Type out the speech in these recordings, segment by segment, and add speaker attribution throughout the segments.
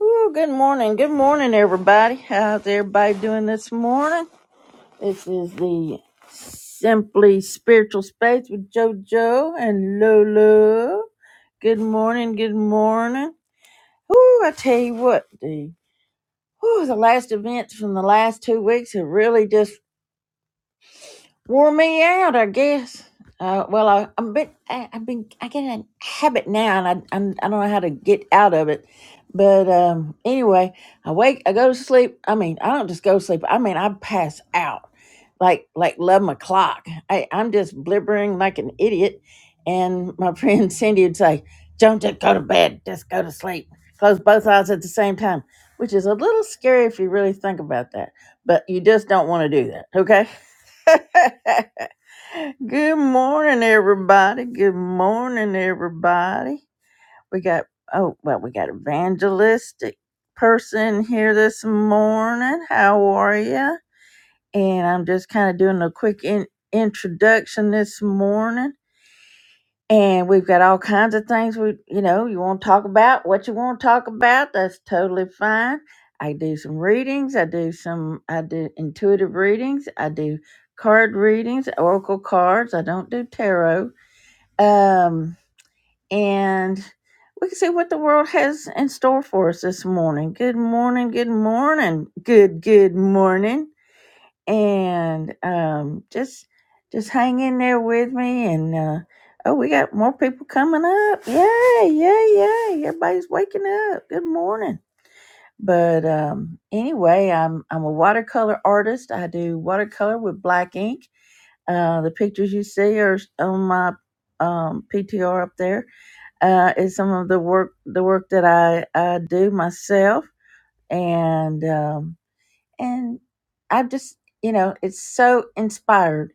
Speaker 1: Ooh, good morning. Good morning, everybody. How's everybody doing this morning? This is the Simply Spiritual Space with JoJo and Lolo. Good morning. Good morning. Ooh, I tell you what, the, ooh, the last events from the last two weeks have really just wore me out, I guess. Uh, well, I, I'm a bit, I, I've been, I get in a habit now, and I, I'm, I don't know how to get out of it. But um, anyway, I wake, I go to sleep. I mean, I don't just go to sleep. I mean, I pass out, like like eleven o'clock. I, I'm just blibbering like an idiot. And my friend Cindy would say, "Don't just go to bed. Just go to sleep. Close both eyes at the same time," which is a little scary if you really think about that. But you just don't want to do that, okay? Good morning, everybody. Good morning, everybody. We got, oh, well, we got evangelistic person here this morning. How are you? And I'm just kind of doing a quick in- introduction this morning. And we've got all kinds of things we, you know, you want to talk about, what you want to talk about, that's totally fine. I do some readings, I do some, I do intuitive readings, I do card readings, oracle cards, I don't do tarot. Um, and we can see what the world has in store for us this morning. Good morning, good morning, good, good morning and um, just just hang in there with me. And uh, oh, we got more people coming up! Yay, yay, yay! Everybody's waking up. Good morning. But um, anyway, I'm I'm a watercolor artist. I do watercolor with black ink. Uh, the pictures you see are on my um, PTR up there. Uh, is some of the work the work that I, I do myself, and um and I just you know it's so inspired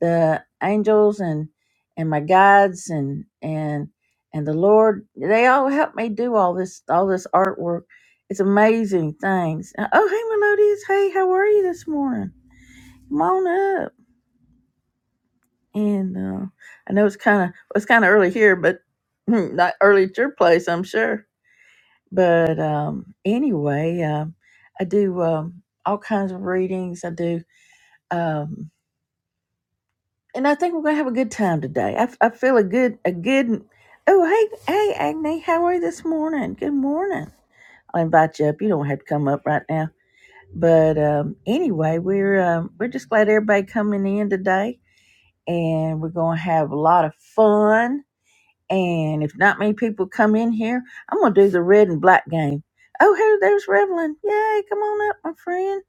Speaker 1: the angels and and my guides and and and the Lord they all help me do all this all this artwork. It's amazing things. Uh, Oh hey Melodious, hey how are you this morning? Come on up. And uh, I know it's kind of it's kind of early here, but hmm, not early at your place, I'm sure. But um, anyway, um, I do um, all kinds of readings. I do. Um, and I think we're gonna have a good time today. I, f- I feel a good a good. Oh hey hey Agni, how are you this morning? Good morning. I'll invite you up. You don't have to come up right now. But um, anyway, we're um, we're just glad everybody coming in today, and we're gonna have a lot of fun. And if not many people come in here, I'm gonna do the red and black game. Oh hey, there's Revelin. Yay! Come on up, my friend.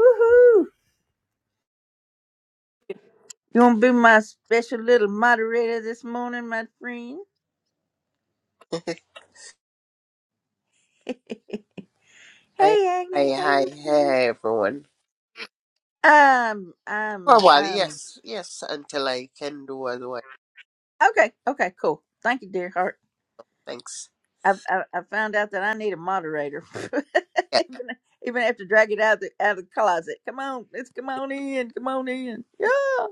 Speaker 1: Woohoo! You wanna be my special little moderator this morning, my friend?
Speaker 2: Hi,
Speaker 1: Hey Agni,
Speaker 2: hi,
Speaker 1: hey.
Speaker 2: hi,
Speaker 1: Mary.
Speaker 2: hi, everyone.
Speaker 1: Um,
Speaker 2: For a
Speaker 1: um,
Speaker 2: while,
Speaker 1: um.
Speaker 2: yes, yes, until I can do otherwise.
Speaker 1: Okay, okay, cool. Thank you, dear heart.
Speaker 2: Thanks.
Speaker 1: I I, I found out that I need a moderator,
Speaker 2: Yeah,
Speaker 1: even even have to drag it out the out of the closet. Come on, let's come on in, come on in. Yeah.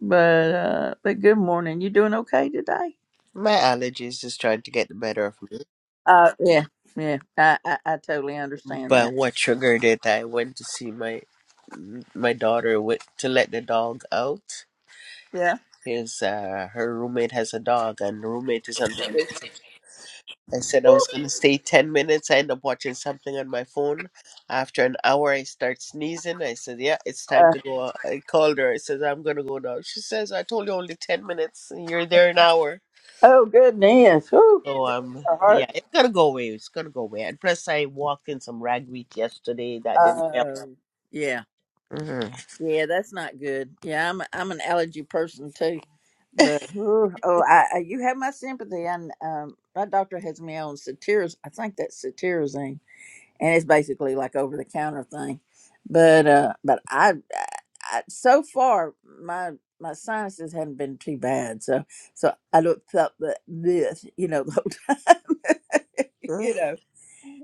Speaker 1: But uh, but good morning. You doing okay today?
Speaker 2: my allergies is trying to get the better of me.
Speaker 1: Uh, yeah, yeah. I I, I totally understand that.
Speaker 2: But what triggered it? I went to see my my daughter with, to let the dog out.
Speaker 1: Yeah.
Speaker 2: His uh, her roommate has a dog, and the roommate is on vacation. I said I was going to stay 10 minutes. I end up watching something on my phone. After an hour, I start sneezing. I said, Yeah, it's time
Speaker 1: Uh,
Speaker 2: to go. I called her. I said, I'm going to go now. She says, I told you only 10 minutes. You're there an hour.
Speaker 1: oh goodness. Whoo,
Speaker 2: So, um,
Speaker 1: your
Speaker 2: yeah,
Speaker 1: heart.
Speaker 2: it's going to go away. It's going to go away. And plus, I walked in some ragweed yesterday. That didn't help.
Speaker 1: Um, yeah.
Speaker 2: Mhm.
Speaker 1: Yeah, that's not good. Yeah, I'm I'm an allergy person too, but oh, oh I, I you have my sympathy. And um, my doctor has me on cetirizine. I think that's cetirizine, and it's basically like over the counter thing. But uh, but I, I, I so far my my sinuses hadn't been too bad. So so I looked up that this you know the whole time. you
Speaker 2: mm
Speaker 1: know,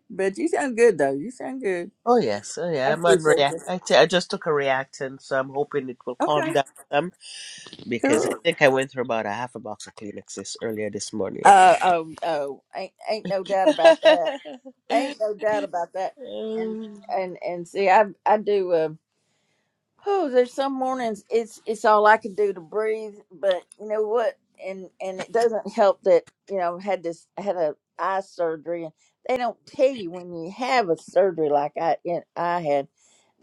Speaker 1: but you sound good though. You sound good.
Speaker 2: Oh, yes. Oh,
Speaker 1: I
Speaker 2: yeah. I'm on
Speaker 1: appreciate
Speaker 2: react.
Speaker 1: this.
Speaker 2: I t- I just took a reactant, so I'm hoping it will calm
Speaker 1: Okay,
Speaker 2: down some
Speaker 1: cool.
Speaker 2: because I think I went through about a half a box of Kleenexes earlier this morning.
Speaker 1: Uh, oh, oh, ain't ain't no doubt
Speaker 2: Um,
Speaker 1: about that. Ain't no doubt about that. And and and see, I I do. Uh, oh, there's some mornings it's it's all I can do to breathe. But you know what? And and it doesn't help that you know had this had a eye surgery, and they don't tell you when you have a surgery like I and I had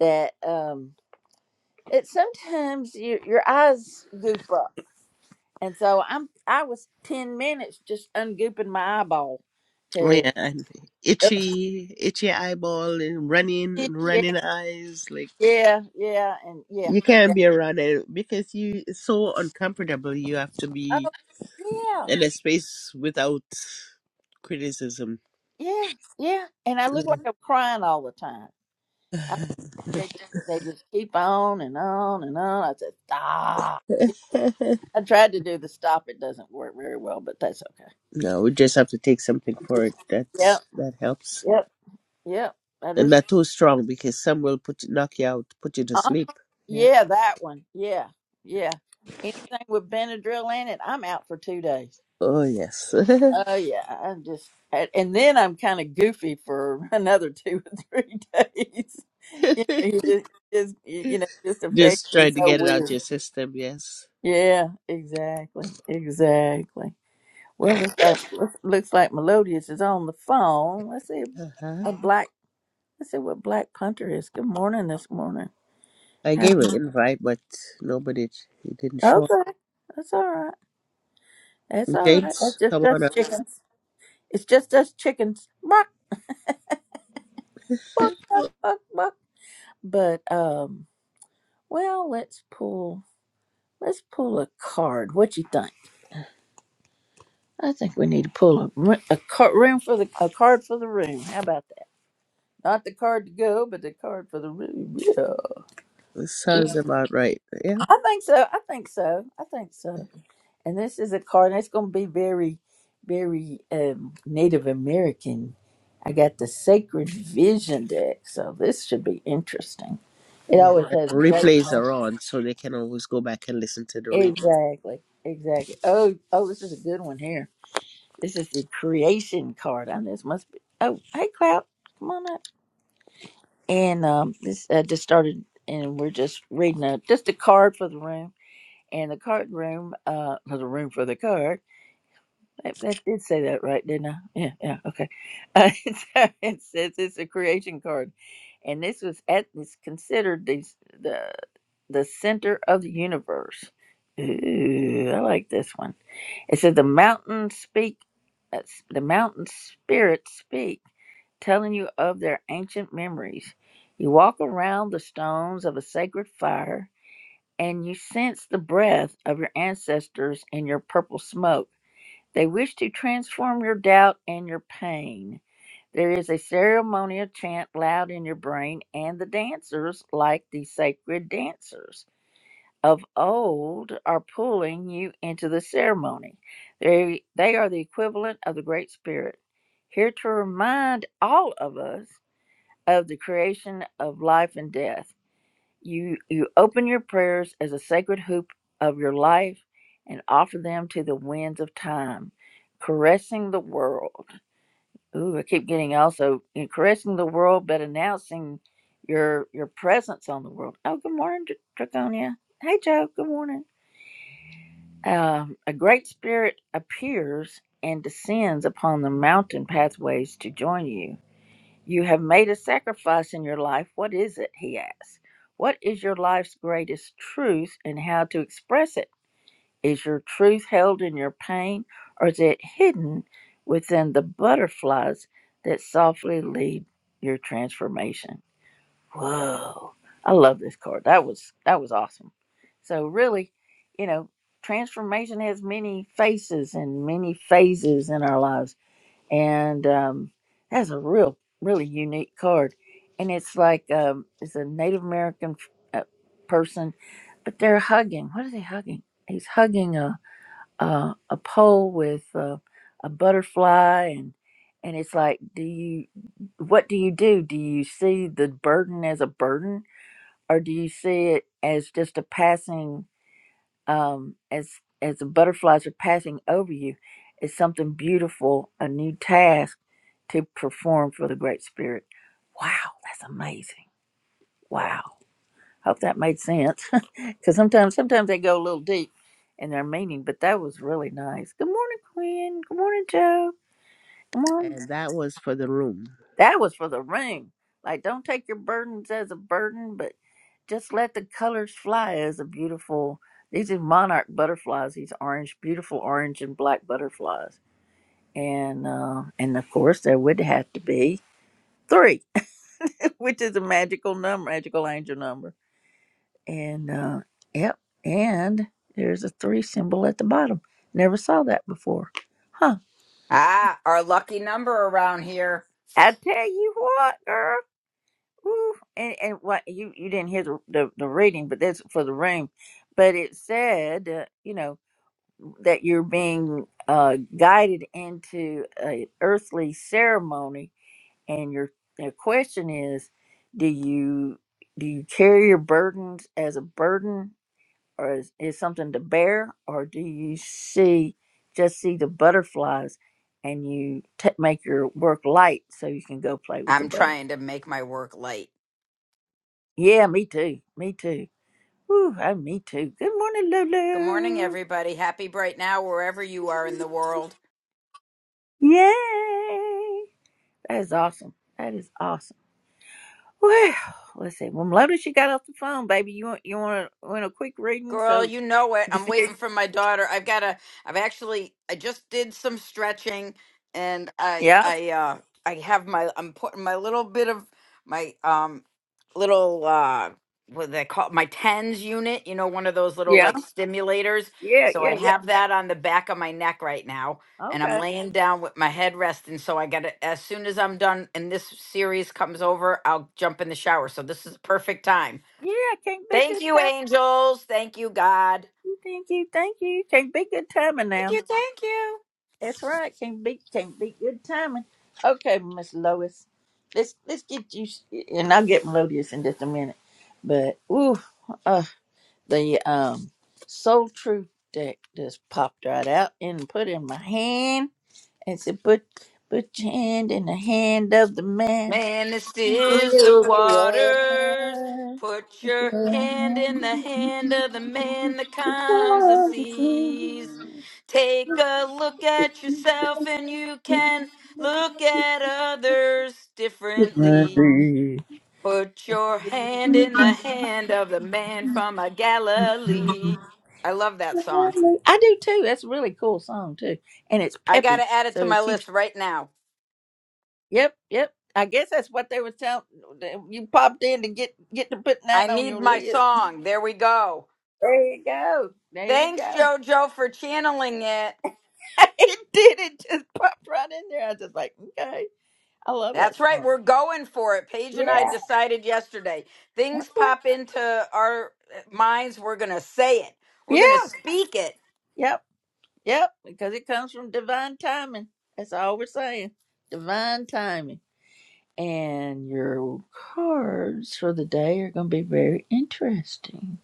Speaker 1: that um that sometimes your your eyes goof up and so I'm I was ten minutes just ungooping my eyeball,
Speaker 2: Oh
Speaker 1: cause
Speaker 2: yeah, and
Speaker 1: ugh,
Speaker 2: itchy, itchy eyeball, and running,
Speaker 1: yeah,
Speaker 2: running eyes. Like
Speaker 1: yeah, yeah, and yeah,
Speaker 2: you
Speaker 1: yeah,
Speaker 2: can't be around it because you it's so uncomfortable. You have to be
Speaker 1: oh yeah,
Speaker 2: in a space without criticism.
Speaker 1: yeah, yeah. And I look like I'm
Speaker 2: Yeah.
Speaker 1: crying all the time. I, they they just keep on and on and on. I said stop. Yeah, I tried to do the stop. It doesn't work very well, but that's okay.
Speaker 2: no, we just have to take something for
Speaker 1: Just,
Speaker 2: it. That's
Speaker 1: yep,
Speaker 2: that helps,
Speaker 1: yep, yep. That
Speaker 2: and
Speaker 1: is.
Speaker 2: not too strong because some will put knock you out, put you to
Speaker 1: uh-huh.
Speaker 2: sleep. Yeah.
Speaker 1: Yeah, that one. Yeah, yeah. Anything with Benadryl in it, I'm out for two days.
Speaker 2: Oh yes.
Speaker 1: Oh yeah, I'm just, and and then I'm kind of goofy for another two or three days. You know, you just, just you you know, just affects
Speaker 2: Just
Speaker 1: me
Speaker 2: trying to
Speaker 1: so
Speaker 2: get it out
Speaker 1: weird.
Speaker 2: your system, yes.
Speaker 1: Yeah, exactly, exactly. Well, looks like looks looks like Melodious is on the phone. Let's see
Speaker 2: Uh-huh.
Speaker 1: a black. Let's see what Black Punter is. Good morning this morning.
Speaker 2: I
Speaker 1: How-
Speaker 2: gave an invite, but nobody he didn't show up.
Speaker 1: Okay, that's all right. It's all right. It's
Speaker 2: James,
Speaker 1: just
Speaker 2: come on
Speaker 1: us
Speaker 2: up.
Speaker 1: chickens. It's just us chickens. Buck, buck, buck, buck, buck. But um, well, let's pull. Let's pull a card. What you think? I think we need to pull a ro- a card room for the a card for the room. How about that? Not the card to go, but the card for the room. Yeah.
Speaker 2: This sounds about right. Yeah.
Speaker 1: I think so. I think so. I think so. And this is a card that's going to be very, very um, Native American. I got the Sacred Vision deck, so this should be interesting. It
Speaker 2: Yes.
Speaker 1: always
Speaker 2: And
Speaker 1: has great.
Speaker 2: replays are on, so they can always go back and listen to the replay.
Speaker 1: Exactly, exactly. Oh, oh, this is a good one here. This is the Creation card. On this must be. Oh, hey, Cloud, come on up. And um, this uh, just started, and we're just reading a, just a card for the room. And the card room, uh, for the room for the card. I, I did say that right, didn't I? Yeah, yeah, okay. Uh, it's- uh, it says it's a creation card, and this was at it's considered the the the center of the universe. Ooh, I like this one. It says the mountains speak, uh, s- the mountain spirits speak, telling you of their ancient memories. You walk around the stones of a sacred fire, and you sense the breath of your ancestors in your purple smoke. They wish to transform your doubt and your pain. There is a ceremonial chant loud in your brain, and the dancers, like the sacred dancers of old, are pulling you into the ceremony. They, they are the equivalent of the Great Spirit, here to remind all of us of the creation of life and death. You you open your prayers as a sacred hoop of your life and offer them to the winds of time, caressing the world. Ooh, I keep getting also you know, caressing the world, but announcing your your presence on the world. Oh, good morning, Dr- Draconia. Hey, Joe. Good morning. Um, a great spirit appears and descends upon the mountain pathways to join you you have made a sacrifice in your life. What is it? He asks. What is your life's greatest truth and how to express it? Is your truth held in your pain or is it hidden within the butterflies that softly lead your transformation? Whoa. I love this card. That was that was awesome. So really, you know, transformation has many faces and many phases in our lives and um, that's a real really unique card and it's like um, it's a native american uh, person but they're hugging what are they hugging he's hugging a a, a pole with uh, a butterfly and and it's like do you what do you do do you see the burden as a burden or do you see it as just a passing um, as as the butterflies are passing over you is something beautiful, a new task to perform for the Great Spirit. Wow, that's amazing. Wow. Hope that made sense. Because sometimes sometimes they go a little deep in their meaning, but that was really nice. Good morning, Quinn. Good morning, Joe. Good morning.
Speaker 2: And that was for the room.
Speaker 1: That was for the ring. Like, don't take your burdens as a burden, but just let the colors fly as a beautiful. These are monarch butterflies. These orange, beautiful orange and black butterflies, and uh, and of course there would have to be three, which is a magical number, magical angel number. And uh, yep, and there's a three symbol at the bottom. Never saw that before, huh?
Speaker 3: Ah, our lucky number around here.
Speaker 1: I tell you what, girl. Woo. And, and what you you didn't hear the, the the reading, but that's for the room. But it said, uh, you know, that you're being uh, guided into a earthly ceremony, and your the question is, do you do you carry your burdens as a burden, or is is something to bear, or do you see just see the butterflies, and you t- make your work light so you can go play with the
Speaker 3: I'm trying
Speaker 1: butterflies?
Speaker 3: to make my work light.
Speaker 1: Yeah, me too. Me too. Ooh, oh, me too. Good morning,
Speaker 3: Good morning,
Speaker 1: Lulu.
Speaker 3: everybody. Happy bright now, wherever you are in the world.
Speaker 1: Yay. That is awesome. That is awesome. Well, let's see. Well, Lotus, you got off the phone, baby. You want you want a, want a quick reading?
Speaker 3: Girl,
Speaker 1: So,
Speaker 3: you know it. I'm
Speaker 1: just-
Speaker 3: waiting for my daughter. I've got to I've actually I just did some stretching and I
Speaker 1: yeah,
Speaker 3: I uh I have my I'm putting my little bit of my um little uh what do they call it? my tens unit, you know, one of those little
Speaker 1: yeah,
Speaker 3: like stimulators.
Speaker 1: yeah,
Speaker 3: So
Speaker 1: yeah,
Speaker 3: I
Speaker 1: yeah.
Speaker 3: have that on the back of my neck right now and I'm
Speaker 1: Okay.
Speaker 3: laying down with my head resting so I got to as soon as I'm done and this series comes over, I'll jump in the shower. So this is a perfect time.
Speaker 1: Yeah, can't beat
Speaker 3: Thank
Speaker 1: good
Speaker 3: you,
Speaker 1: timing.
Speaker 3: angels. Thank you, God.
Speaker 1: Thank you, thank you. Can't beat good timing
Speaker 3: Thank
Speaker 1: now.
Speaker 3: you, thank you.
Speaker 1: That's right. Can't beat can't beat good timing. Okay, Miss Lois. Let's let's get you, and I'll get Melodious in just a minute. But ooh, uh, the um Soul Truth deck just popped right out and put in my hand and said, "Put put your hand in the hand of the man
Speaker 3: Man, it
Speaker 1: who
Speaker 3: stills the
Speaker 1: the
Speaker 3: waters.
Speaker 1: water."
Speaker 3: Put
Speaker 1: Put your
Speaker 3: your hand
Speaker 1: hand
Speaker 3: in the
Speaker 1: in
Speaker 3: hand of the
Speaker 1: the
Speaker 3: man that calms the
Speaker 1: hand
Speaker 3: seas. Take a look at yourself and you can look at others
Speaker 1: of the
Speaker 3: differently.
Speaker 1: man.
Speaker 3: Put your hand in the hand of the man from a Galilee. I love that song.
Speaker 1: I do too. That's a really cool song too, and it's
Speaker 3: I got
Speaker 1: peppy,
Speaker 3: to add it to
Speaker 1: so it
Speaker 3: my
Speaker 1: keeps
Speaker 3: list right now.
Speaker 1: Yep, yep. I guess that's what they were telling. You popped in to get get to putting
Speaker 3: I
Speaker 1: that on
Speaker 3: need
Speaker 1: your
Speaker 3: my
Speaker 1: lid.
Speaker 3: song. There we go.
Speaker 1: There you go. There you
Speaker 3: Thanks,
Speaker 1: go.
Speaker 3: JoJo, for channeling it.
Speaker 1: it did. It just popped right in there. I was just like, okay, I love that
Speaker 3: That's right.
Speaker 1: song.
Speaker 3: We're going for it. Paige and I
Speaker 1: Yeah.
Speaker 3: decided yesterday. Things pop into our minds. We're going to say it. We're
Speaker 1: Yeah.
Speaker 3: going to speak it.
Speaker 1: Yep. Yep. Because it comes from divine timing. That's all we're saying. Divine timing. And your cards for the day are going to be very interesting.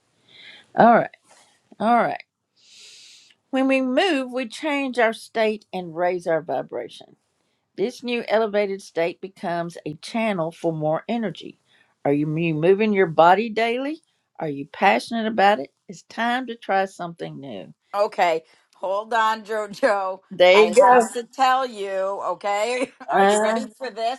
Speaker 1: All right. All right. When we move, we change our state and raise our vibration. This new elevated state becomes a channel for more energy. Are you mo- moving your body daily? Are you passionate about it? It's time to try something new.
Speaker 3: Okay, hold on, JoJo.
Speaker 1: There you
Speaker 3: I
Speaker 1: go.
Speaker 3: have to tell you, okay? Are you
Speaker 1: Uh,
Speaker 3: ready for this?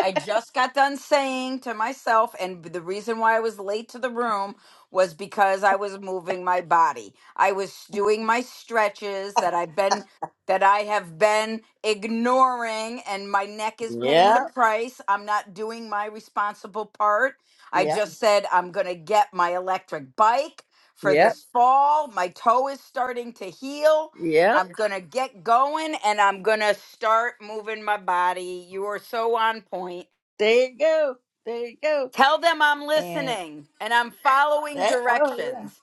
Speaker 3: I just got done saying to myself, and the reason why I was late to the room was because I was moving my body. I was doing my stretches that I've been that I have been ignoring, and my neck is paying the
Speaker 1: yep,
Speaker 3: price. I'm not doing my responsible part. I
Speaker 1: yep,
Speaker 3: just said I'm gonna get my electric bike for
Speaker 1: yep,
Speaker 3: this fall. My toe is starting to heal.
Speaker 1: yep.
Speaker 3: I'm going to get going and I'm going to start moving my body. You are so on point.
Speaker 1: There you go. There you go.
Speaker 3: Tell them I'm
Speaker 1: And
Speaker 3: listening and I'm following
Speaker 1: that. oh, yeah.
Speaker 3: directions.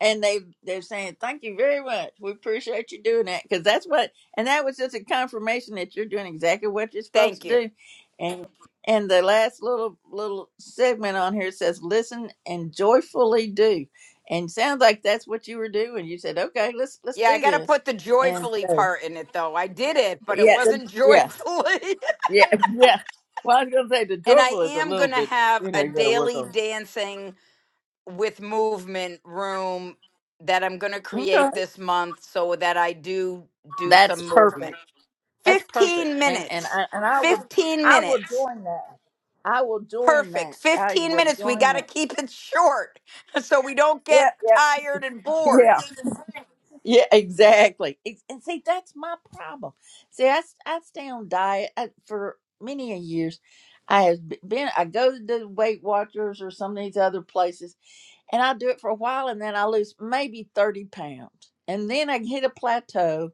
Speaker 1: and they they're saying thank you very much we appreciate you doing that because that's what and that was just a confirmation that you're doing exactly what you're supposed to
Speaker 3: Thank you.
Speaker 1: do and and the last little little segment on here says listen and joyfully do and sounds like that's what you were doing you said okay let's let's
Speaker 3: Yeah, I
Speaker 1: do
Speaker 3: got to
Speaker 1: this
Speaker 3: put the
Speaker 1: and
Speaker 3: joyfully
Speaker 1: so,
Speaker 3: part in it though. I did it, but it
Speaker 1: yeah the,
Speaker 3: wasn't
Speaker 1: yeah
Speaker 3: joyfully.
Speaker 1: yeah yeah well i was gonna say the
Speaker 3: and I
Speaker 1: joyful is a
Speaker 3: am
Speaker 1: little
Speaker 3: going to
Speaker 1: bit
Speaker 3: have
Speaker 1: you know
Speaker 3: a
Speaker 1: you gotta work
Speaker 3: daily
Speaker 1: on
Speaker 3: dancing with movement room that I'm going to
Speaker 1: okay
Speaker 3: create this month so that I do do
Speaker 1: that's
Speaker 3: some movement.
Speaker 1: perfect That's perfect.
Speaker 3: 15
Speaker 1: And and
Speaker 3: minutes.
Speaker 1: I and I will
Speaker 3: 15
Speaker 1: I will
Speaker 3: minutes.
Speaker 1: join that. I will join
Speaker 3: Perfect.
Speaker 1: that. I
Speaker 3: 15
Speaker 1: will
Speaker 3: minutes. We
Speaker 1: join
Speaker 3: got to
Speaker 1: that.
Speaker 3: keep it short so we don't get
Speaker 1: Yep, yep,
Speaker 3: tired and bored.
Speaker 1: yeah, yeah. Exactly. Ex- And see, that's my problem. See, I s- I stay on diet I, for many a years. I have b- been. I go to the Weight Watchers or some of these other places, and I do it for a while, and then I lose maybe thirty pounds, and then I hit a plateau,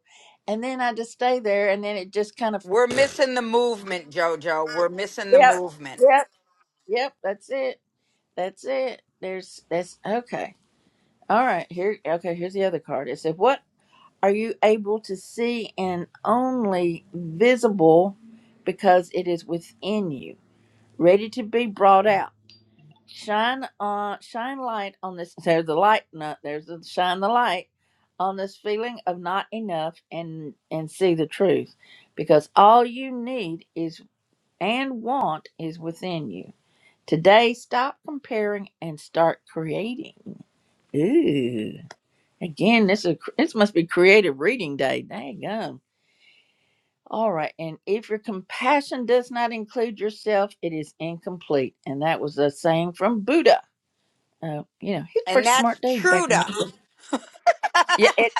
Speaker 1: and then I just stay there, and then it just kind of.
Speaker 3: We're missing the movement, JoJo. We're missing the
Speaker 1: Yep.
Speaker 3: movement.
Speaker 1: Yep. Yep. That's it. That's it. There's that's okay. All right, here okay, here's the other card. It said, What are you able to see and only visible because it is within you, ready to be brought out? Shine on shine light on this there's the light no, there's the shine the light on this feeling of not enough and and see the truth because all you need is and want is within you. Today stop comparing and start creating. Ooh. Again, this is this must be creative reading day. Dang gum. All right. And if your compassion does not include yourself, it is incomplete. And that was a saying from Buddha. Uh, you know, he's a
Speaker 3: And
Speaker 1: pretty
Speaker 3: that's
Speaker 1: smart dude back in
Speaker 3: Truda.
Speaker 1: the Yeah, it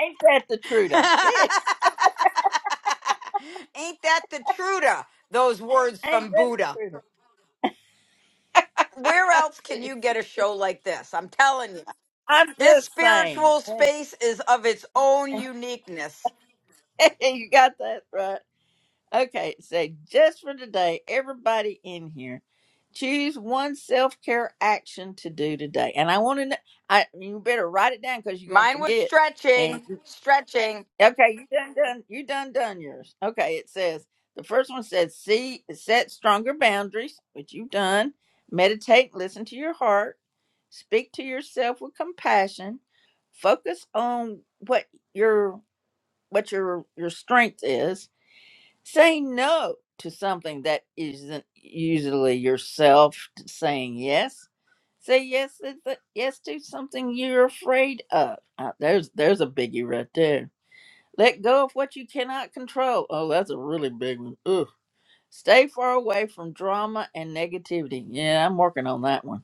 Speaker 1: ain't that the Truda. Yes.
Speaker 3: Ain't that the Truda? Those words
Speaker 1: Ain't
Speaker 3: from
Speaker 1: that the
Speaker 3: Buddha.
Speaker 1: Truda.
Speaker 3: Where else can
Speaker 1: Jeez.
Speaker 3: you get a show like this? I'm telling you.
Speaker 1: I'm
Speaker 3: This
Speaker 1: just saying.
Speaker 3: spiritual space is of its own uniqueness.
Speaker 1: you got that right. Okay, say just for today, everybody in here, choose one self care action to do today. And I want to know. I you better write it down because you're gonna
Speaker 3: Mine was
Speaker 1: forget. And
Speaker 3: stretching,
Speaker 1: you-
Speaker 3: stretching.
Speaker 1: okay, you done done you done done yours. Okay, it says the first one says see set stronger boundaries, which you've done. Meditate, listen to your heart, speak to yourself with compassion, focus on what your what your your strength is Say no to something that isn't usually yourself t- saying yes. Say yes to th- yes to something you're afraid of. Uh, there's there's a biggie right there. Let go of what you cannot control. Oh, that's a really big one. Ugh. Stay far away from drama and negativity. Yeah, I'm working on that one.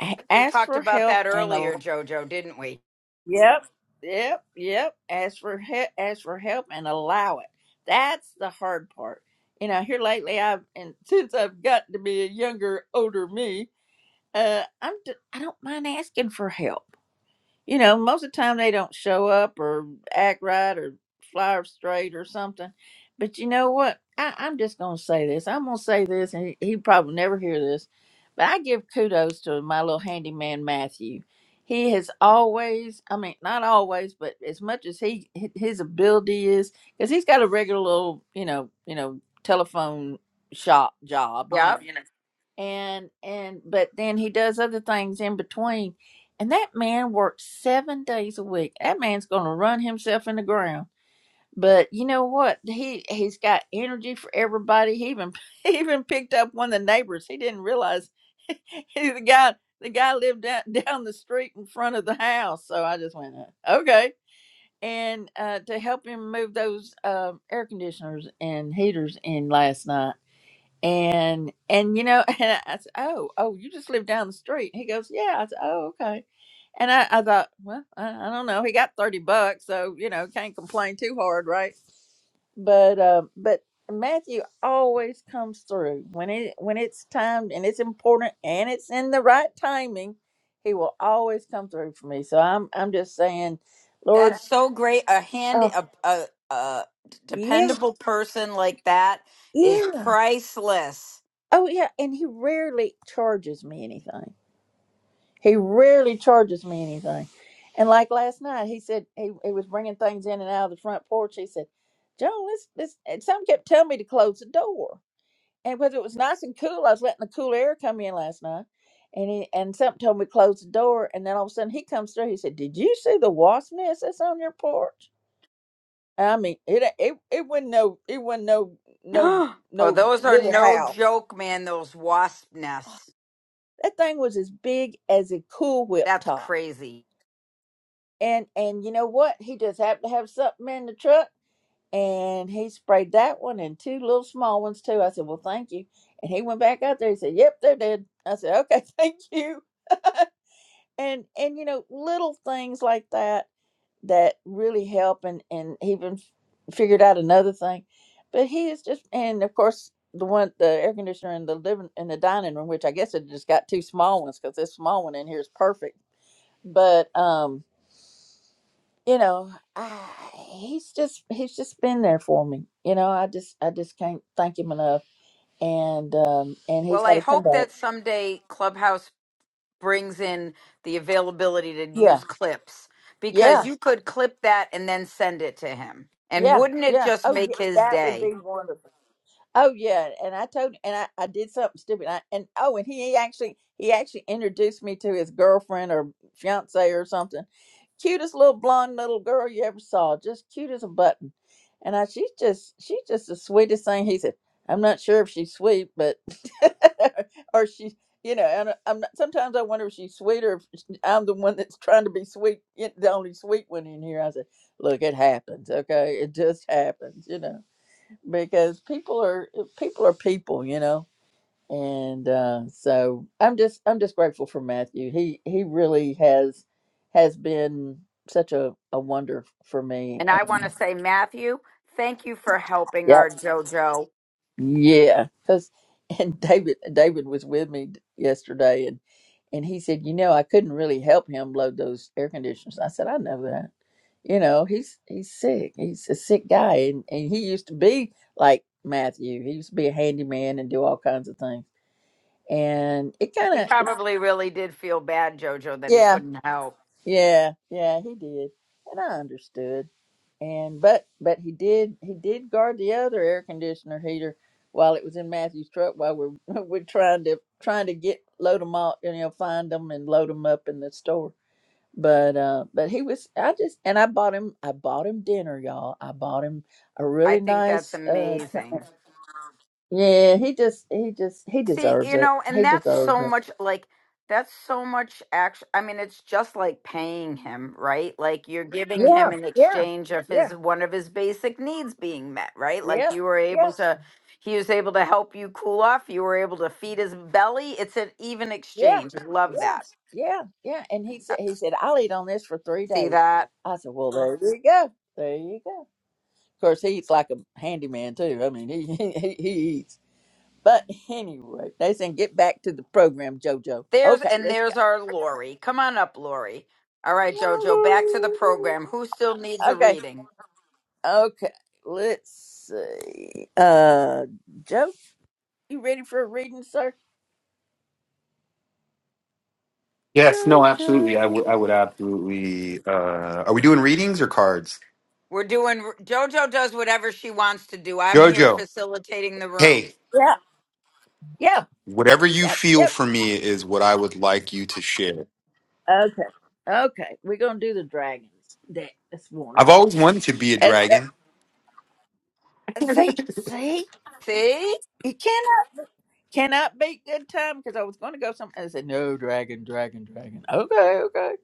Speaker 1: A-
Speaker 3: We
Speaker 1: Ask
Speaker 3: talked
Speaker 1: for
Speaker 3: about
Speaker 1: help
Speaker 3: that
Speaker 1: and
Speaker 3: earlier, Jojo, didn't we?
Speaker 1: Yep, yep, yep. Ask for help, ask for help, and allow it. That's the hard part. You know, here lately, I've and since I've gotten to be a younger, older me, uh, I'm d- I don't mind asking for help you know, most of the time they don't show up or act right or fly straight or something. But you know what? I, I'm just going to say this. I'm going to say this, and he, he probably never hear this, but I give kudos to my little handyman, Matthew. He has always, I mean, not always, but as much as he his ability is, because he's got a regular little, you know, you know, telephone shop job, you know
Speaker 3: Yep. Yeah.
Speaker 1: and and but then he does other things in between and that man works seven days a week that man's gonna run himself in the ground but you know what he he's got energy for everybody he even he even picked up one of the neighbors he didn't realize he, the guy the guy lived down, down the street in front of the house so i just went "Uh, okay and uh to help him move those um air conditioners and heaters in last night and and you know and i said oh oh you just live down the street he goes yeah i said oh okay and i, I thought well I, I don't know he got 30 bucks so you know can't complain too hard right but uh, but matthew always comes through when it when it's timed and it's important and it's in the right timing he will always come through for me so i'm i'm just saying lord
Speaker 3: That's so great. A hand,
Speaker 1: oh
Speaker 3: a, a, a
Speaker 1: yeah
Speaker 3: dependable person like that is
Speaker 1: yeah
Speaker 3: priceless.
Speaker 1: oh yeah and he rarely charges me anything He rarely charges me anything. And like last night, he said he, he was bringing things in and out of the front porch. He said, Joan, let's, let's, and some kept telling me to close the door. And because it was nice and cool, I was letting the cool air come in last night. And he, and something told me to close the door. And then all of a sudden he comes through. He said, Did you see the wasp nest that's on your porch? I mean, it, it, it wasn't no, it wasn't no, no,
Speaker 3: oh,
Speaker 1: no
Speaker 3: those are
Speaker 1: little
Speaker 3: no
Speaker 1: house.
Speaker 3: joke, man. Those wasp nests.
Speaker 1: That thing was as big as a Cool Whip
Speaker 3: That's
Speaker 1: top
Speaker 3: crazy.
Speaker 1: and and you know what? He just happened to have something in the truck, and he sprayed that one and two little small ones too. I said, "Well, thank you." And he went back out there. He said, "Yep, they're dead." I said, "Okay, thank you." and and you know, little things like that that really help, and and he even f- figured out another thing. But he is just, and of course, the one the air conditioner in the living in the dining room, which I guess it just got two small ones because this small one in here is perfect. But um you know, I, he's just he's just been there for me. You know, I just I just can't thank him enough. And um and he's
Speaker 3: Well,
Speaker 1: got
Speaker 3: I
Speaker 1: to come
Speaker 3: hope
Speaker 1: back.
Speaker 3: that someday Clubhouse brings in the availability to
Speaker 1: Yeah,
Speaker 3: use clips because
Speaker 1: yeah,
Speaker 3: you could clip that and then send it to him. And
Speaker 1: yeah,
Speaker 3: wouldn't it
Speaker 1: yeah.
Speaker 3: just
Speaker 1: Oh, yeah,
Speaker 3: make his
Speaker 1: that would be
Speaker 3: day?
Speaker 1: wonderful. Oh yeah, and I told and I, I did something stupid. I, and oh, and he actually he actually introduced me to his girlfriend or fiance or something. Cutest little blonde little girl you ever saw, just cute as a button. And I she's just she's just the sweetest thing. He said, I'm not sure if she's sweet, but or she's you know. And I- I'm not, sometimes I wonder if she's sweet or if I'm the one that's trying to be sweet, the only sweet one in here. I said, look, it happens, okay? It just happens, you know because people are eh, people are people, you know. And uh, so I'm just I'm just grateful for Matthew. He he really has has been such a, a wonder for me.
Speaker 3: And I
Speaker 1: And
Speaker 3: want to say, Matthew, thank you for helping our
Speaker 1: yep,
Speaker 3: JoJo.
Speaker 1: yeah. Cause and David David was with me yesterday, and and he said, you know, I couldn't really help him load those air conditioners. I said, I know that. You know, he's he's sick. He's a sick guy, and and he used to be like Matthew. He used to be a handyman and do all kinds of things and it kind
Speaker 3: He
Speaker 1: of
Speaker 3: probably really did feel bad, JoJo, that he
Speaker 1: yeah
Speaker 3: couldn't help.
Speaker 1: yeah yeah he did and i understood and but but he did he did guard the other air conditioner heater while it was in matthew's truck while we're we're trying to trying to get load them all you know find them and load them up in the store but uh but he was i just and i bought him i bought him dinner y'all i bought him a
Speaker 3: I
Speaker 1: really
Speaker 3: think that's
Speaker 1: nice uh
Speaker 3: amazing.
Speaker 1: yeah he just he just he
Speaker 3: See,
Speaker 1: deserves
Speaker 3: you
Speaker 1: it
Speaker 3: know,
Speaker 1: he
Speaker 3: and that's
Speaker 1: deserves
Speaker 3: so
Speaker 1: it
Speaker 3: much like that's so much action. I mean, it's just like paying him, right? Like you're giving
Speaker 1: yeah
Speaker 3: him in
Speaker 1: yeah
Speaker 3: exchange of
Speaker 1: yeah
Speaker 3: his one of his basic needs being met, right? Like
Speaker 1: Yep.
Speaker 3: you were able
Speaker 1: Yep.
Speaker 3: to he was able to help you cool off, you were able to feed his belly. It's an even
Speaker 1: Yeah.
Speaker 3: exchange. I love
Speaker 1: Yeah.
Speaker 3: that.
Speaker 1: Yeah. Yeah. And he said he said, I'll eat on this for three
Speaker 3: See
Speaker 1: days.
Speaker 3: that?
Speaker 1: I said, Well, there you go. There you go. Of course he eats like a handyman too. I mean he he, he eats. But anyway, they said get back to the program, Jojo.
Speaker 3: There's
Speaker 1: Okay,
Speaker 3: and
Speaker 1: let's go.
Speaker 3: there's our Lori. Come on up, Lori. All right, Jojo, back to the
Speaker 1: Oh,
Speaker 3: program. Who still needs
Speaker 1: Lordy.
Speaker 3: a
Speaker 1: Okay.
Speaker 3: reading?
Speaker 1: Okay. Let's see. Uh Joe, you ready for a reading, sir?
Speaker 4: Yes, no, absolutely. I
Speaker 1: Jojo.
Speaker 4: would I would absolutely uh are we doing readings or cards?
Speaker 3: We're doing JoJo does whatever she wants to do. I'm here
Speaker 4: Jojo,
Speaker 3: facilitating the room.
Speaker 4: hey,
Speaker 1: Yeah. Yeah.
Speaker 4: whatever you
Speaker 1: Yep.
Speaker 4: feel
Speaker 1: Yep.
Speaker 4: for me is what I would like you to share.
Speaker 1: Okay. Okay. We're gonna do the dragon deck this
Speaker 4: I've
Speaker 1: morning.
Speaker 4: always wanted to be a
Speaker 1: It's, uh,
Speaker 4: dragon.
Speaker 1: see, see,
Speaker 3: See?
Speaker 1: you cannot cannot beat good time because I was going to go something. and I said no, dragon, dragon, dragon. Okay, okay,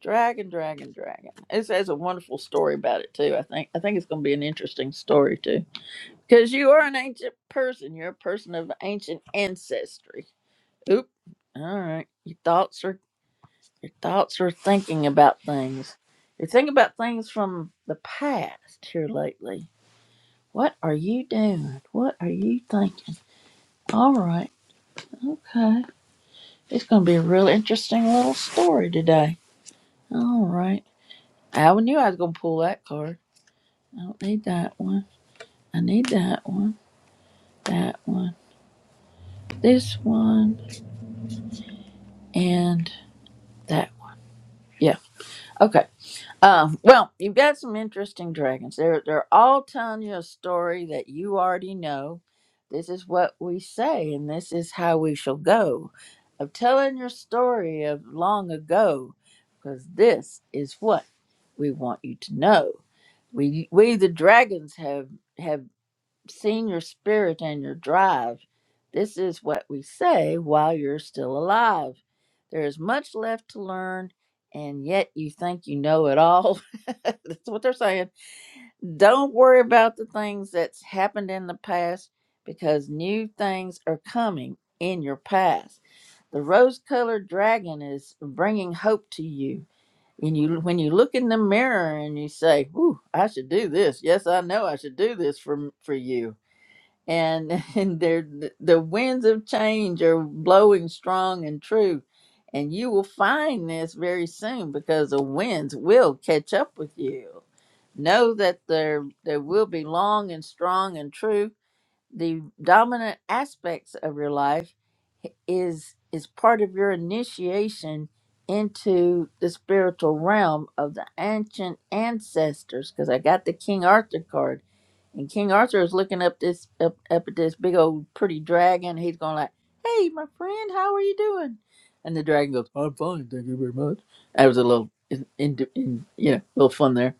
Speaker 1: dragon, dragon, dragon. It has a wonderful story about it too. I think I think it's going to be an interesting story too because you are an ancient person. You're a person of ancient ancestry. Oop. All right, your thoughts are Your thoughts are thinking about things. You're thinking about things from the past here lately. What are you doing? What are you thinking? All right. Okay. It's going to be a real interesting little story today. All right. I always knew I was going to pull that card. I don't need that one. I need that one, that one, this one, and that one. Yeah. Okay. Uh, well, you've got some interesting dragons. They're they're all telling you a story that you already know. This is what we say, and this is how we shall go. Of telling your story of long ago, because this is what we want you to know. We we the dragons have have seeing your spirit and your drive. This is what we say while you're still alive. There is much left to learn, and yet you think you know it all. That's what they're saying. Don't worry about the things that's happened in the past because new things are coming in your past. The rose colored dragon is bringing hope to you. And you, when you look in the mirror and you say, Ooh, I should do this. Yes, I know I should do this for, for you and and there the winds of change are blowing strong and true and you will find this very soon because the winds will catch up with you know that there there will be long and strong and true the dominant aspects of your life is is part of your initiation into the spiritual realm of the ancient ancestors because i got the king arthur card and King Arthur is looking up this up, up at this big old pretty dragon. He's going like, "Hey, my friend, how are you doing?" And the dragon goes, "I'm fine, thank you very much." That was a little, in, in, in, you know, little fun there.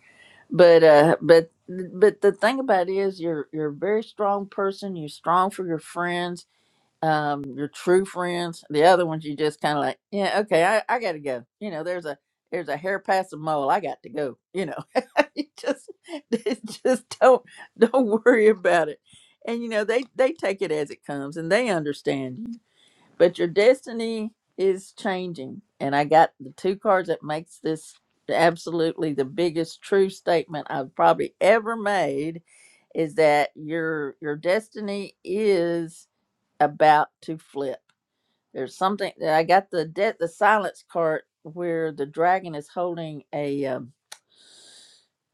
Speaker 1: But uh, but but the thing about it is, you're you're a very strong person. You're strong for your friends um your true friends the other ones you just kind of like yeah okay I, I gotta go you know there's a there's a hair past the mole i got to go you know you just just don't don't worry about it and you know they they take it as it comes and they understand you but your destiny is changing and i got the two cards that makes this absolutely the biggest true statement i've probably ever made is that your your destiny is about to flip. There's something I got the de- the silence card where the dragon is holding a um,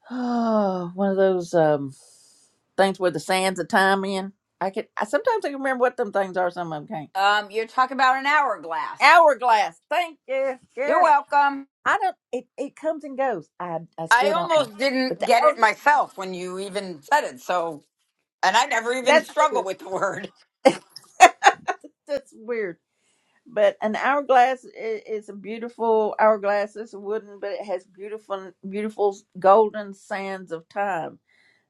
Speaker 1: one of those um, things where the sands of time in. I can I sometimes I can remember what them things are. Some of them can't.
Speaker 3: Um, you're talking about an hourglass.
Speaker 1: Hourglass. Thank you.
Speaker 3: You're
Speaker 1: Yeah.
Speaker 3: welcome.
Speaker 1: I don't. It, it comes and goes. I I
Speaker 3: I
Speaker 1: still don't know.
Speaker 3: almost
Speaker 1: But
Speaker 3: didn't
Speaker 1: the
Speaker 3: get
Speaker 1: hour,
Speaker 3: it myself when you even said it. So, and I never even
Speaker 1: that's
Speaker 3: struggle
Speaker 1: weird.
Speaker 3: with the word.
Speaker 1: that's weird. But an hourglass i- is a beautiful hourglass. It's wooden, but it has beautiful, beautiful golden sands of time.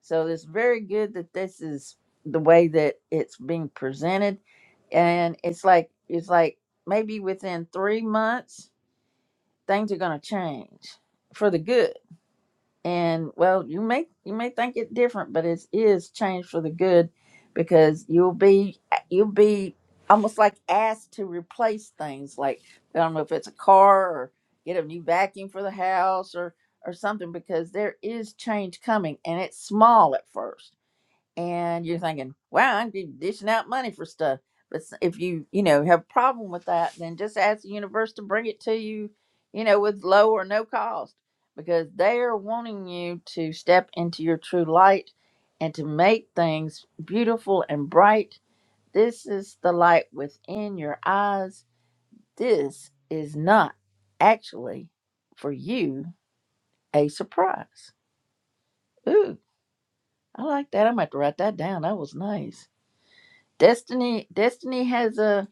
Speaker 1: So it's very good that this is the way that it's being presented, and it's like it's like maybe within three months things are going to change for the good and well you may you may think it different but it is changed for the good because you'll be you'll be almost like asked to replace things like i don't know if it's a car or get a new vacuum for the house or or something because there is change coming and it's small at first and you're thinking, wow, I'd be dishing out money for stuff. But s- if you, you know, have a problem with that, then just ask the universe to bring it to you, you know, with low or no cost because they are wanting you to step into your true light and to make things beautiful and bright. This is the light within your eyes. This is not actually for you a surprise. Ooh, I like that. I'm going to have to write that down. That was nice. Destiny Destiny has a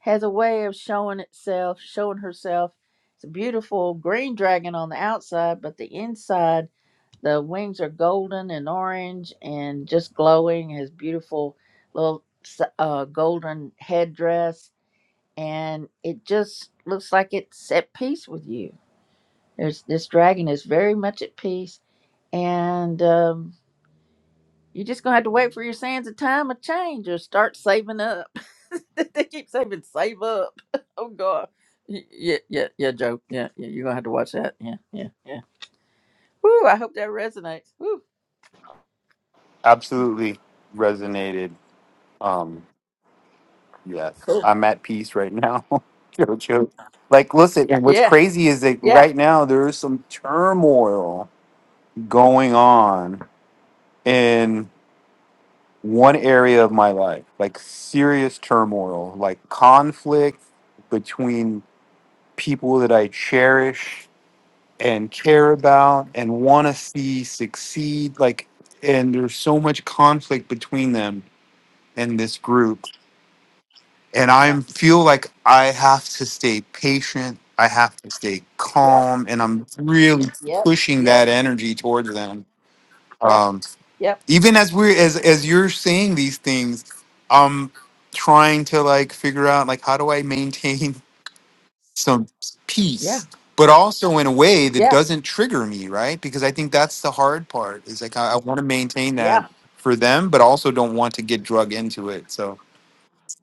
Speaker 1: has a way of showing itself, showing herself. It's a beautiful green dragon on the outside, but the inside, the wings are golden and orange and just glowing. Has beautiful little s- uh, golden headdress, and it just looks like it's at peace with you. There's this dragon is very much at peace, and um, you're just gonna have to wait for your sands of time of change or start saving up. they keep saving save up. oh god. Y- Yeah, yeah, yeah, Joe. Yeah, yeah. You're gonna have to watch that. Yeah, yeah, yeah. Woo, I hope that resonates. Woo.
Speaker 4: Absolutely resonated. Um yes.
Speaker 1: Cool.
Speaker 4: I'm at peace right now. Jojo. Like listen, and what's
Speaker 1: Yeah,
Speaker 4: crazy is that
Speaker 1: yeah,
Speaker 4: right now there is some turmoil going on one area of my life, like serious turmoil, like conflict between people that I cherish and care about and want to see succeed. Like, and there's so much conflict between them and this group. And I
Speaker 1: yeah.
Speaker 4: feel like I have to stay patient. I have to stay
Speaker 1: Yep,
Speaker 4: calm. And I'm really
Speaker 1: yep,
Speaker 4: pushing
Speaker 1: yep,
Speaker 4: that energy towards them.
Speaker 1: yep,
Speaker 4: Um,
Speaker 1: yep,
Speaker 4: even as we're as as you're saying these things i'm trying to like figure out like how do i maintain some
Speaker 1: yeah,
Speaker 4: peace but also in a way that
Speaker 1: yeah,
Speaker 4: doesn't trigger me right because i think that's the hard part is like i, I want to maintain that
Speaker 1: yeah.
Speaker 4: for them but also don't want to get drug into it so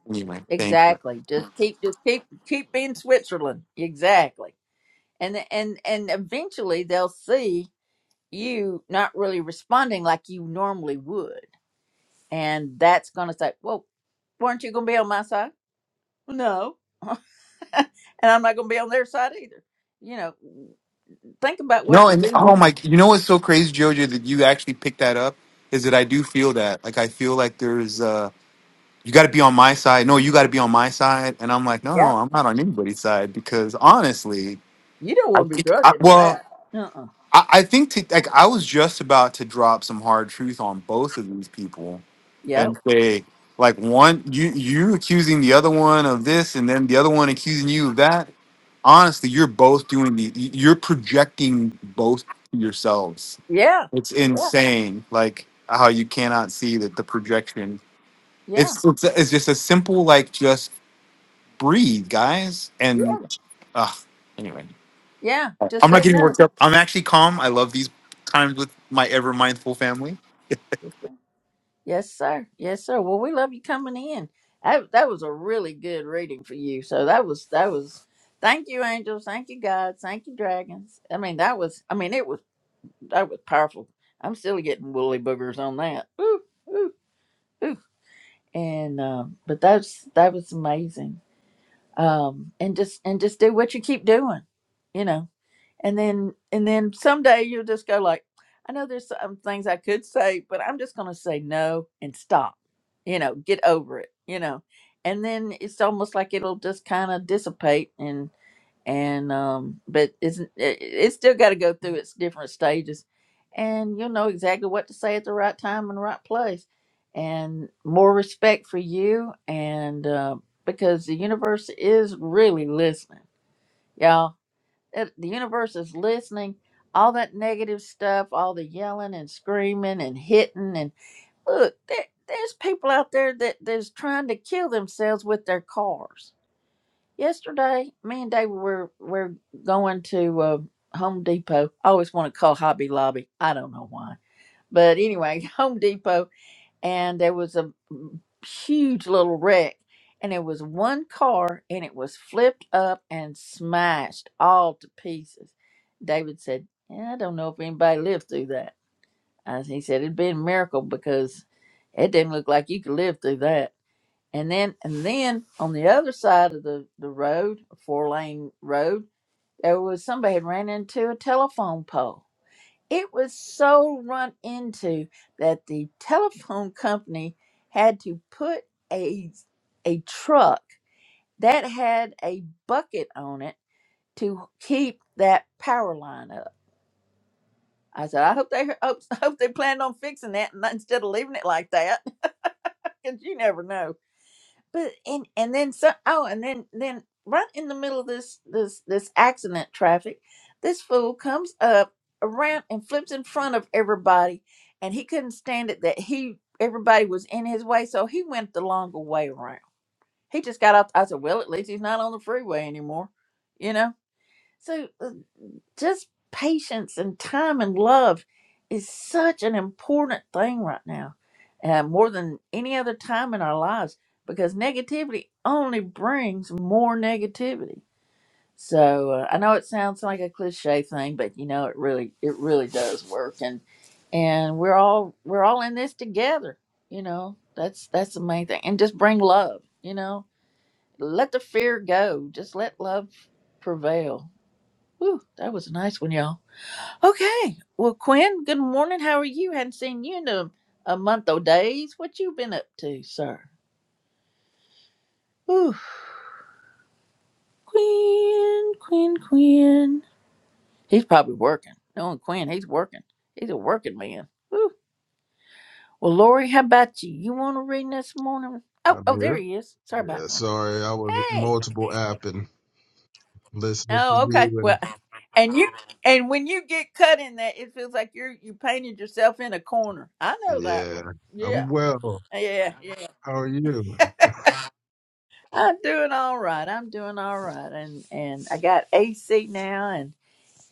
Speaker 4: anyway thank you
Speaker 1: Exactly. Just keep just keep keep being Switzerland. Exactly. And and and eventually they'll see you not really responding like you normally would and that's going to say, "Well, weren't you going to be on my side?" No, and I'm not going to be on their side either. You know, think about what
Speaker 4: no
Speaker 1: you're
Speaker 4: and
Speaker 1: doing.
Speaker 4: oh my you know what's so crazy jojo that you actually picked that up is that i do feel that like i feel like there's uh, you got to be on my side. No, you got to be on my side. And I'm like, no,
Speaker 1: Yeah,
Speaker 4: no, I'm not on anybody's side because honestly,
Speaker 1: you don't
Speaker 4: I
Speaker 1: want to be
Speaker 4: think,
Speaker 1: drug
Speaker 4: I,
Speaker 1: into
Speaker 4: well,
Speaker 1: that. Uh-uh.
Speaker 4: I, I think to, like I was just about to drop some hard truth on both of these people
Speaker 1: Yep.
Speaker 4: and say, like, one, you you accusing the other one of this, and then the other one accusing you of that. Honestly, you're both doing the, you're projecting both yourselves.
Speaker 1: Yeah.
Speaker 4: It's
Speaker 1: Yeah.
Speaker 4: insane, like how you cannot see that the projection
Speaker 1: Yeah.
Speaker 4: it's it's, it's just a simple like just breathe, guys.
Speaker 1: Yeah.
Speaker 4: And uh, anyway,
Speaker 1: Yeah. Just
Speaker 4: I'm not
Speaker 1: say
Speaker 4: getting
Speaker 1: no.
Speaker 4: worked up. I'm actually calm. I love these times with my ever mindful family.
Speaker 1: Yes, sir. Yes, sir. Well, we love you coming in. That that was a really good reading for you. So that was that was. Thank you, angels. Thank you, God. Thank you, dragons. I mean, that was. I mean, it was. that was powerful. I'm still getting woolly boogers on that. Ooh, ooh, ooh. And um, but that's that was amazing. Um, and just and just do what you keep doing, you know. And then and then someday you'll just go like, I know there's some things I could say, but I'm just gonna say no and stop. You know, get over it. You know. And then it's almost like it'll just kind of dissipate and and um but it's it, it's still got to go through its different stages and you'll know exactly what to say at the right time and right place and more respect for you and uh, because the universe is really listening y'all it, the universe is listening all that negative stuff all the yelling and screaming and hitting and look there, there's people out there that that's trying to kill themselves with their cars Yesterday, me and David were were going to uh, Home Depot. I always want to call Hobby Lobby. I don't know why, but anyway, Home Depot, and there was a huge little wreck, and it was one car, and it was flipped up and smashed all to pieces. David said, "Yeah, "I don't know if anybody lived through that." As he said, "It'd been a miracle because it didn't look like you could live through that." And then and then on the other side of the, the road, a four lane road, there was somebody had ran into a telephone pole. It was so run into that the telephone company had to put a a truck that had a bucket on it to keep that power line up. I said, I hope they hope, hope they planned on fixing that and not- instead of leaving it like that, because you never know. but and and then so oh and then then right in the middle of this this this accident traffic this fool comes up around and flips in front of everybody and he couldn't stand it that he everybody was in his way so he went the longer way around he just got off i said well at least he's not on the freeway anymore you know so uh, just patience and time and love is such an important thing right now, uh, more than any other time in our lives, because negativity only brings more negativity. So uh, I know it sounds like a cliche thing, but you know it really it really does work, and and we're all we're all in this together. You know that's that's the main thing, and just bring love. You know, let the fear go. Just let love prevail. Whew, that was a nice one, y'all. Okay. Well, Quinn, good morning. How are you? Hadn't seen you in a, a month or days. What you been up to, sir? Ooh, Quinn, Quinn, Quinn. He's probably working. Knowing Quinn, he's working. He's a working man. Ooh. Well, Lori, how about you? You want to read this morning? Oh,
Speaker 5: I'm
Speaker 1: oh, there
Speaker 5: here.
Speaker 1: he is. Sorry about
Speaker 5: Yeah,
Speaker 1: that.
Speaker 5: sorry, I was
Speaker 1: Hey.
Speaker 5: multiple app and listening to
Speaker 1: Oh, okay.
Speaker 5: you
Speaker 1: Well,
Speaker 5: and
Speaker 1: and you and when you get cut in that, it feels like you're you painted yourself in a corner. I know that one.
Speaker 5: yeah, I'm
Speaker 1: Yeah.
Speaker 5: well.
Speaker 1: Yeah. Yeah.
Speaker 5: How are you?
Speaker 1: I'm doing all right. I'm doing all right, and and I got AC now, and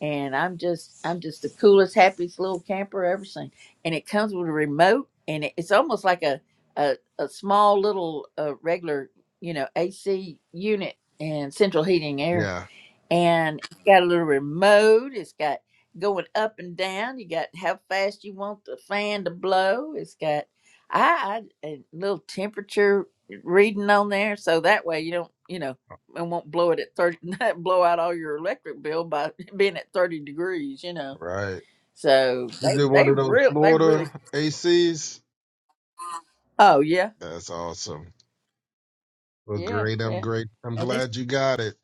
Speaker 1: and I'm just I'm just the coolest, happiest little camper I've ever seen. And it comes with a remote, and it, it's almost like a a, a small little uh, regular you know AC unit and central heating air
Speaker 5: Yeah,
Speaker 1: and it's got a little remote. It's got going up and down. You got how fast you want the fan to blow. It's got I, I a little temperature reading on there, so that way you don't you know it won't blow it at thirty, not blow out all your electric bill by being at thirty degrees. You know,
Speaker 5: right.
Speaker 1: so they
Speaker 5: Is it one
Speaker 1: they
Speaker 5: of those
Speaker 1: real they really
Speaker 5: Florida ACs?
Speaker 1: oh yeah
Speaker 5: That's awesome. Well,
Speaker 1: yeah
Speaker 5: great. I'm
Speaker 1: yeah.
Speaker 5: great. I'm glad you got it.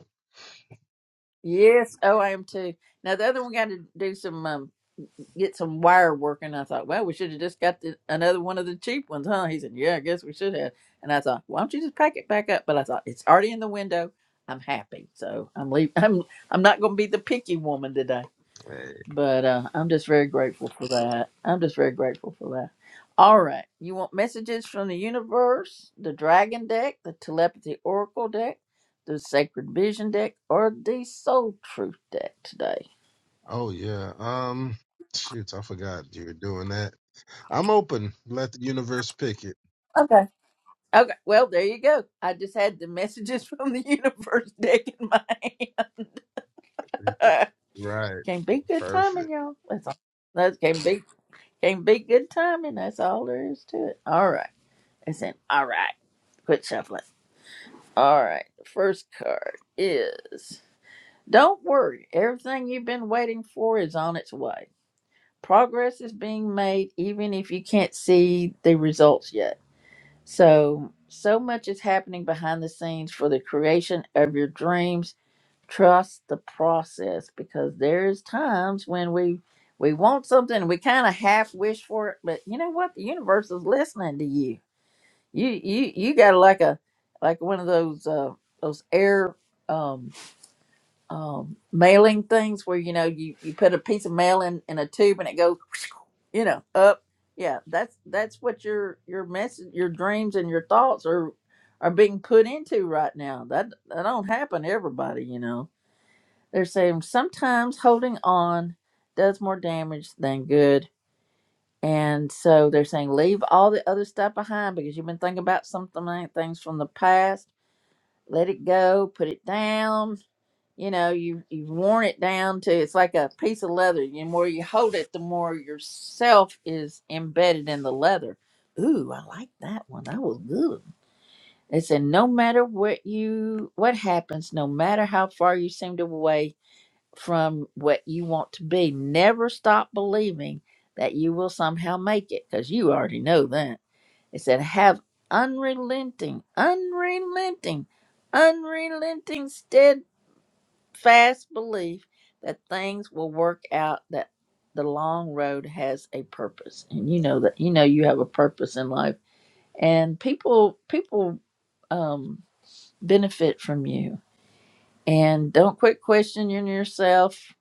Speaker 1: Yes. Oh, I am too. Now the other one got to do some um, get some wire working. I thought, well, we should have just got the, another one of the cheap ones, huh? He said, yeah, I guess we should have. And I thought, why don't you just pack it back up? But I thought it's already in the window. I'm happy, so I'm leaving. I'm I'm not going to be the picky woman today.
Speaker 5: Hey.
Speaker 1: But uh, I'm just very grateful for that. I'm just very grateful for that. All right. You want messages from the universe, the dragon deck, the telepathy oracle deck, the sacred vision deck, or the soul truth deck today?
Speaker 5: Oh yeah. Um, shoot, I forgot you were doing that. I'm open. Let the universe pick it.
Speaker 1: Okay. Okay. Well, there you go. I just had the messages from the universe deck in my hand.
Speaker 5: Right.
Speaker 1: can't be good
Speaker 5: Perfect.
Speaker 1: timing, y'all. That's all. That can't be can't be good timing. That's all there is to it. All right. It's in. All right. Quit shuffling. All right, the first card is Don't worry, everything you've been waiting for is on its way. Progress is being made even if you can't see the results yet. So, so much is happening behind the scenes for the creation of your dreams. Trust the process because there's times when we we want something and we kind of half wish for it, but you know what? The universe is listening to you you you you got like a like one of those uh those air um um mailing things where you know you you put a piece of mail in in a tube and it goes you know up yeah that's that's what your your message your dreams and your thoughts are are being put into right now that that don't happen to everybody you know they're saying sometimes holding on does more damage than good and so they're saying, leave all the other stuff behind because you've been thinking about something like things from the past. Let it go, put it down. You know, you you have worn it down to it's like a piece of leather. The more you hold it, the more yourself is embedded in the leather. Ooh, I like that one. That was good. They said, no matter what you what happens, no matter how far you seem to away, from what you want to be. Never stop believing that you will somehow make it because you already know that. It said, have unrelenting, unrelenting, unrelenting, steadfast belief that things will work out, that the long road has a purpose. And you know that you know you have a purpose in life. And people people um benefit from you. And don't quit questioning yourself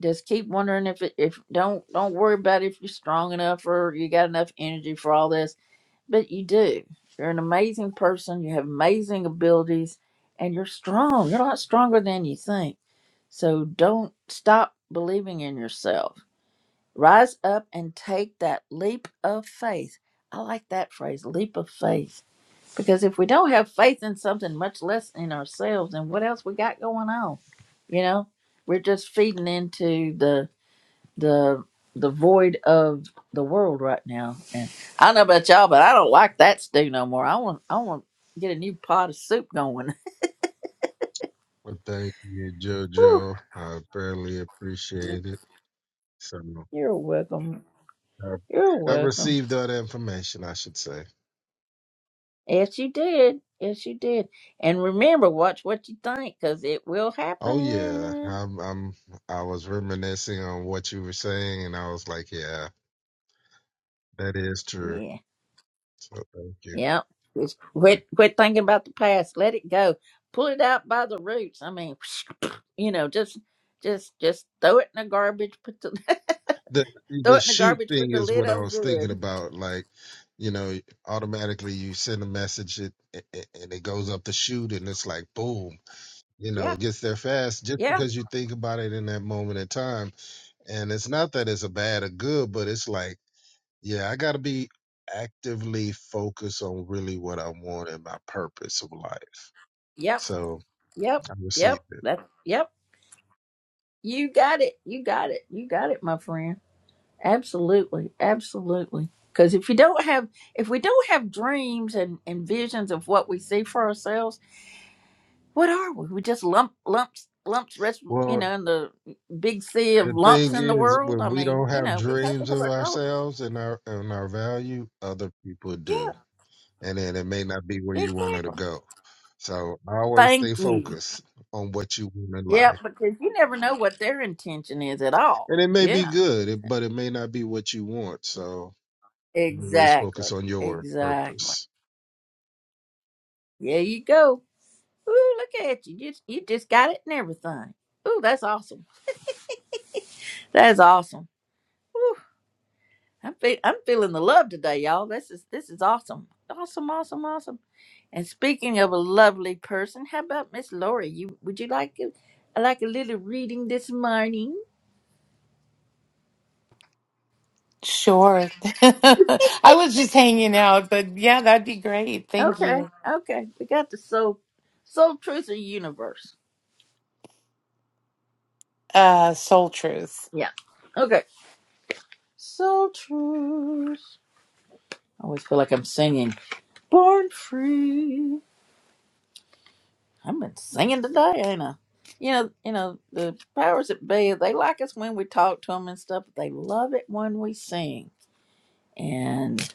Speaker 1: just keep wondering if it, if don't don't worry about if you're strong enough or you got enough energy for all this but you do you're an amazing person you have amazing abilities and you're strong you're a lot stronger than you think so don't stop believing in yourself rise up and take that leap of faith i like that phrase leap of faith because if we don't have faith in something much less in ourselves then what else we got going on you know we're just feeding into the the the void of the world right now. And I don't know about y'all, but I don't like that stew no more. I want I want to get a new pot of soup going.
Speaker 5: Well, thank you,
Speaker 1: Whew.
Speaker 5: JoJo. I barely appreciate it. So.
Speaker 1: You're welcome.
Speaker 5: Uh,
Speaker 1: You're
Speaker 5: I
Speaker 1: welcome.
Speaker 5: received all the information, I should say.
Speaker 1: Yes, you did. Yes, you did. And remember, watch what you think, cause it will
Speaker 5: Oh yeah,
Speaker 1: happen.
Speaker 5: I'm, I'm. I was reminiscing on what you were saying, and I was like, yeah, that is true.
Speaker 1: Yeah.
Speaker 5: So thank you.
Speaker 1: Yep. Just quit quit thinking about the past. Let it go. Pull it out by the roots. I mean, you know, just just just throw it in the garbage. Put the
Speaker 5: The
Speaker 1: Throw
Speaker 5: the
Speaker 1: it in the
Speaker 5: shoot
Speaker 1: garbage with
Speaker 5: thing
Speaker 1: the
Speaker 5: is
Speaker 1: lid
Speaker 5: what I
Speaker 1: on
Speaker 5: was thinking
Speaker 1: good.
Speaker 5: about. Like, you know, automatically you send a message, it a- and it goes up the chute, and it's like boom. You know,
Speaker 1: Yeah.
Speaker 5: it gets there fast just
Speaker 1: Yeah.
Speaker 5: because you think about it in that moment in time. And it's not that it's a bad or good, but it's like Yeah, I got to be actively focused on really what I want and my purpose of life.
Speaker 1: Yep.
Speaker 5: So
Speaker 1: Yep.
Speaker 5: I received
Speaker 1: Yep.
Speaker 5: it.
Speaker 1: That yep. You got it. You got it. You got it, my friend. Absolutely. Absolutely. Cause if you don't have if we don't have dreams and, and visions of what we see for ourselves, what are we? We just lump lumps lumps rest you
Speaker 5: Well,
Speaker 1: know, in the big sea of
Speaker 5: the
Speaker 1: lumps
Speaker 5: thing
Speaker 1: in the
Speaker 5: is,
Speaker 1: world.
Speaker 5: when
Speaker 1: I
Speaker 5: we
Speaker 1: mean,
Speaker 5: don't
Speaker 1: you
Speaker 5: have
Speaker 1: know, we have to
Speaker 5: dreams
Speaker 1: have
Speaker 5: of
Speaker 1: our goals.
Speaker 5: ourselves and our and our value, other people
Speaker 1: Yeah,
Speaker 5: do, and then it may not be where you want it to
Speaker 1: exactly.
Speaker 5: go. So I always
Speaker 1: Thank
Speaker 5: stay
Speaker 1: you.
Speaker 5: focused on what you want in
Speaker 1: Yeah,
Speaker 5: life,
Speaker 1: because you never know what their intention is at all.
Speaker 5: and it may be
Speaker 1: Yeah.
Speaker 5: good, it- but it may not be what you want. So always focus
Speaker 1: Exactly.
Speaker 5: on your
Speaker 1: Exactly.
Speaker 5: purpose.
Speaker 1: There you go. Ooh, look at you. You just, you just got it and everything. Ooh, that's awesome. That is awesome. Ooh, I'm fe- I'm feeling the love today, y'all. This is this is awesome. Awesome, awesome, awesome. And speaking of a lovely person, how about Miss Lori? You would you like to, like a little reading this morning?
Speaker 6: Sure. I was just hanging out, but yeah, that'd be great. Thank
Speaker 1: Okay.
Speaker 6: you.
Speaker 1: Okay. We got the soul soul truth of the universe.
Speaker 6: Uh, Soul Truth.
Speaker 1: Yeah. Okay. Soul truth. I always feel like I'm singing. Born free. I've been singing today, ain't I? You know, you know, the powers that be, they like us when we talk to them and stuff, but they love it when we sing. And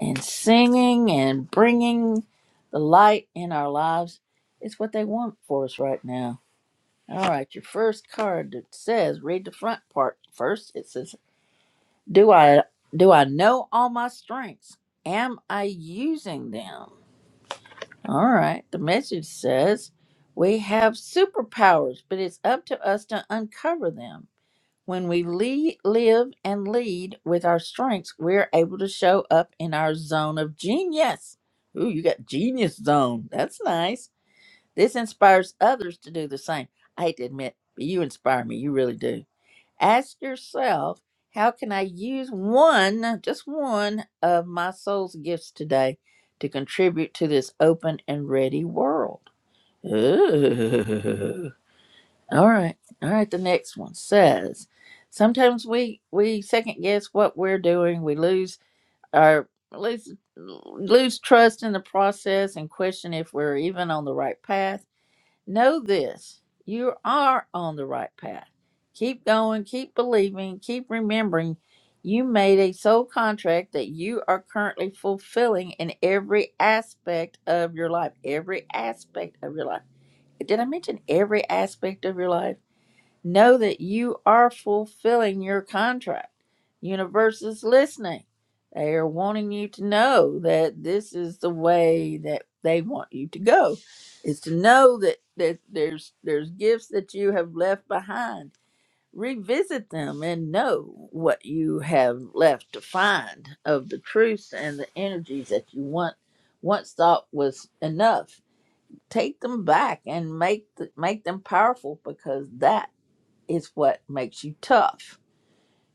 Speaker 1: and singing and bringing the light in our lives is what they want for us right now. All right, your first card that says, read the front part first. It says, "Do I do I know all my strengths? Am I using them? All right. The message says we have superpowers, but it's up to us to uncover them. When we lead, live and lead with our strengths, we're able to show up in our zone of genius. Ooh, you got genius zone. That's nice. This inspires others to do the same. I hate to admit, but you inspire me. You really do. Ask yourself, how can I use one, just one of my soul's gifts today to contribute to this open and ready world? Ooh. All right. All right. The next one says, sometimes we, we second guess what we're doing. We lose our, lose, lose trust in the process and question if we're even on the right path. Know this you are on the right path. Keep going, keep believing, keep remembering you made a soul contract that you are currently fulfilling in every aspect of your life. Every aspect of your life. Did I mention every aspect of your life? Know that you are fulfilling your contract. Universe is listening. They are wanting you to know that this is the way that they want you to go. Is to know that, that there's there's gifts that you have left behind. Revisit them and know what you have left to find of the truths and the energies that you want once thought was enough. Take them back and make the, make them powerful because that is what makes you tough.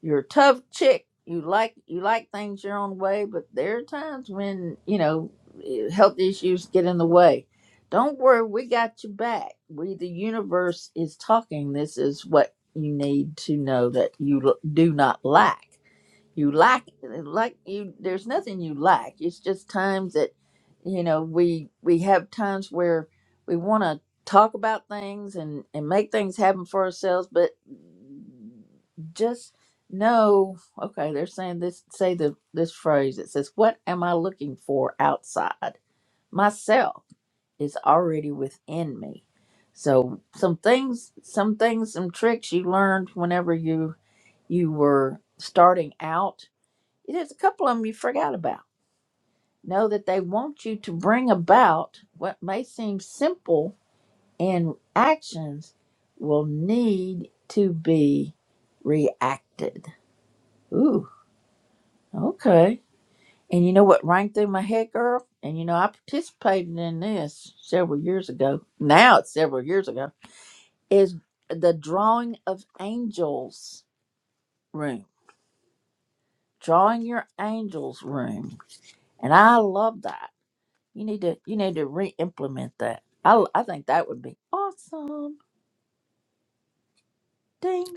Speaker 1: You're a tough chick. You like you like things your own way, but there are times when you know eh, health issues get in the way. Don't worry, we got you back. We the universe is talking. This is what you need to know that you l- do not lack you lack like you there's nothing you lack it's just times that you know we we have times where we want to talk about things and and make things happen for ourselves but just know okay they're saying this say the this phrase it says what am i looking for outside myself is already within me so some things some things some tricks you learned whenever you you were starting out there's a couple of them you forgot about. Know that they want you to bring about what may seem simple and actions will need to be reacted. Ooh, okay. And you know what rang through my head, girl? And you know, I participated in this several years ago. Now it's several years ago. Is the drawing of angels room. Drawing your angels room. And I love that You need to you need to re-implement that. I I think that would be awesome. Ding.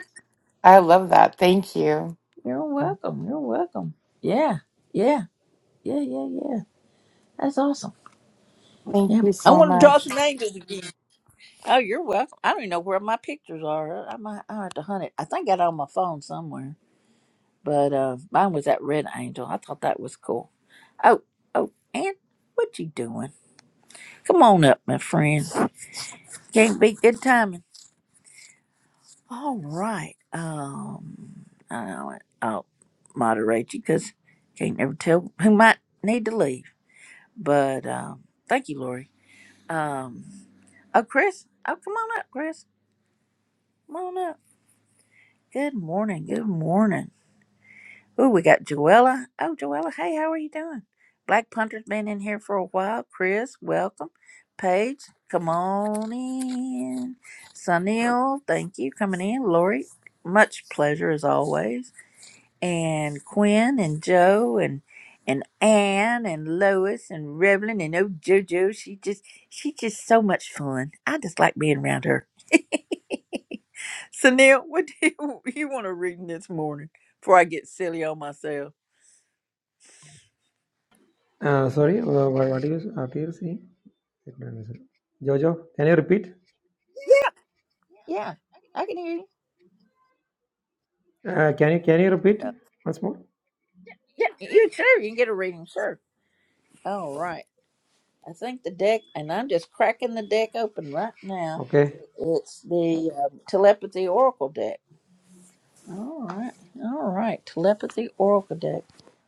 Speaker 6: I love that. Thank you.
Speaker 1: You're welcome. You're welcome. Yeah. Yeah. Yeah. Yeah. Yeah. That's awesome.
Speaker 6: Thank
Speaker 1: Yeah.
Speaker 6: you
Speaker 1: I
Speaker 6: so
Speaker 1: want to draw
Speaker 6: much.
Speaker 1: some angels again. Oh, you're welcome. I don't even know where my pictures are. I might I have to hunt it. I think I got it on my phone somewhere. But uh mine was that red angel. I thought that was cool. Oh, oh, Ann, what you doing? Come on up, my friend. Can't be good timing. All right. Um, I'll, I'll moderate you because can't never tell who might need to leave. But um, thank you, Lori. Um, oh, Chris. Oh, come on up, Chris. Come on up. Good morning. Good morning. Oh, we got Joella. Oh, Joella. Hey, how are you doing? Black Punter's been in here for a while. Chris, welcome. Paige, come on in. Sunil, thank you coming in. Lori, much pleasure as always. and Quinn and Joe and and Anne and Lois and Revlin and oh JoJo, she just she's just so much fun. I just like being around her. So Neil, what do you, you want to read this morning before I get silly on myself?
Speaker 7: Uh, sorry, uh, what, What is do you what Jojo, can you repeat?
Speaker 1: Yeah, yeah, I can hear you.
Speaker 7: Uh, can you can you repeat
Speaker 1: Uh,
Speaker 7: once more?
Speaker 1: yeah, you sure you can get a reading, sure. All right, I think the deck, and I'm just cracking the deck open right now.
Speaker 7: Okay,
Speaker 1: It's the um, telepathy oracle deck All right, all right. Telepathy Oracle deck.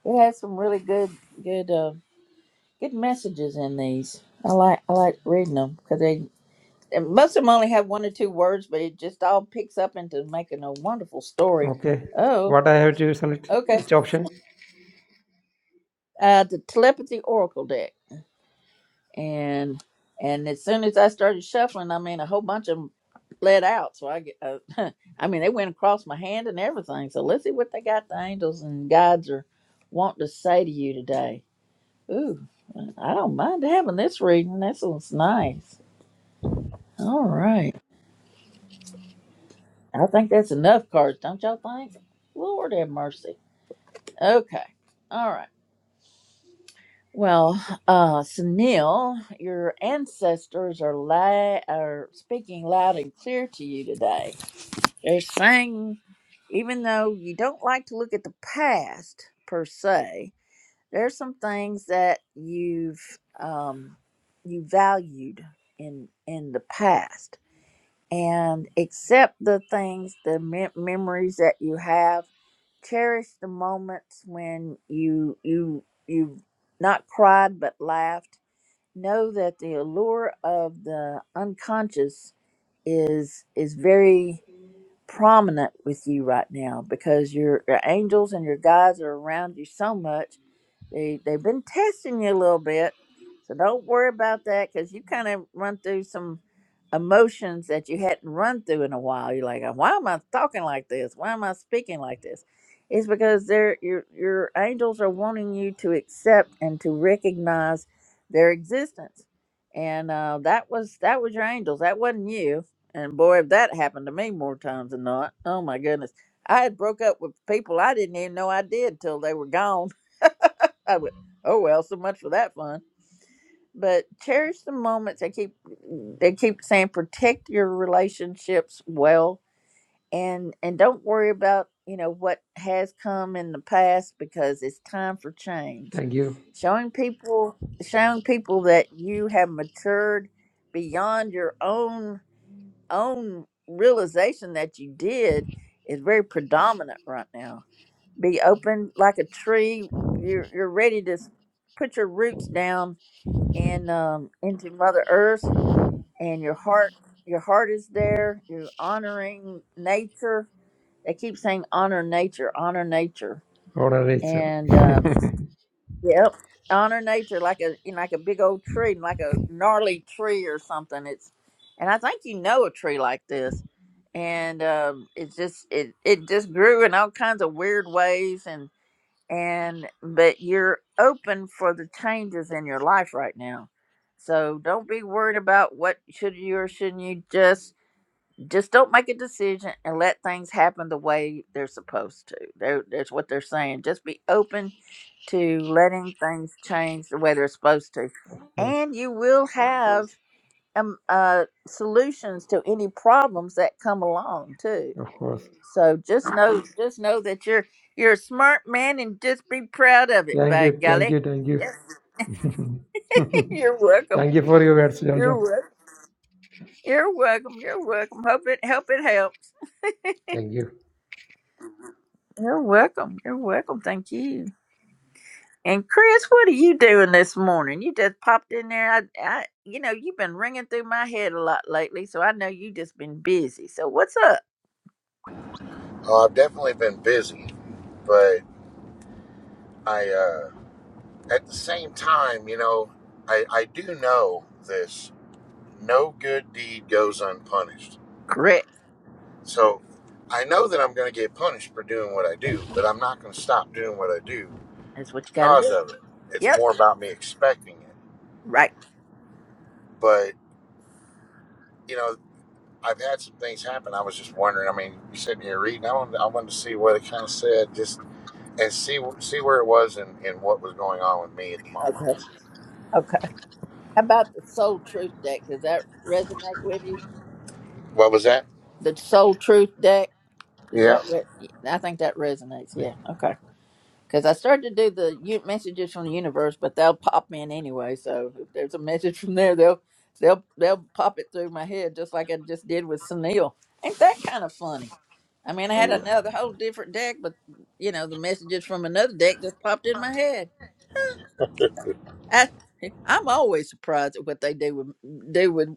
Speaker 1: It has some really good, good, uh, good messages in these. I like, I like reading them because they and most of them only have one or two words, but it just all picks up into making a wonderful story.
Speaker 7: okay.
Speaker 1: Oh,
Speaker 7: What I have to select?
Speaker 1: okay.
Speaker 7: Which option?
Speaker 1: Uh, the Telepathy Oracle deck. and and as soon as I started shuffling, I mean, a whole bunch of them bled out. So I, get- uh, I mean, they went across my hand and everything. So let's see what they got. The angels and guides are wanting to say to you today. Ooh, I don't mind having this reading. This one's nice. All right, I think that's enough cards, don't y'all think? Lord have mercy. Okay, all right. Well, uh, Sunil, your ancestors are li- are speaking loud and clear to you today. They're saying, even though you don't like to look at the past per se, there's some things that you've um, you valued in in the past and accept the things, the mem- memories that you have. Cherish the moments when you you you not cried but laughed. Know that the allure of the unconscious is is very prominent with you right now because your your angels and your guides are around you so much they they've been testing you a little bit, so don't worry about that because you kind of run through some emotions that you hadn't run through in a while. You're like, why am I talking like this? Why am I speaking like this? It's because they're your your angels are wanting you to accept and to recognize their existence, and uh, that was that was your angels. That wasn't you. And boy, if that happened to me more times than not, oh my goodness. I had broke up with people I didn't even know I did till they were gone I would. Oh well, so much for that fun. But cherish the moments. They keep they keep saying protect your relationships well, and and don't worry about you know what has come in the past because it's time for change.
Speaker 7: Thank you.
Speaker 1: Showing people showing people that you have matured beyond your own own realization that you did is very predominant right now be open like a tree. You're you're ready to s- put your roots down and um, into Mother Earth, and your heart your heart is there. You're honoring nature. They keep saying honor nature, honor nature,
Speaker 7: Order rate, sir.
Speaker 1: and um, yep, honor nature like a you know, like a big old tree, like a gnarly tree or something. It's and I think you know a tree like this, and um, it just it it just grew in all kinds of weird ways and and but you're open for the changes in your life right now so don't be worried about what should you or shouldn't you just just don't make a decision and let things happen the way they're supposed to They're- that's what they're saying just be open to letting things change the way they're supposed to
Speaker 7: of course,
Speaker 1: and you will have um, uh, solutions to any problems that come along too
Speaker 7: of course.
Speaker 1: so just know, just know that you're you're a smart man, and just be proud of it.
Speaker 7: Thank
Speaker 1: By
Speaker 7: you, thank
Speaker 1: golly,
Speaker 7: you, thank you,
Speaker 1: yes, you're welcome.
Speaker 7: thank you for your words,
Speaker 1: You're
Speaker 7: Jojo.
Speaker 1: welcome. You're welcome. You're welcome. Hope it hope it helps.
Speaker 7: Thank you.
Speaker 1: You're welcome. You're welcome. Thank you. And Chris, what are you doing this morning? You just popped in there. I, I, you know, you've been ringing through my head a lot lately, so I know you just been busy. So what's up,
Speaker 8: Uh, I've definitely been busy, but I, uh, at the same time, you know, I, I do know this no good deed goes unpunished.
Speaker 1: Chris?
Speaker 8: So I know that I'm going to get punished for doing what I do, but I'm not going to stop doing what I do
Speaker 1: That's what you got to
Speaker 8: because
Speaker 1: do.
Speaker 8: of it. It's
Speaker 1: Yep.
Speaker 8: more about me expecting it.
Speaker 1: Right.
Speaker 8: But, you know, I've had some things happen. I was just wondering. I mean, you sitting here reading. I wanted, I wanted to see what it kind of said, just and see see where it was and, and what was going on with me at the moment.
Speaker 1: Okay. Okay. How about the soul truth deck? Does that resonate with you?
Speaker 8: What was that?
Speaker 1: the soul truth deck is
Speaker 8: Yeah.
Speaker 1: that what i think that resonates yeah okay because i started to do the u- messages from the universe but they'll pop in anyway so if there's a message from there they'll they'll they'll pop it through my head just like i just did with sunil ain't that kind of funny i mean i had
Speaker 8: You
Speaker 1: another whole different deck but you know the messages from another deck just popped in my head I, I'm always surprised at what they do with do with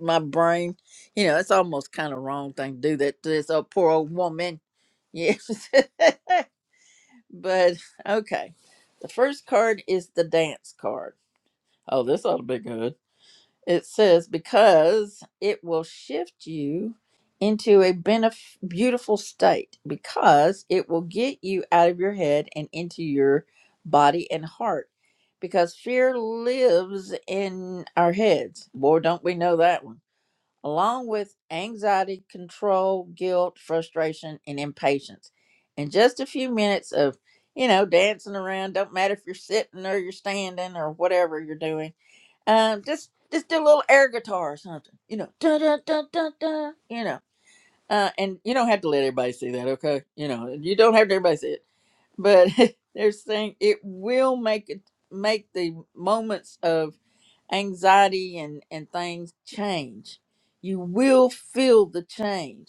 Speaker 1: my brain. You know, it's almost kind of wrong thing to do that to this old poor old woman. Yes, but okay. The first card is the dance card. Oh, this ought to be good. It says, because it will shift you into a benef- beautiful state, because it will get you out of your head and into your body and heart. Because fear lives in our heads. Boy, don't we know that one. Along with anxiety, control, guilt, frustration, and impatience. And just a few minutes of, you know, dancing around, don't matter if you're sitting or you're standing or whatever you're doing um, just just do a little air guitar or something, you know, da da da da da, you know. Uh, and you don't have to let everybody see that, okay? You know, you don't have to everybody see it, but they're saying it will make it make the moments of anxiety and and things change. You will feel the change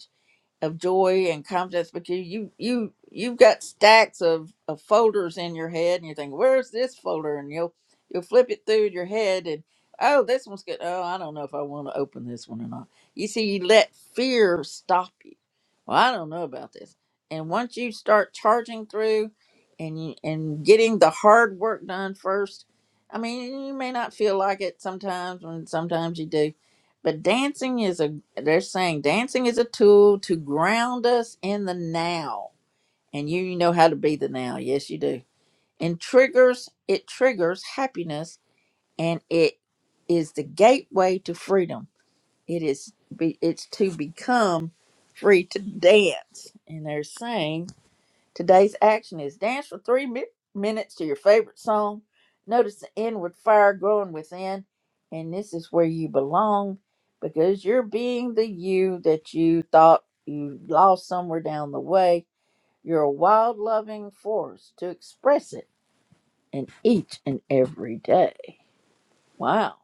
Speaker 1: of joy and confidence, but you you you you've got stacks of, of folders in your head, and you're thinking, "Where's this folder?" And you'll you'll flip it through your head, and oh, this one's good. Oh, I don't know if I want to open this one or not. You see, you let fear stop you. Well, I don't know about this. And once you start charging through, and you, and getting the hard work done first, I mean, you may not feel like it sometimes, When sometimes you do but dancing is a, they're saying dancing is a tool to ground us in the now. And you, you know how to be the now. Yes, you do. And triggers, it triggers happiness and it is the gateway to freedom. It is, be, it's to become free to dance. And they're saying Today's action is dance for three mi- minutes to your favorite song. Notice the inward fire growing within, and this is where you belong because you're being the you that you thought you lost somewhere down the way. You're a wild loving force to express it in each and every day. Wow.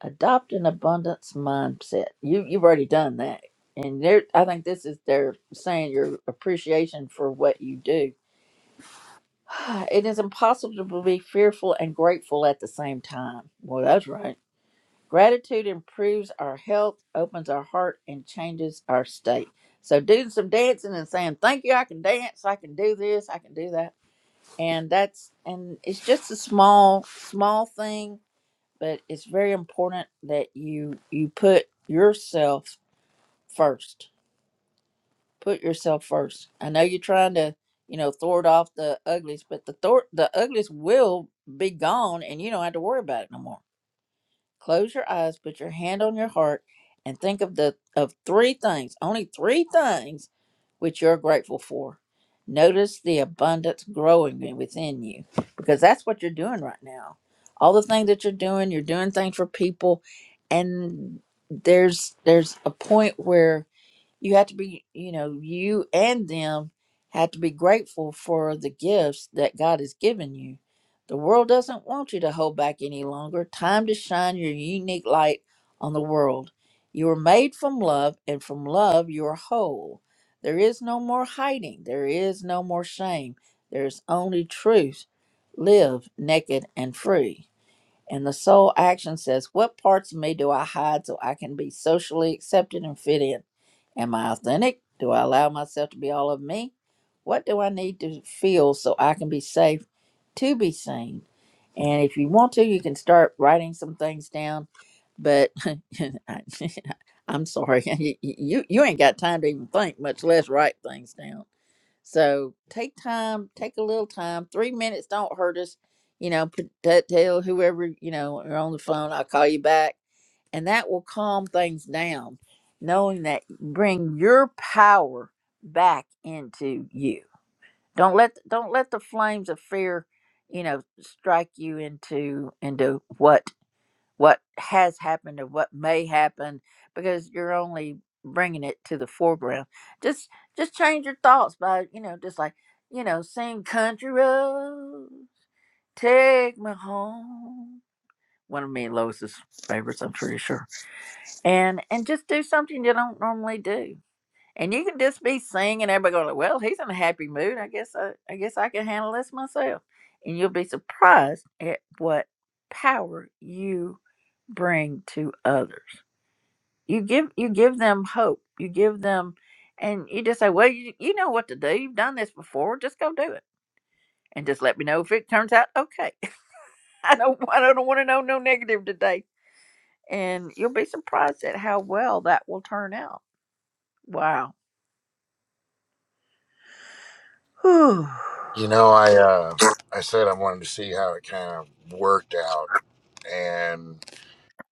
Speaker 1: Adopt an abundance mindset. You you've already done that. And there I think this is their saying your appreciation for what you do It is impossible to be fearful and grateful at the same time. Well, that's right. Gratitude improves our health, opens our heart, and changes our state. So, doing some dancing and saying, Thank you, I can dance, I can do this, I can do that. And that's, and it's just a small, small thing, but it's very important that you, you put yourself first put yourself first. I know you're trying to, you know, thwart off the uglies, but the thwart, the uglies will be gone, and you don't have to worry about it no more. Close your eyes, put your hand on your heart, and think of the of three things, only three things, which you're grateful for. Notice the abundance growing within you, because that's what you're doing right now. All the things that you're doing, you're doing things for people, and there's there's a point where you have to be you know you and them have to be grateful for the gifts that god has given you the world doesn't want you to hold back any longer time to shine your unique light on the world you are made from love and from love you are whole there is no more hiding there is no more shame there is only truth live naked and free and the soul action says, What parts of me do I hide so I can be socially accepted and fit in? Am I authentic? Do I allow myself to be all of me? What do I need to feel so I can be safe to be seen? And if you want to, you can start writing some things down. But I- I'm sorry, you, you you ain't got time to even think, much less write things down. So take time, take a little time. Three minutes don't hurt us. You know, put that tell whoever, you know, you are on the phone, I'll call you back. And that will calm things down, knowing that bring your power back into you. Don't let don't let the flames of fear, you know, strike you into into what what has happened or what may happen because you're only bringing it to the foreground just just change your thoughts by you know just like you know sing country roads take me home one of me and lois's favorites i'm pretty sure and and just do something you don't normally do and you can just be singing, everybody going, Well, he's in a happy mood. I guess I, I guess I can handle this myself. And you'll be surprised at what power you bring to others. You give you give them hope. You give them and you just say, Well, you, you know what to do. You've done this before, just go do it. And just let me know if it turns out okay. I don't I don't want to know no negative today. And you'll be surprised at how well that will turn out. Wow. Whew.
Speaker 8: know, I uh, I said I wanted to see how it kind of worked out, and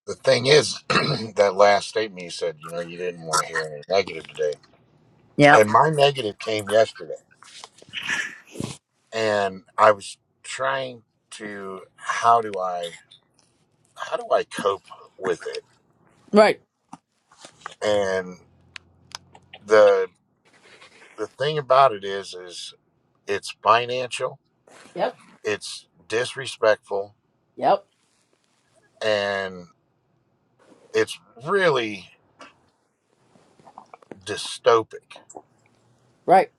Speaker 8: the thing is, that last statement you said, you know, you didn't want to hear any negative today,
Speaker 1: Yep.
Speaker 8: and my negative came yesterday, and I was trying to how do I how do I cope with it,
Speaker 1: Right.
Speaker 8: and the the thing about it is is it's financial,
Speaker 1: Yep.
Speaker 8: it's disrespectful,
Speaker 1: Yep.
Speaker 8: and it's really dystopic
Speaker 1: Right.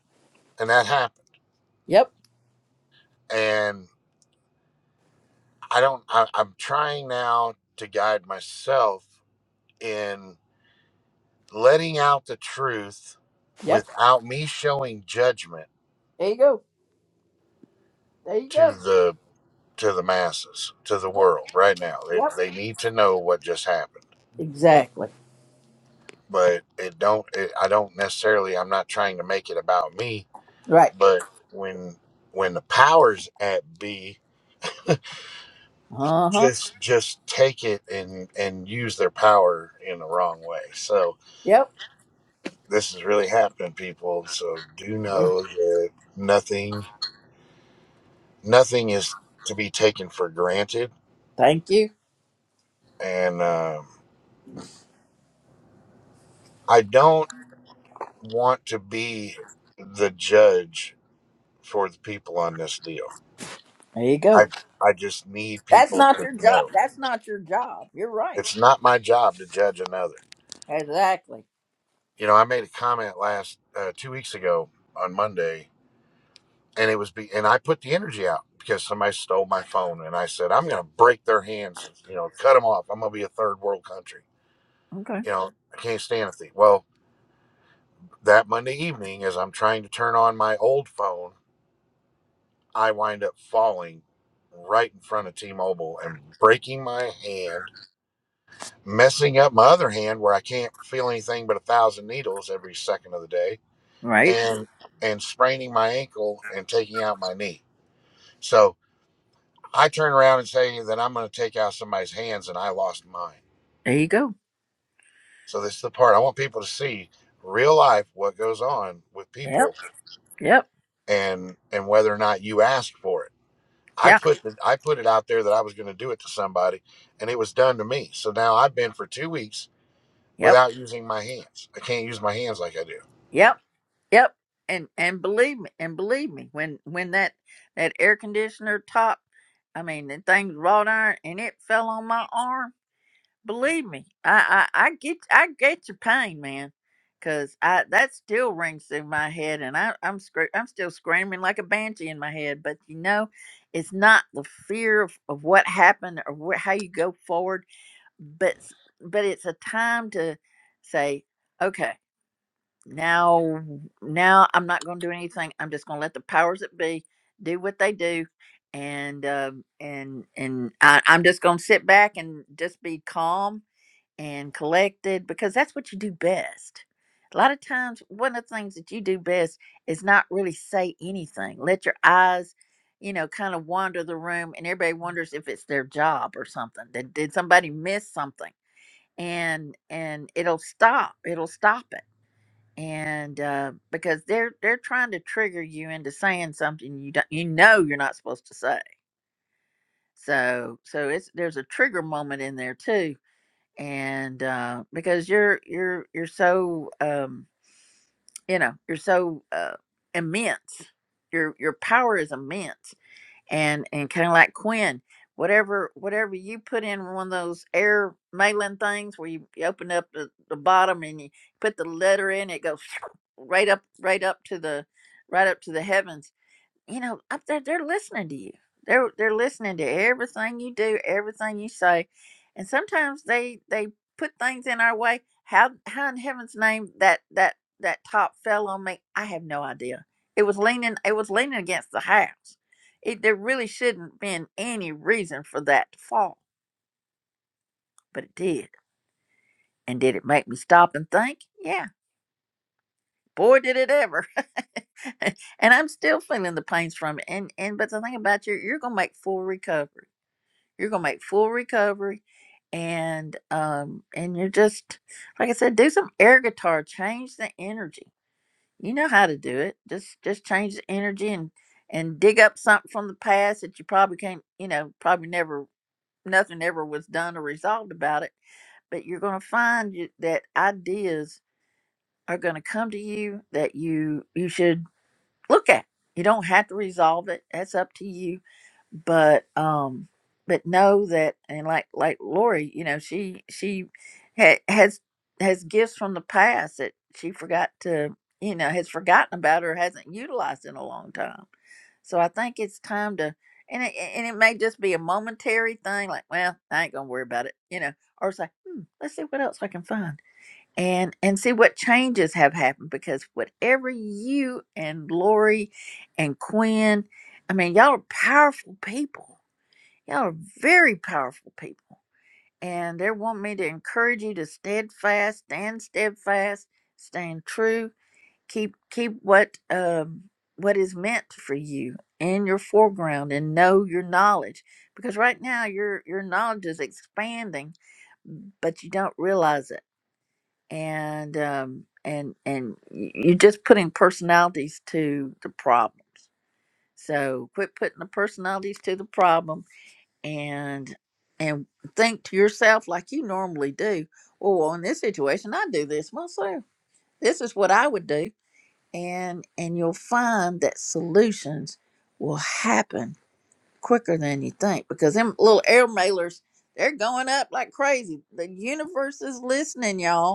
Speaker 8: and that happened
Speaker 1: Yep.
Speaker 8: and i don't I, i'm trying now to guide myself in letting out the truth
Speaker 1: Yep.
Speaker 8: without me showing judgment
Speaker 1: There you go. There you
Speaker 8: to
Speaker 1: go.
Speaker 8: the to the masses to the
Speaker 1: Yep.
Speaker 8: world right now they,
Speaker 1: Yep.
Speaker 8: they need to know what just happened
Speaker 1: Exactly.
Speaker 8: but it don't it, i don't necessarily i'm not trying to make it about me
Speaker 1: Right.
Speaker 8: but when when the powers at be
Speaker 1: Uh huh.
Speaker 8: just just take it and and use their power in the wrong way so
Speaker 1: Yep.
Speaker 8: this is really happening, people. So do
Speaker 1: Yeah.
Speaker 8: know that nothing, nothing is to be taken for granted.
Speaker 1: Thank you.
Speaker 8: And um, I don't want to be the judge for the people on this deal.
Speaker 1: There you go.
Speaker 8: I, I just need
Speaker 1: That's
Speaker 8: people
Speaker 1: not
Speaker 8: to
Speaker 1: your job.
Speaker 8: know
Speaker 1: That's not your job. You're right.
Speaker 8: it's not my job to judge another.
Speaker 1: Exactly.
Speaker 8: You know, I made a comment last uh, two weeks ago on Monday and it was be and I put the energy out because somebody stole my phone and I said I'm going to break their hands, you know, cut them off. I'm going to be a third world country.
Speaker 1: Okay.
Speaker 8: You know, I can't stand a thief. Well, that Monday evening as I'm trying to turn on my old phone, I wind up falling right in front of T-Mobile and breaking my hand, messing up my other hand where I can't feel anything but a thousand needles every second of the day
Speaker 1: Right.
Speaker 8: and and spraining my ankle and taking out my knee. So I turn around and say that I'm going to take out somebody's hands and I lost mine.
Speaker 1: There you go.
Speaker 8: So this is the part I want people to see real life what goes on with
Speaker 1: Yep.
Speaker 8: people
Speaker 1: Yep.
Speaker 8: and and whether or not you ask for it. I
Speaker 1: Yeah.
Speaker 8: put the, I put it out there that I was going to do it to somebody and it was done to me. So now I've been for 2 weeks
Speaker 1: Yep.
Speaker 8: without using my hands. I can't use my hands like I do.
Speaker 1: Yep. Yep. And and believe me, and believe me, when when that that air conditioner top, I mean, the thing's wrought iron, and it fell on my arm. Believe me, I, I, I get I get your pain, man, because I that still rings through my head, and I I'm scr- I'm still screaming like a banshee in my head. But you know, it's not the fear of, of what happened or wh- how you go forward, but s- but it's a time to say, okay, now now I'm not going to do anything. I'm just going to let the powers that be do what they do, and um, and and I, I'm just going to sit back and just be calm and collected because that's what you do best. A lot of times, one of the things that you do best is not really say anything. Let your eyes, you know, kind of wander the room, and everybody wonders if it's their job or something. Did, did somebody miss something? And and it'll stop. It'll stop it. And uh, because they're they're trying to trigger you into saying something you don't you know you're not supposed to say. So so it's there's a trigger moment in there too and uh, because you're you're you're so um, you know you're so uh, immense, your your power is immense, and and kind of like Quinn, whatever whatever you put in one of those air mailing things where you, you open up the, the bottom and you put the letter in, it goes right up right up to the right up to the heavens you know, up there they're listening to you. They're they're listening to everything you do, everything you say. And sometimes they they put things in our way. How how in heaven's name that that that top fell on me, I have no idea. It was leaning it was leaning against the house. It there really shouldn't been any reason for that to fall, but it did. And did it make me stop and think? Yeah. Boy did it ever. and I'm still feeling the pains from it. And and but the thing about you, you're gonna make full recovery You're gonna make full recovery, and um, and you're just like I said, do some air guitar, change the energy. You know how to do it. Just just change the energy and and dig up something from the past that you probably can't, you know, probably never nothing ever was done or resolved about it. But you're gonna find you, that ideas are gonna come to you that you you should look at. You don't have to resolve it. That's up to you. But um but know that and like like Lori, you know, she she ha- has has gifts from the past that she forgot to, you know, has forgotten about or hasn't utilized in a long time. So I think it's time to, and it, and it may just be a momentary thing, like, well, I ain't gonna worry about it, you know, or say, hmm, let's see what else I can find and and see what changes have happened because whatever you and Lori and Quinn, I mean, y'all are powerful people. Y'all are very powerful people. And they want me to encourage you to steadfast, stand steadfast, stand true, keep keep what um what is meant for you in your foreground and know your knowledge. Because right now your your knowledge is expanding, but you don't realize it and um, and and y- you're just putting personalities to the problems. So quit putting the personalities to the problem, and and think to yourself like you normally do. Oh, well, in this situation, I do this myself. This is what I would do, and and you'll find that solutions will happen quicker than you think because them little air mailers they're going up like crazy. The universe is listening, y'all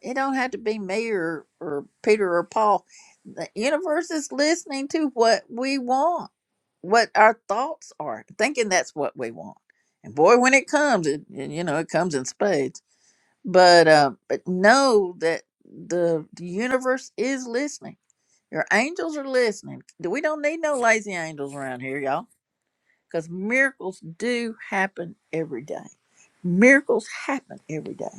Speaker 1: it don't have to be me or, or Peter or Paul. The universe is listening to what we want, what our thoughts are, thinking that's what we want. And boy, when it comes, it and, you know it comes in spades. But uh, but know that the, the universe is listening. Your angels are listening. We don't need no lazy angels around here, y'all, because miracles do happen every day. Miracles happen every day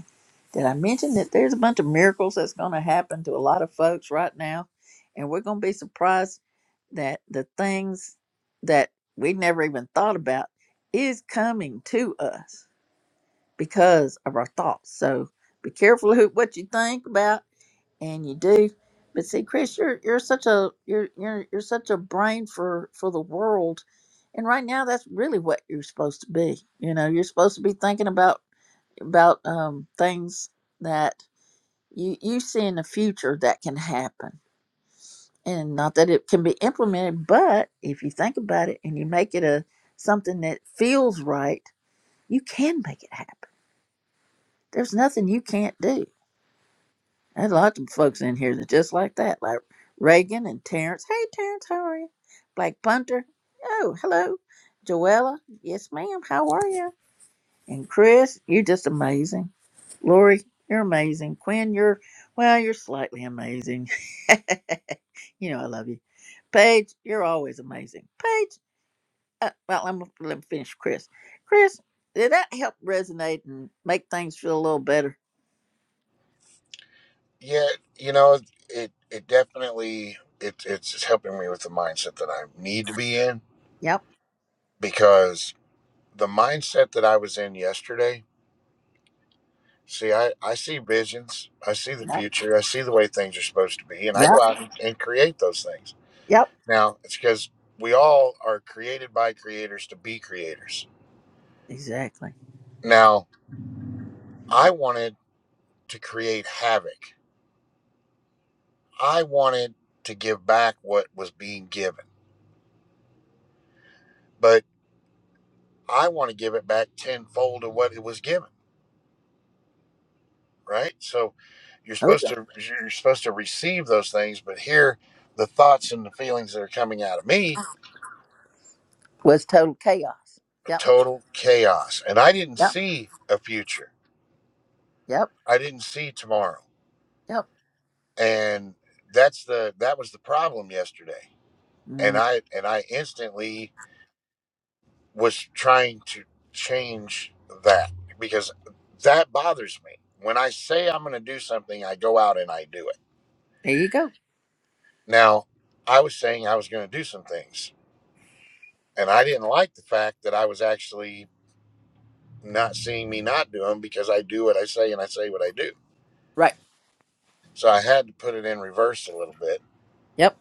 Speaker 1: did I mention that there's a bunch of miracles that's going to happen to a lot of folks right now? And we're going to be surprised that the things that we never even thought about is coming to us because of our thoughts. So be careful who, what you think about and you do. But see, Chris, you're you're such a you're you're you're such a brain for for the world, and right now that's really what you're supposed to be. You know, you're supposed to be thinking about about um, things that you you see in the future that can happen and not that it can be implemented but if you think about it and you make it a something that feels right you can make it happen there's nothing you can't do there's lots of folks in here that just like that like reagan and terrence hey terrence how are you black punter oh hello joella yes ma'am how are you And Chris, you're just amazing. Lori, you're amazing. Quinn, you're, well, you're slightly amazing. you know, I love you. Paige, you're always amazing. Paige, uh, well, I'm, let me finish Chris. Chris, did that help resonate and make things feel a little better?
Speaker 8: Yeah, you know, it it definitely it it's helping me with the mindset that I need to be in
Speaker 1: Yep.
Speaker 8: because the mindset that I was in yesterday See, I, I see visions. I see the
Speaker 1: Yep.
Speaker 8: future. I see the way things are supposed to be. And I
Speaker 1: Yep.
Speaker 8: go out and, and create those things.
Speaker 1: Yep.
Speaker 8: Now, it's because we all are created by creators to be creators.
Speaker 1: Exactly.
Speaker 8: Now, I wanted to create havoc. I wanted to give back what was being given, but I want to give it back tenfold of what it was given, right? So you're
Speaker 1: Oh,
Speaker 8: supposed
Speaker 1: yeah.
Speaker 8: to you're supposed to receive those things, but here the thoughts and the feelings that are coming out of me
Speaker 1: Was total chaos. Yep.
Speaker 8: total chaos. And I didn't
Speaker 1: Yep.
Speaker 8: see a future.
Speaker 1: Yep.
Speaker 8: I didn't see tomorrow.
Speaker 1: Yep.
Speaker 8: And that's the that was the problem yesterday. And
Speaker 1: Mm,
Speaker 8: I and I instantly was trying to change that because that bothers me. When I say I'm going to do something, I go out and I do it.
Speaker 1: there you go.
Speaker 8: Now, I was saying I was going to do some things, and I didn't like the fact that I was actually not seeing me not do them because I do what I say and I say what I do.
Speaker 1: Right.
Speaker 8: So I had to put it in reverse a little bit
Speaker 1: Yep.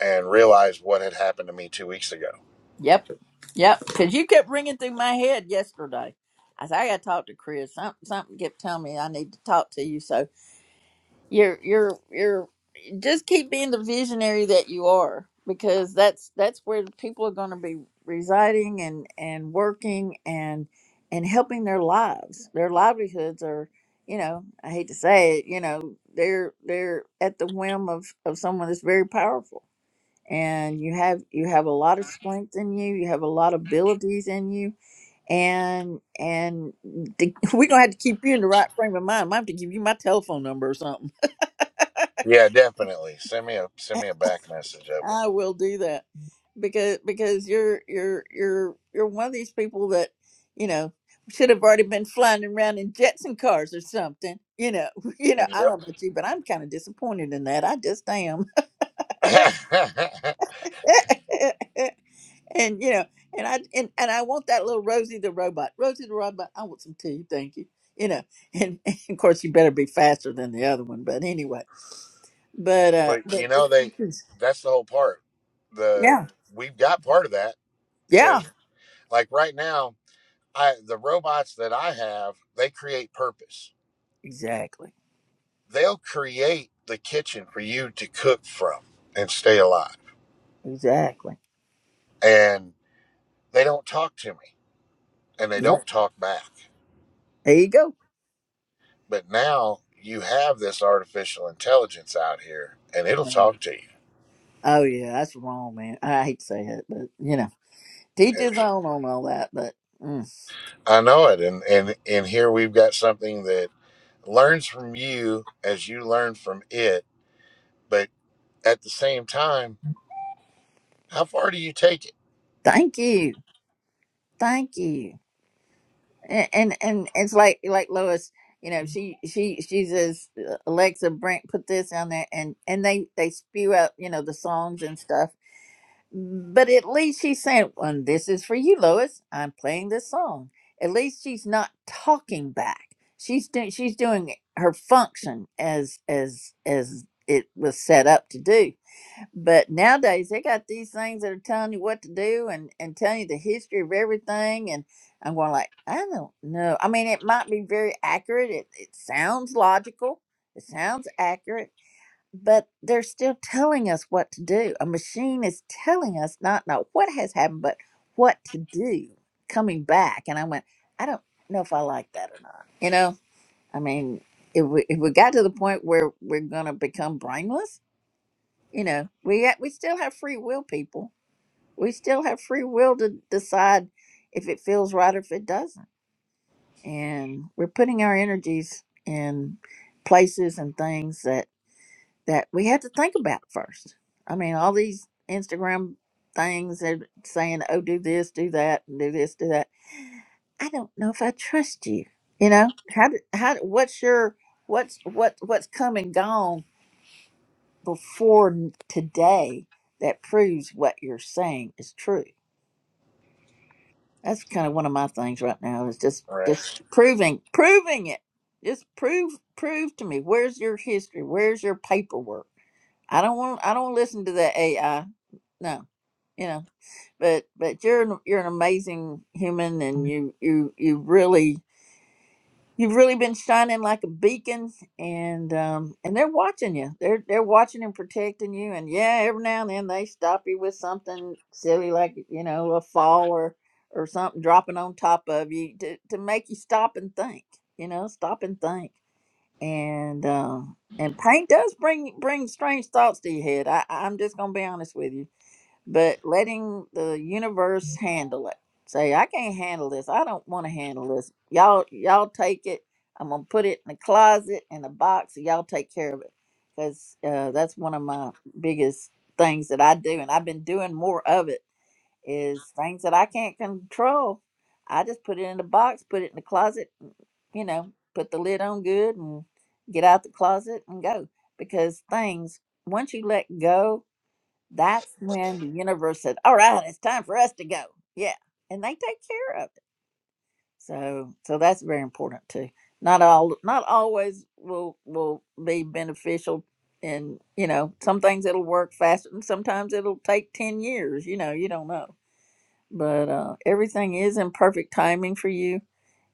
Speaker 8: and realized what had happened to me two weeks ago.
Speaker 1: Yep. Yep. Because you kept ringing through my head yesterday. I said I got to talk to Chris. Something, something kept telling me I need to talk to you. So you're, you're, you're, just keep being the visionary that you are, because that's that's where the people are going to be residing and and working and and helping their lives. Their livelihoods are, you know, I hate to say it, you know, they're they're at the whim of of someone that's very powerful and you have you have a lot of strength in you you have a lot of abilities in you and and the, we're gonna have to keep you in the right frame of mind i have to give you my telephone number or something
Speaker 8: Yeah, definitely. Send me a send me a back message of
Speaker 1: i will do that because because you're you're you're you're one of these people that you know should have already been flying around in jets and cars or something you know you know
Speaker 8: it.
Speaker 1: i don't
Speaker 8: Yep.
Speaker 1: know about you but i'm kind of disappointed in that i just am and you know, and I and, and I want that little Rosie the robot. Rosie the robot, I want some tea, thank you. You know, and, and of course you better be faster than the other one, but anyway. But uh
Speaker 8: but you
Speaker 1: but the
Speaker 8: know they
Speaker 1: teachers-
Speaker 8: that's the whole part. The
Speaker 1: yeah.
Speaker 8: we've got part of that
Speaker 1: Yeah.
Speaker 8: because like right now, I the robots that I have they create purpose.
Speaker 1: Exactly.
Speaker 8: They'll create the kitchen for you to cook from and stay alive.
Speaker 1: Exactly.
Speaker 8: And they don't talk to me and they
Speaker 1: Yep.
Speaker 8: don't talk back.
Speaker 1: There you go.
Speaker 8: But now you have this artificial intelligence out here, and it'll talk to you.
Speaker 1: Oh yeah, that's wrong, man. I hate to say it, but you know, teach
Speaker 8: It-
Speaker 1: his own on all that, but mm,
Speaker 8: I know it, and and and here we've got something that learns from you as you learn from it. But at the same time, how far do you take it?
Speaker 1: thank you. Thank you. and and and it's like like Lois, you know, she she she says Alexa Brent put this on there, and and they they spew out you know the songs and stuff. But at least she's saying, "Well, this is for you, Lois. I'm playing this song." At least she's not talking back. She's doing she's doing her function as as as it was set up to do but nowadays they got these things that are telling you what to do and, and telling you the history of everything and I'm going like, I don't know. I mean it might be very accurate. It it sounds logical. It sounds accurate. But they're still telling us what to do. A machine is telling us not not what has happened, but what to do coming back. And I went, I don't know if I like that or not. You know? I mean, if we if we got to the point where we're gonna become brainless you know we we still have free will people we still have free will to decide if it feels right or if it doesn't and we're putting our energies in places and things that that we have to think about first i mean all these instagram things they saying oh do this do that and do this do that i don't know if i trust you you know how did how what's your what's what what's come and gone before today that proves what you're saying is true. That's kind of one of my things right now is just
Speaker 8: Right.
Speaker 1: just proving proving it. Just prove prove to me where's your history, where's your paperwork. I don't want I don't listen to the AI. No, you know, but but you're an, you're an amazing human, and you you you really You've really been shining like a beacon, and um, and they're watching you. They're they're watching and protecting you. And yeah, every now and then they stop you with something silly, like you know a fall or or something dropping on top of you to to make you stop and think. You know, stop and think. And um, and pain does bring bring strange thoughts to your head. I I'm just gonna be honest with you but letting the universe handle it. Say, I can't handle this. I don't want to handle this. Y'all, y'all take it. I'm gonna put it in the closet in a box. and Y'all take care of it, because uh, that's one of my biggest things that I do, and I've been doing more of it. Is things that I can't control. I just put it in a box, put it in the closet. and, You know, put the lid on good, and get out the closet and go. Because things, once you let go, that's when the universe said, "All right, it's time for us to go." Yeah, and they take care of it. So, so that's very important too. Not all, not always will will be beneficial, and you know, some things it'll work faster, and sometimes it'll take ten years. You know, you don't know, but uh, everything is in perfect timing for you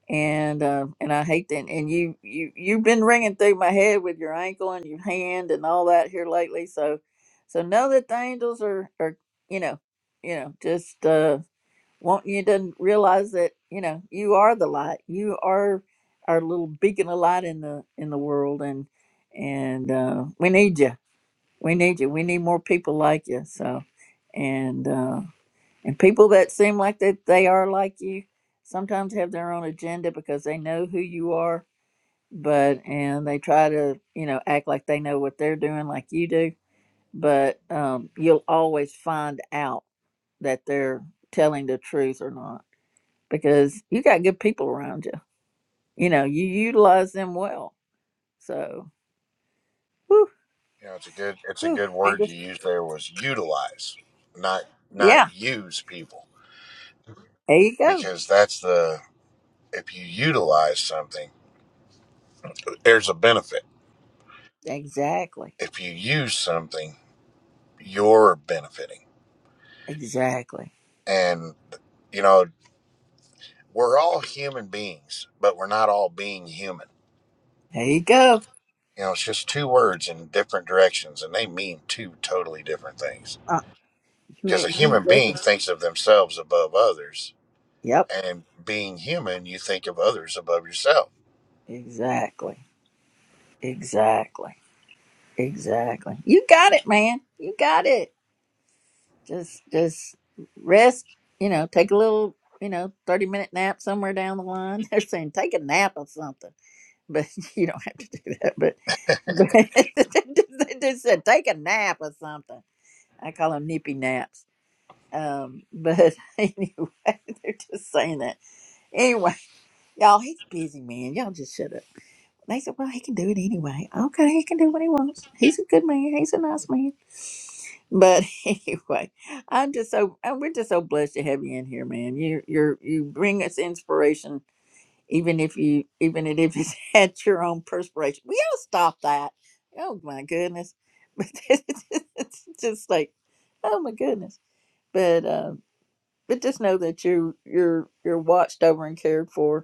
Speaker 1: and uh, and I hate that. And you you you've been ringing through my head with your ankle and your hand and all that here lately. So so know that the angels are are you know you know just uh, want you to realize that you know you are the light. You are our little beacon of light in the in the world, and and uh, we need you. We need you. We need more people like you. So and. uh, and people that seem like that they are like you sometimes have their own agenda because they know who you are, but and they try to, you know, act like they know what they're doing like you do, but um you'll always find out that they're telling the truth or not because you got good people around you. You know, you utilize them well. So, whew,
Speaker 8: You know, it's a good it's a
Speaker 1: whew,
Speaker 8: good
Speaker 1: I
Speaker 8: word you
Speaker 1: just
Speaker 8: used there was utilize, not not
Speaker 1: yeah,
Speaker 8: use people,
Speaker 1: there you go.
Speaker 8: because that's the if you utilize something, there's a benefit.
Speaker 1: Exactly.
Speaker 8: If you use something, you're benefiting.
Speaker 1: Exactly.
Speaker 8: and You know, we're all human beings, but we're not all being human.
Speaker 1: There you go.
Speaker 8: You know, it's just two words in different directions, and they mean two totally different things.
Speaker 1: Uh, you
Speaker 8: Because a
Speaker 1: ain't, you ain't
Speaker 8: human being
Speaker 1: joking.
Speaker 8: thinks of themselves above others,
Speaker 1: Yep.
Speaker 8: and being human, you think of others above yourself.
Speaker 1: Exactly. Exactly. Exactly. You got it, man. You got it. Just just rest, you know, take a little, you know, 30 minute nap somewhere down the line. They're saying take a nap or something. But you don't have to do that. But, but they just said take a nap or something. I call them nippy naps. Um, but anyway, they're just saying that. Anyway, y'all, he's busy, man. Y'all just shut up. They said, well, he can do it anyway. Okay, he can do what he wants. He's a good man. He's a nice man. But anyway, I'm just so uh, we're just so blessed to have you in here, man. You you're you bring us inspiration, even if you even if it's at your own perspiration. We all stop that. Oh my goodness, but it's it's just like, oh my goodness. But uh, but just know that you you're you're watched over and cared for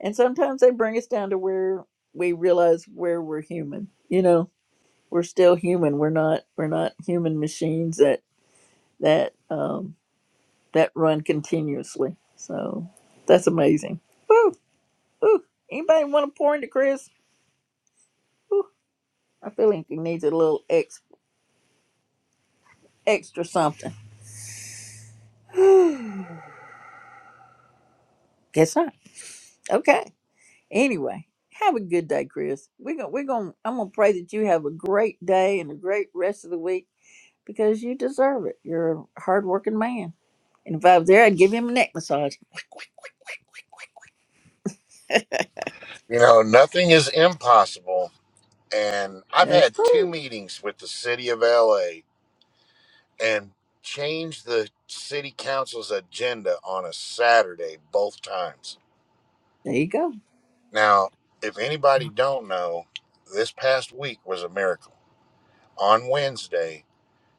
Speaker 1: and sometimes they bring us down to where we realize where we're human you know we're still human we're not we're not human machines that that um that run continuously so that's amazing Woo, woo. anybody want to pour into chris Woo, i feel like he needs a little ex, extra something guess not okay anyway have a good day chris we're gonna we're gonna i'm gonna pray that you have a great day and a great rest of the week because you deserve it. You're a hardworking man. And if I was there, I'd give him a neck massage.
Speaker 8: You know, nothing is impossible. And I've
Speaker 1: That's
Speaker 8: had two
Speaker 1: cool.
Speaker 8: meetings with the city of LA and changed the city council's agenda on a Saturday both times
Speaker 1: There you go.
Speaker 8: Now, if anybody don't know, this past week was a miracle. On Wednesday,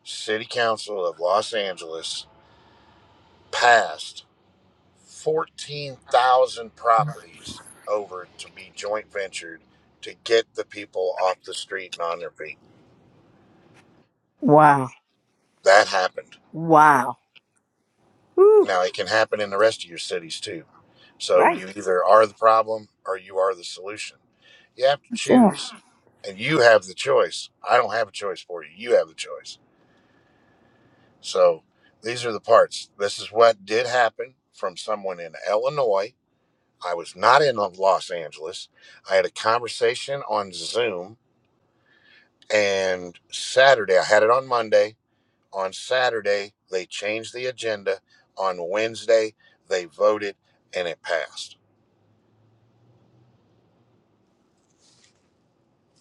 Speaker 8: City Council of Los Angeles passed 14,000 properties over to be joint ventured to get the people off the street and on their feet.
Speaker 1: Wow.
Speaker 8: That happened.
Speaker 1: Wow. Woo.
Speaker 8: Now, it can happen in the rest of your cities too. So
Speaker 1: Right.
Speaker 8: you either are the problem or you are the solution. You have to
Speaker 1: Yeah.
Speaker 8: choose, and you have the choice. I don't have a choice for you. You have the choice So these are the parts. This is what did happen from someone in Illinois. I was not in Los Angeles. I had a conversation on Zoom, and Saturday, I had it on Monday. On Saturday, they changed the agenda. On Wednesday, they voted and it passed.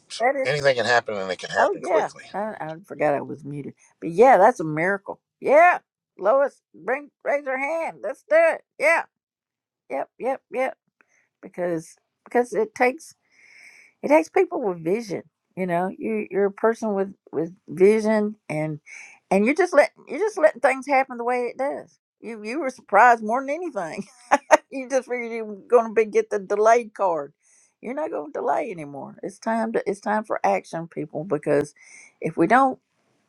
Speaker 8: So
Speaker 1: That is.
Speaker 8: anything can happen and it can
Speaker 1: Oh,
Speaker 8: happen
Speaker 1: yeah.
Speaker 8: quickly.
Speaker 1: I, I forgot I was muted. But yeah, that's a miracle. Yeah. Lois, bring raise her hand. Let's do it. Yeah. Yep. Yep. Yep. Because because it takes it takes people with vision you know you you're a person with with vision and and you're just letting you're just letting things happen the way it does you you were surprised more than anything you just figured you were going to be get the delayed card you're not going to delay anymore it's time to it's time for action people because if we don't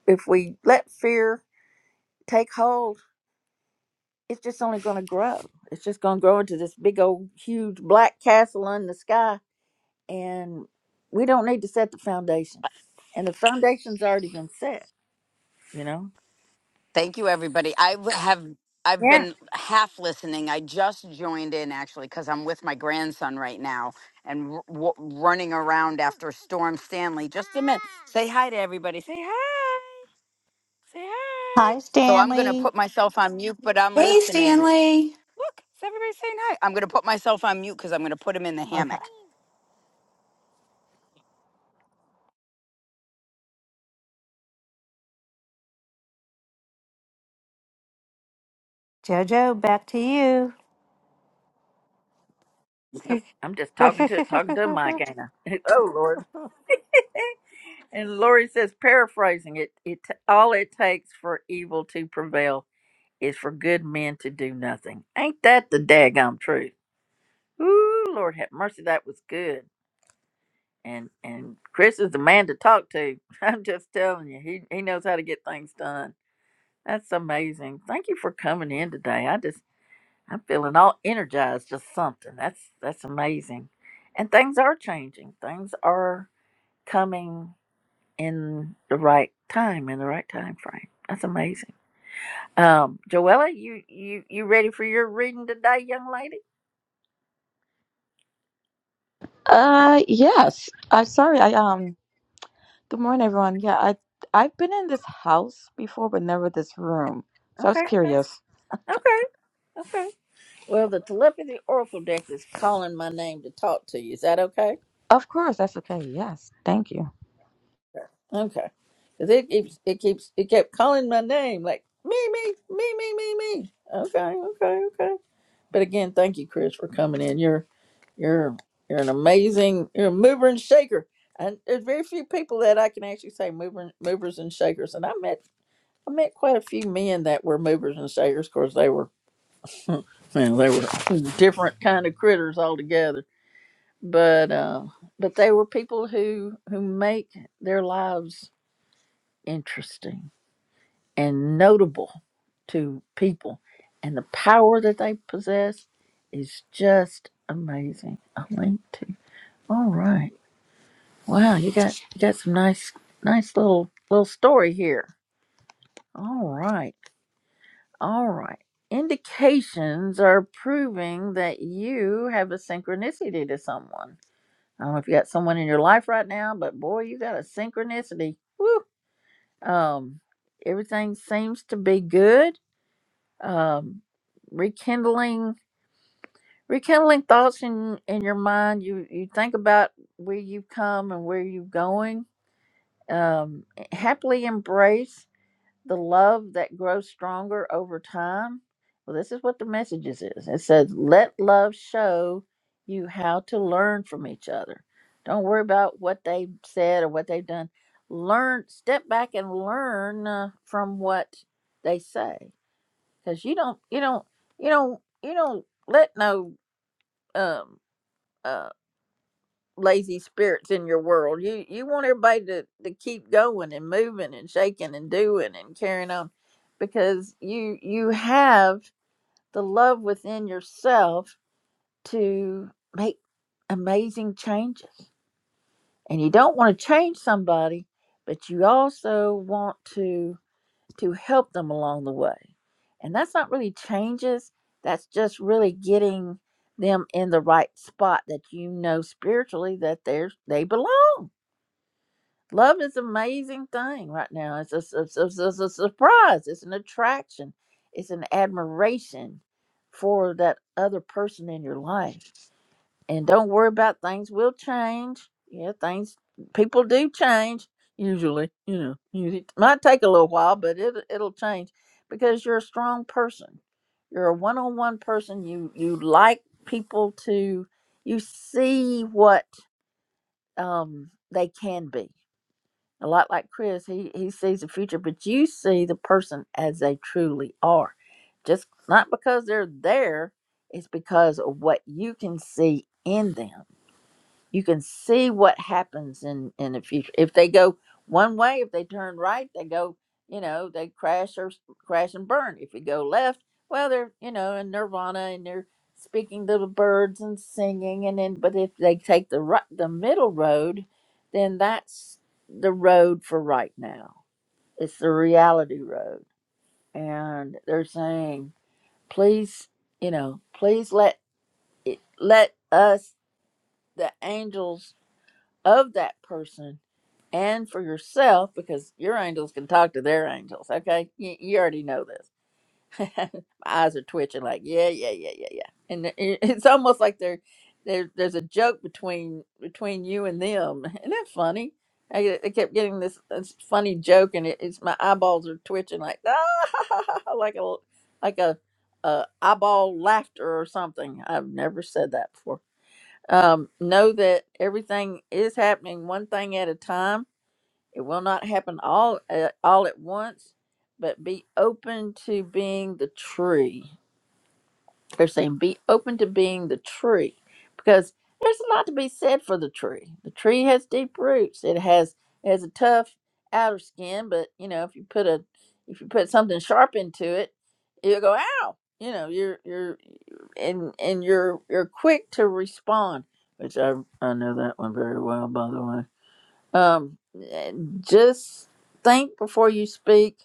Speaker 1: if we let fear take hold it's just only going to grow it's just going to grow into this big old huge black castle in the sky and we don't need to set the foundation. And the foundation's already been set, you know?
Speaker 3: Thank you, everybody. I w- have I've
Speaker 1: Yeah.
Speaker 3: been half listening. I just joined in actually because I'm with my grandson right now and r- w- running around after Storm Stanley. Just a minute. Say hi to everybody. Say hi. Say hi.
Speaker 9: Hi,
Speaker 3: So I'm going to
Speaker 9: Stanley.
Speaker 3: put myself on mute, but I'm
Speaker 10: Hey,
Speaker 3: listening.
Speaker 10: Stanley.
Speaker 3: Look, it's everybody saying hi. I'm going to put myself on mute because I'm going to put him in the
Speaker 9: Okay.
Speaker 3: hammock.
Speaker 9: Jojo, back to you.
Speaker 1: Oh, I'm just talking to talking to Mike, ain't I? Oh Lord. and Lori says, paraphrasing it, it all it takes for evil to prevail is for good men to do nothing. Ain't that the daggum truth? Ooh, Lord have mercy, that was good. And and Chris is the man to talk to. I'm just telling you, he he knows how to get things done. That's amazing. Thank you for coming in today. I just I'm feeling all energized just something. That's that's amazing. And things are changing. Things are coming in the right time, in the right time frame. That's amazing. Um, Joella, you, you you ready for your reading today, young lady?
Speaker 11: Uh, yes. I'm sorry. I um. Good morning, everyone. Yeah, I I've been in this house before, but never this room. So I was
Speaker 1: Okay.
Speaker 11: Okay. curious.
Speaker 1: Okay. Okay. Well the telepathy oracle deck is calling my name to talk to you. Is that okay?
Speaker 11: Of course, that's okay. Yes, thank you.
Speaker 1: Okay. Cause it keeps it keeps it kept calling my name like me, me, me, me, me, me. Okay, okay, okay. But again, thank you, Chris, for coming in. You're you're you're an amazing you're a mover and shaker. And there's very few people that I can actually say mover, movers and shakers. And I met I met quite a few men that were movers and shakers. Of course, they were man, they were different kind of critters altogether. But uh, but they were people who who make their lives interesting and notable to people. And the power that they possess is just amazing. A link to. All right. Wow, you got you got some nice nice little little story here. All right. All right. Indications are proving that you have a synchronicity to someone. I don't know if you got someone in your life right now, but boy, you got a synchronicity. Woo. Um, everything seems to be good um, rekindling rekindling thoughts in in your mind you you think about where you've come and where you're going um, happily embrace the love that grows stronger over time well this is what the messages is it says let love show you how to learn from each other don't worry about what they said or what they've done learn step back and learn uh, from what they say because you don't you don't you don't you don't let no um uh lazy spirits in your world you you want everybody to to keep going and moving and shaking and doing and carrying on because you you have the love within yourself to make amazing changes and you don't want to change somebody but you also want to to help them along the way. And that's not really changes, that's just really getting them in the right spot that you know spiritually that they're they belong. Love is an amazing thing right now. It's a, it's a su- su- surprise, it's an attraction, it's an admiration for that other person in your life and don't worry about things will change. Yeah, things people do change usually. You know, usually- it might take a little while, but it it'll change because you're a strong person. You're a one-on-one person. You you like people to you see what um they can be. A lot like Chris, he he sees the future, but you see the person as they truly are. Just not because they're there, it's because of what you can see in them you can see what happens in in the future if they go one way if they turn right they go you know they crash or s- crash and burn if you go left well they're you know in nirvana and they're speaking to the birds and singing and then but if they take the right the middle road then that's the road for right now it's the reality road and they're saying please you know please let it let us the angels of that person and for yourself because your angels can talk to their angels. Okay, you, you already know this. My eyes are twitching, like yeah, yeah, yeah, yeah, yeah. And it- it's almost like there, there, there's a joke between between you and them. Isn't that funny? I, get- I kept getting this, this funny joke, and it, it's my eyeballs are twitching, like ah, like a like a, a eyeball laughter or something. I've never said that before. Um, know that everything is happening one thing at a time it will not happen all uh, all at once, but be open to being the tree. They're saying be open to being the tree because there's a lot to be said for the tree. The tree has deep roots. It has it has a tough outer skin, but you know if you put a if you put something sharp into it, you'll go ow. You know you're you're and and you're you're quick to respond, which I I know that one very well by the way um, just think before you speak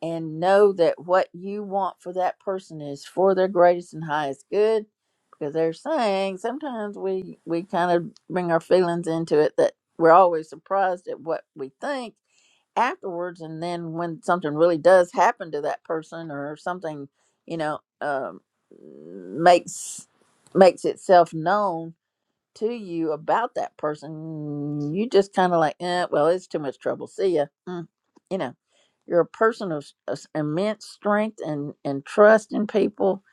Speaker 1: and know that what you want for that person is for their greatest and highest good because they're saying sometimes we we kind of bring our feelings into it that we're always surprised at what we think afterwards and then when something really does happen to that person or something you know um, makes makes itself known to you about that person, you just kind of like, eh, well, it's too much trouble. See ya. Mm. You know, you're a person of, s- of s- immense strength and, and trust in people.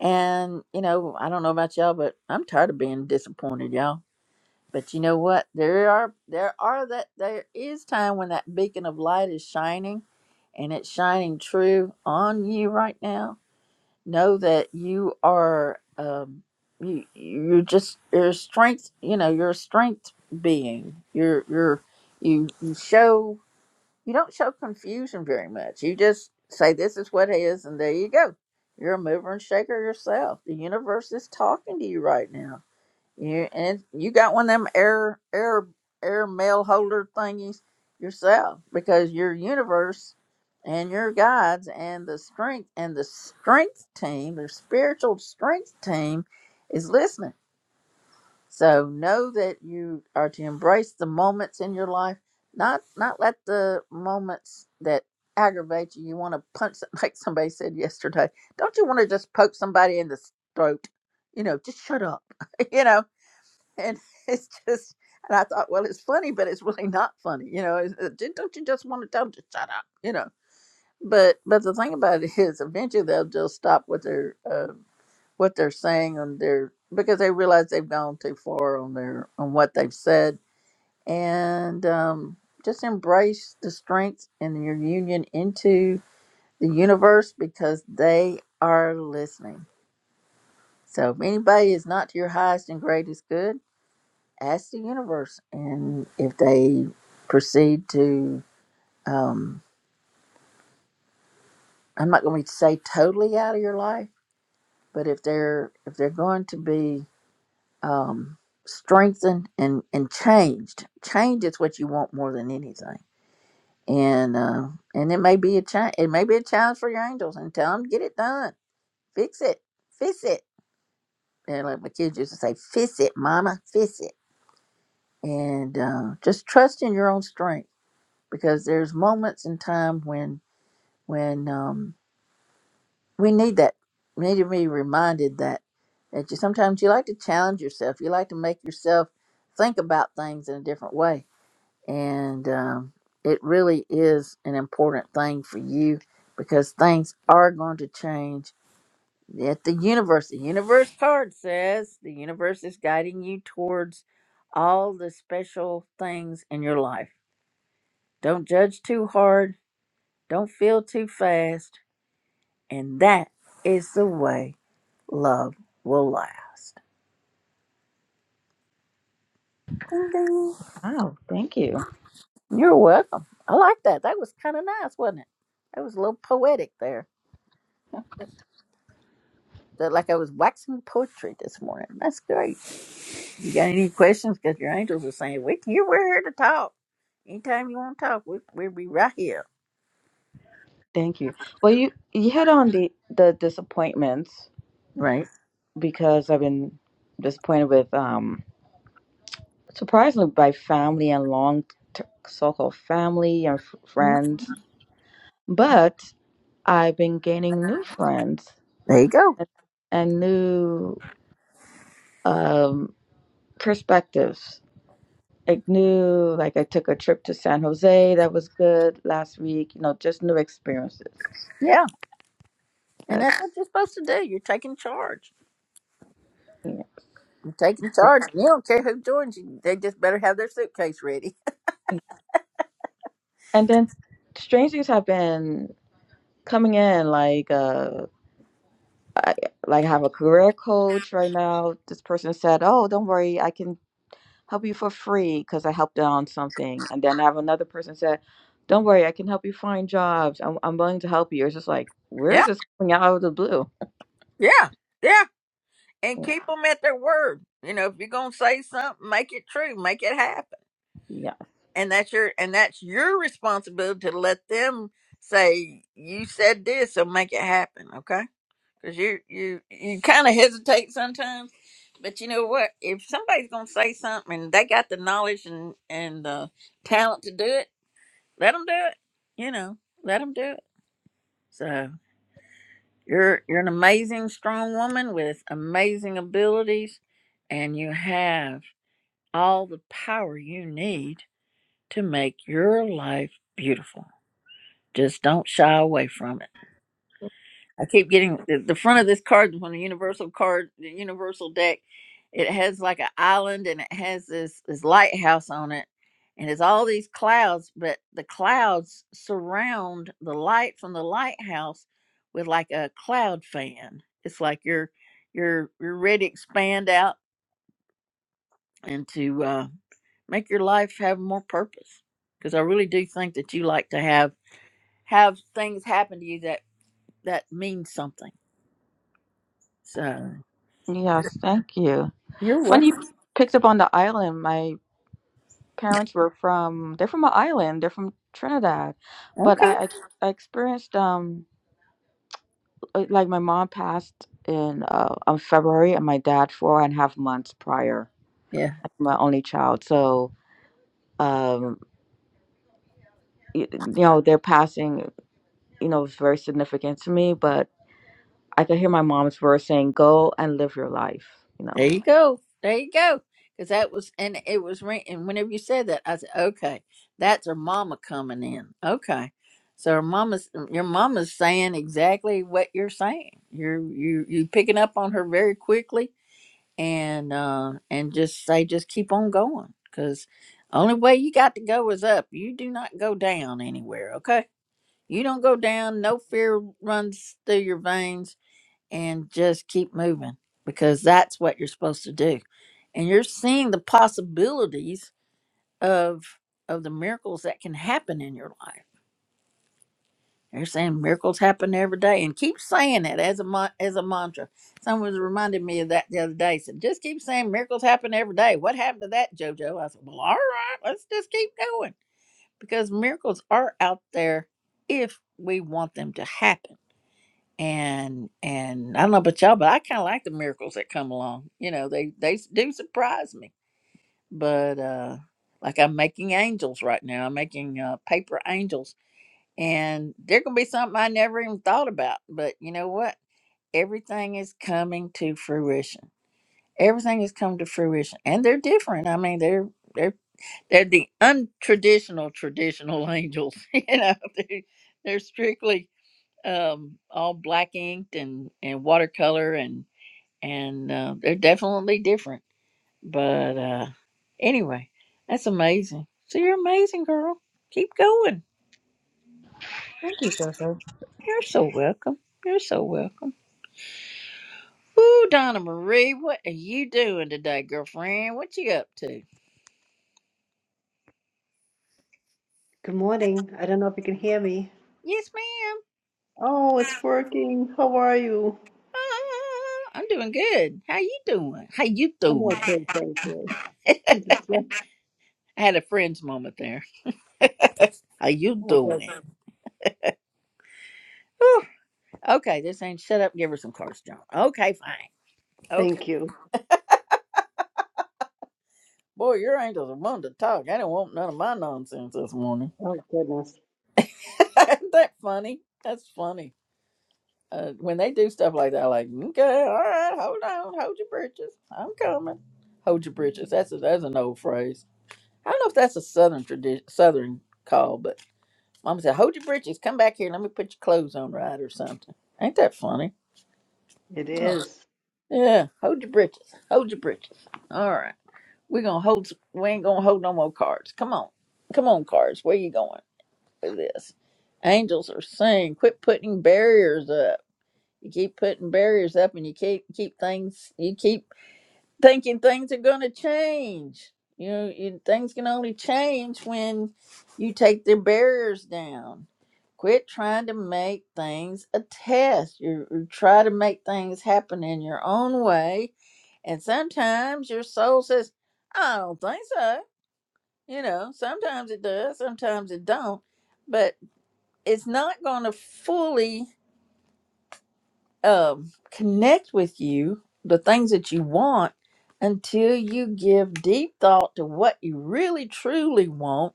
Speaker 1: And, you know, I don't know about y'all, but I'm tired of being disappointed, y'all. But you know what? There are, there are that, there is time when that beacon of light is shining and it's shining true on you right now know that you are um you you're just you're a strength you know you're a strength being you're you're you you show you don't show confusion very much you just say this is what is and there you go you're a mover and shaker yourself the universe is talking to you right now you and you got one of them air air air mail holder thingies yourself because your universe and your guides and the strength and the strength team, the spiritual strength team is listening. So know that you are to embrace the moments in your life, not not let the moments that aggravate you. You want to punch some- like somebody said yesterday. Don't you want to just poke somebody in the throat? You know, just shut up. you know, and it's just and i thought well it's funny but it's really not funny you know it's, uh, "J- don't you just want to tell them to shut up you know but but the thing about it is eventually they'll just stop what they're uh, what they're saying on their because they realize they've gone too far on their on what they've said and um just embrace the strength and your union into the universe because they are listening so if anybody is not to your highest and greatest good ask the universe, and if they proceed to, um, I'm not going to say totally out of your life, but if they're if they're going to be um, strengthened and and changed, change is what you want more than anything, and uh, and it may be a challenge. It may be a challenge for your angels, and tell them get it done, fix it, fix it. And like my kids used to say, fix it, mama, fix it. And uh, just trust in your own strength because there's moments in time when when um, we need that. We need to be reminded that that you sometimes you like to challenge yourself. You like to make yourself think about things in a different way, and um, it really is an important thing for you because things are going to change. At the universe, the universe card says the universe is guiding you towards all the special things in your life. Don't judge too hard. Don't feel too fast. And that is the way love will last. Ding, ding.
Speaker 11: Wow, thank you,
Speaker 1: You're welcome. I like that. That was kind of nice, wasn't it? That was a little poetic there. That like I was waxing poetry this morning. That's great. You got any questions? Because your angels are saying we here. We're here to talk. Anytime you want to talk, we we'll be right here.
Speaker 11: thank you. Well, you you hit on the the disappointments
Speaker 1: Right.
Speaker 11: because I've been disappointed with um surprisingly by family and long t- so-called family and f-
Speaker 1: Mm.
Speaker 11: friends, but I've been gaining new friends
Speaker 1: There you go.
Speaker 11: and and new. um perspectives. Like new, like I took a trip to San Jose that was good last week. You know, just new experiences.
Speaker 1: Yeah, and
Speaker 11: As
Speaker 1: that's what you're supposed to do. You're taking charge.
Speaker 11: you
Speaker 1: You're taking
Speaker 11: know.
Speaker 1: charge. You don't care who joins you. They just better have their suitcase ready.
Speaker 11: and then strange things have been coming in. Like uh, I like have a career coach right now. This person said, "Oh, don't worry, I can help you for free because I helped them on something." And then I have another person said, "Don't worry, I can help you find jobs. I'm I'm willing to help you." It's just like, where is
Speaker 1: Yeah.
Speaker 11: this coming out of the blue?
Speaker 1: Yeah. Yeah. and
Speaker 11: Yeah,
Speaker 1: keep them at their word. You know, if you're gonna say something, make it true, make it happen,
Speaker 11: yeah.
Speaker 1: and that's your and that's your responsibility to let them say you said this, so make it happen, okay? Because you you you kind of hesitate sometimes, but you know what? If somebody's gonna say something and they got the knowledge and and the talent to do it, let them do it. You know, let them do it. So you're you're an amazing, strong woman with amazing abilities, and you have all the power you need to make your life beautiful. Just don't shy away from it. I keep getting the, the front of this card when the universal card, the universal deck, it has like an island and it has this this lighthouse on it, and it's all these clouds, but the clouds surround the light from the lighthouse with like a cloud fan. It's like you're you're you're ready to expand out into. uh, Make your life have more purpose. Because I really do think that you like to have have things happen to you that that mean something. So
Speaker 11: Yes, thank you.
Speaker 1: you're
Speaker 11: Funny you
Speaker 1: welcome.
Speaker 11: picked up on the island. My parents were from, they're from an island. They're from Trinidad. But I,
Speaker 1: Okay.
Speaker 11: I, I experienced, um, uh, like my mom passed in uh on February and my dad four and a half months prior.
Speaker 1: Yeah.
Speaker 11: I'm my only child. So, um, you, you know, their passing, you know, was very significant to me, but I could hear my mom's words saying, go and live your life, you
Speaker 1: There
Speaker 11: know.
Speaker 1: you go. There you go. Because that was and it was ring- and whenever you said that, I said, okay, that's her mama coming in. Okay. So her mama's your mama's saying exactly what you're saying. You're you you picking up on her very quickly and uh and just say just keep on going because only way you got to go is up you do not go down anywhere okay you don't go down no fear runs through your veins and just keep moving because that's what you're supposed to do and you're seeing the possibilities of of the miracles that can happen in your life they're saying miracles happen every day, and keep saying it as a mon- as a mantra. Someone was reminding me of that the other day. Said, "Just keep saying miracles happen every day." What happened to that, JoJo? I said, "Well, all right, let's just keep going because miracles are out there if we want them to happen." And and I don't know about y'all, but I kind of like the miracles that come along. You know, they they do surprise me. But uh like I'm making angels right now. I'm making uh, paper angels and there can be something I never even thought about. But you know what? Everything is coming to fruition. Everything has come to fruition, and they're different. I mean, they're they're they're the untraditional traditional angels. you know, they, they're strictly um, all black inked and and watercolor, and and uh, they're definitely different. But uh, anyway, that's amazing. So you're amazing, girl. Keep going.
Speaker 11: Thank you, Jojo.
Speaker 1: You're so welcome. You're so welcome. Ooh, Donna Marie, what are you doing today, girlfriend? What you up to?
Speaker 12: Good morning. I don't know if you can hear me.
Speaker 1: Yes, ma'am.
Speaker 12: Oh, it's working. How are you?
Speaker 1: Uh, I'm doing good. How you doing? How you
Speaker 12: I'm
Speaker 1: doing? I
Speaker 12: okay, thank you. I Just left.
Speaker 1: had a friend's moment there. How you
Speaker 12: Oh, good.
Speaker 1: doing? Whew. Okay, this ain't shut up. and Give her some cards, John. Okay, fine. Okay.
Speaker 12: Thank you.
Speaker 1: Boy, your angels are wanting to talk. I didn't want none of my nonsense this morning.
Speaker 12: Oh, goodness.
Speaker 1: Ain't that funny? That's funny. Uh, when they do stuff like that, I'm like, okay, all right, hold on, hold your britches, I'm coming. Hold your britches. That's a, that's an old phrase. I don't know if that's a southern tradition, southern call, but Mama said, hold your britches, come back here, let me put your clothes on right or something. Ain't that funny?
Speaker 12: It is.
Speaker 1: Yeah, hold your britches. Hold your britches. All right. We're gonna hold s- we ain't gonna hold no more cards. Come on. Come on, cards. Where you going with this? Angels are saying, quit putting barriers up. You keep putting barriers up, and you keep keep things. You keep thinking things are going to change. You know, you, things can only change when you take the barriers down. Quit trying to make things a test. You, you try to make things happen in your own way, and sometimes your soul says, "I don't think so." You know, sometimes it does, sometimes it don't, but it's not going to fully um, connect with you, the things that you want, until you give deep thought to what you really truly want,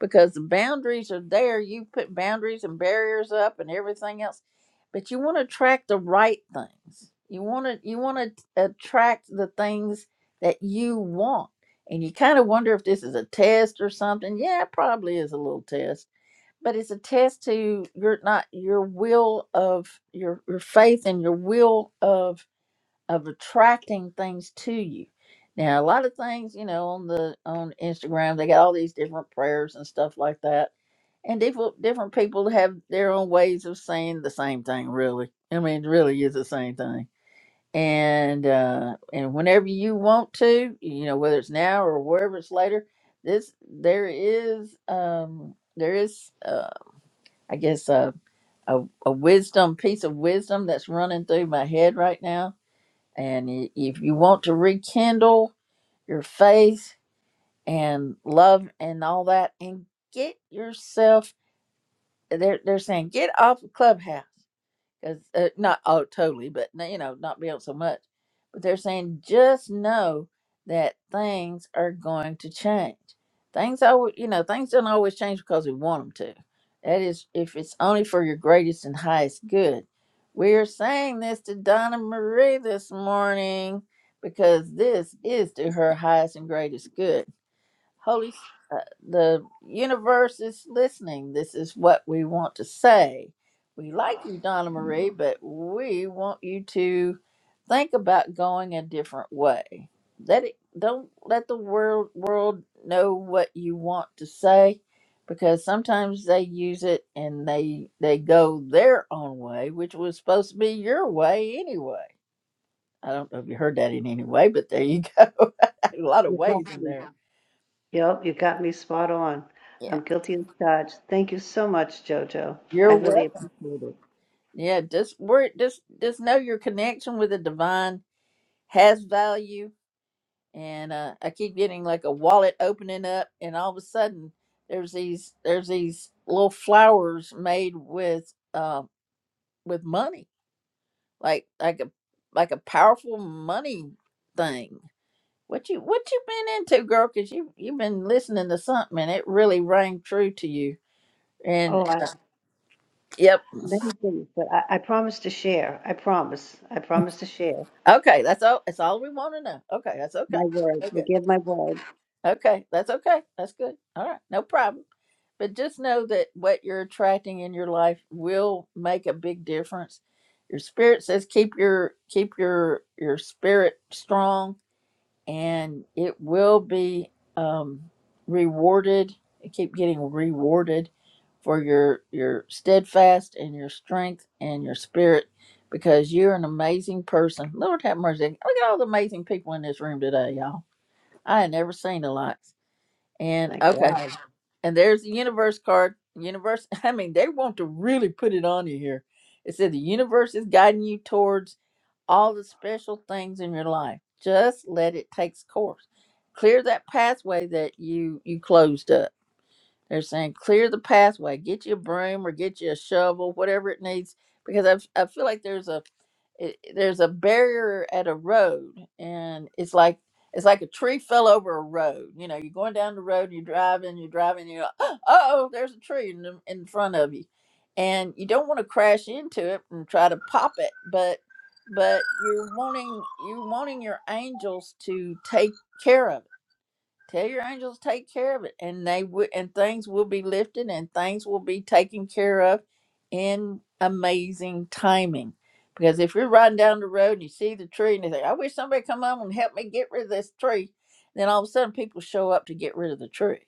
Speaker 1: because the boundaries are there. You put boundaries and barriers up and everything else, but you want to attract the right things. You want to you want to attract the things that you want, and you kind of wonder if this is a test or something. Yeah, it probably is a little test but it's a test to your not your will of your your faith and your will of of attracting things to you now a lot of things you know on the on instagram they got all these different prayers and stuff like that and different different people have their own ways of saying the same thing really i mean it really is the same thing and uh and whenever you want to you know whether it's now or wherever it's later this there is um there is uh, I guess a a, a wisdom piece of wisdom that's running through my head right now. And i- if you want to rekindle your faith and love and all that, and get yourself, they're they're saying get off of Clubhouse because uh, not oh totally, but you know not be able so much. But they're saying just know that things are going to change. Things always, you know, things don't always change because we want them to. That is, if it's only for your greatest and highest good. We're saying this to Donna Marie this morning because this is to her highest and greatest good. Holy, S- uh, the universe is listening. This is what we want to say. We like you, Donna Marie, but we want you to think about going a different way. Let it don't let the world world know what you want to say because sometimes they use it and they they go their own way, which was supposed to be your way anyway. I don't know if you heard that in any way, but there you go. a lot of
Speaker 12: You got
Speaker 1: ways in
Speaker 12: me.
Speaker 1: there.
Speaker 12: Yep, you got me spot on.
Speaker 1: Yeah.
Speaker 12: I'm guilty as charged. Thank you so much, Jojo. I
Speaker 1: You're welcome.
Speaker 12: really appreciate it.
Speaker 1: Yeah, just work. Just just know your connection with the divine has value. And uh, I keep getting like a wallet opening up, and all of a sudden there's these there's these little flowers made with uh, with money, like like a like a powerful money thing. What you what you been into, girl? Cause you you've been listening to something, and it really rang true to you. And
Speaker 12: Oh, I,
Speaker 1: yep,
Speaker 12: many things, but I, I promise to share. I promise. I promise to share
Speaker 1: okay, that's all. That's all we want to know. Okay, that's okay.
Speaker 12: my word.
Speaker 1: Okay.
Speaker 12: I give my word.
Speaker 1: Okay, that's okay. That's good. All right, no problem. But just know that what you're attracting in your life will make a big difference. Your spirit says keep your keep your your spirit strong, and it will be um, rewarded. You keep getting rewarded for your your steadfast and your strength and your spirit because you're an amazing person. Lord have mercy. Look at all the amazing people in this room today, y'all. I had never seen a lot. And
Speaker 12: My
Speaker 1: okay,
Speaker 12: God.
Speaker 1: and there's the universe card. Universe, I mean, they want to really put it on you here. It said the universe is guiding you towards all the special things in your life. Just let it take its course. Clear that pathway that you you closed up they're saying clear the pathway, get you a broom or get you a shovel, whatever it needs, because I I feel like there's a it, there's a barrier at a road, and it's like it's like a tree fell over a road. You know, you're going down the road, you're driving, you're driving, you're like, oh, there's a tree in, the- in front of you, and you don't want to crash into it and try to pop it, but but you're wanting you wanting your angels to take care of it Tell your angels take care of it, and they would, and things will be lifted, and things will be taken care of in amazing timing. Because if you're riding down the road and you see the tree and you think, "I wish somebody come on and help me get rid of this tree," then all of a sudden people show up to get rid of the tree.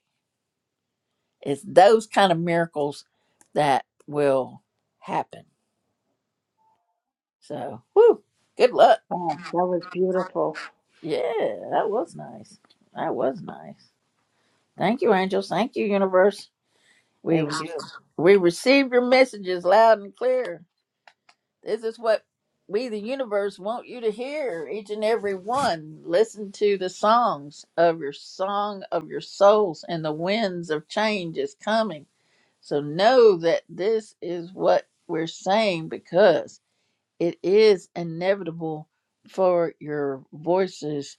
Speaker 1: It's those kind of miracles that will happen. So, whew, good luck.
Speaker 12: Oh, that was beautiful.
Speaker 1: Yeah, that was nice. That was nice. Thank you, angels. Thank you, universe. We re-
Speaker 12: Thank you.
Speaker 1: we receive your messages loud and clear. This is what we, the universe, want you to hear. Each and every one, listen to the songs of your song of your souls, and the winds of change is coming. So know that this is what we're saying because it is inevitable for your voices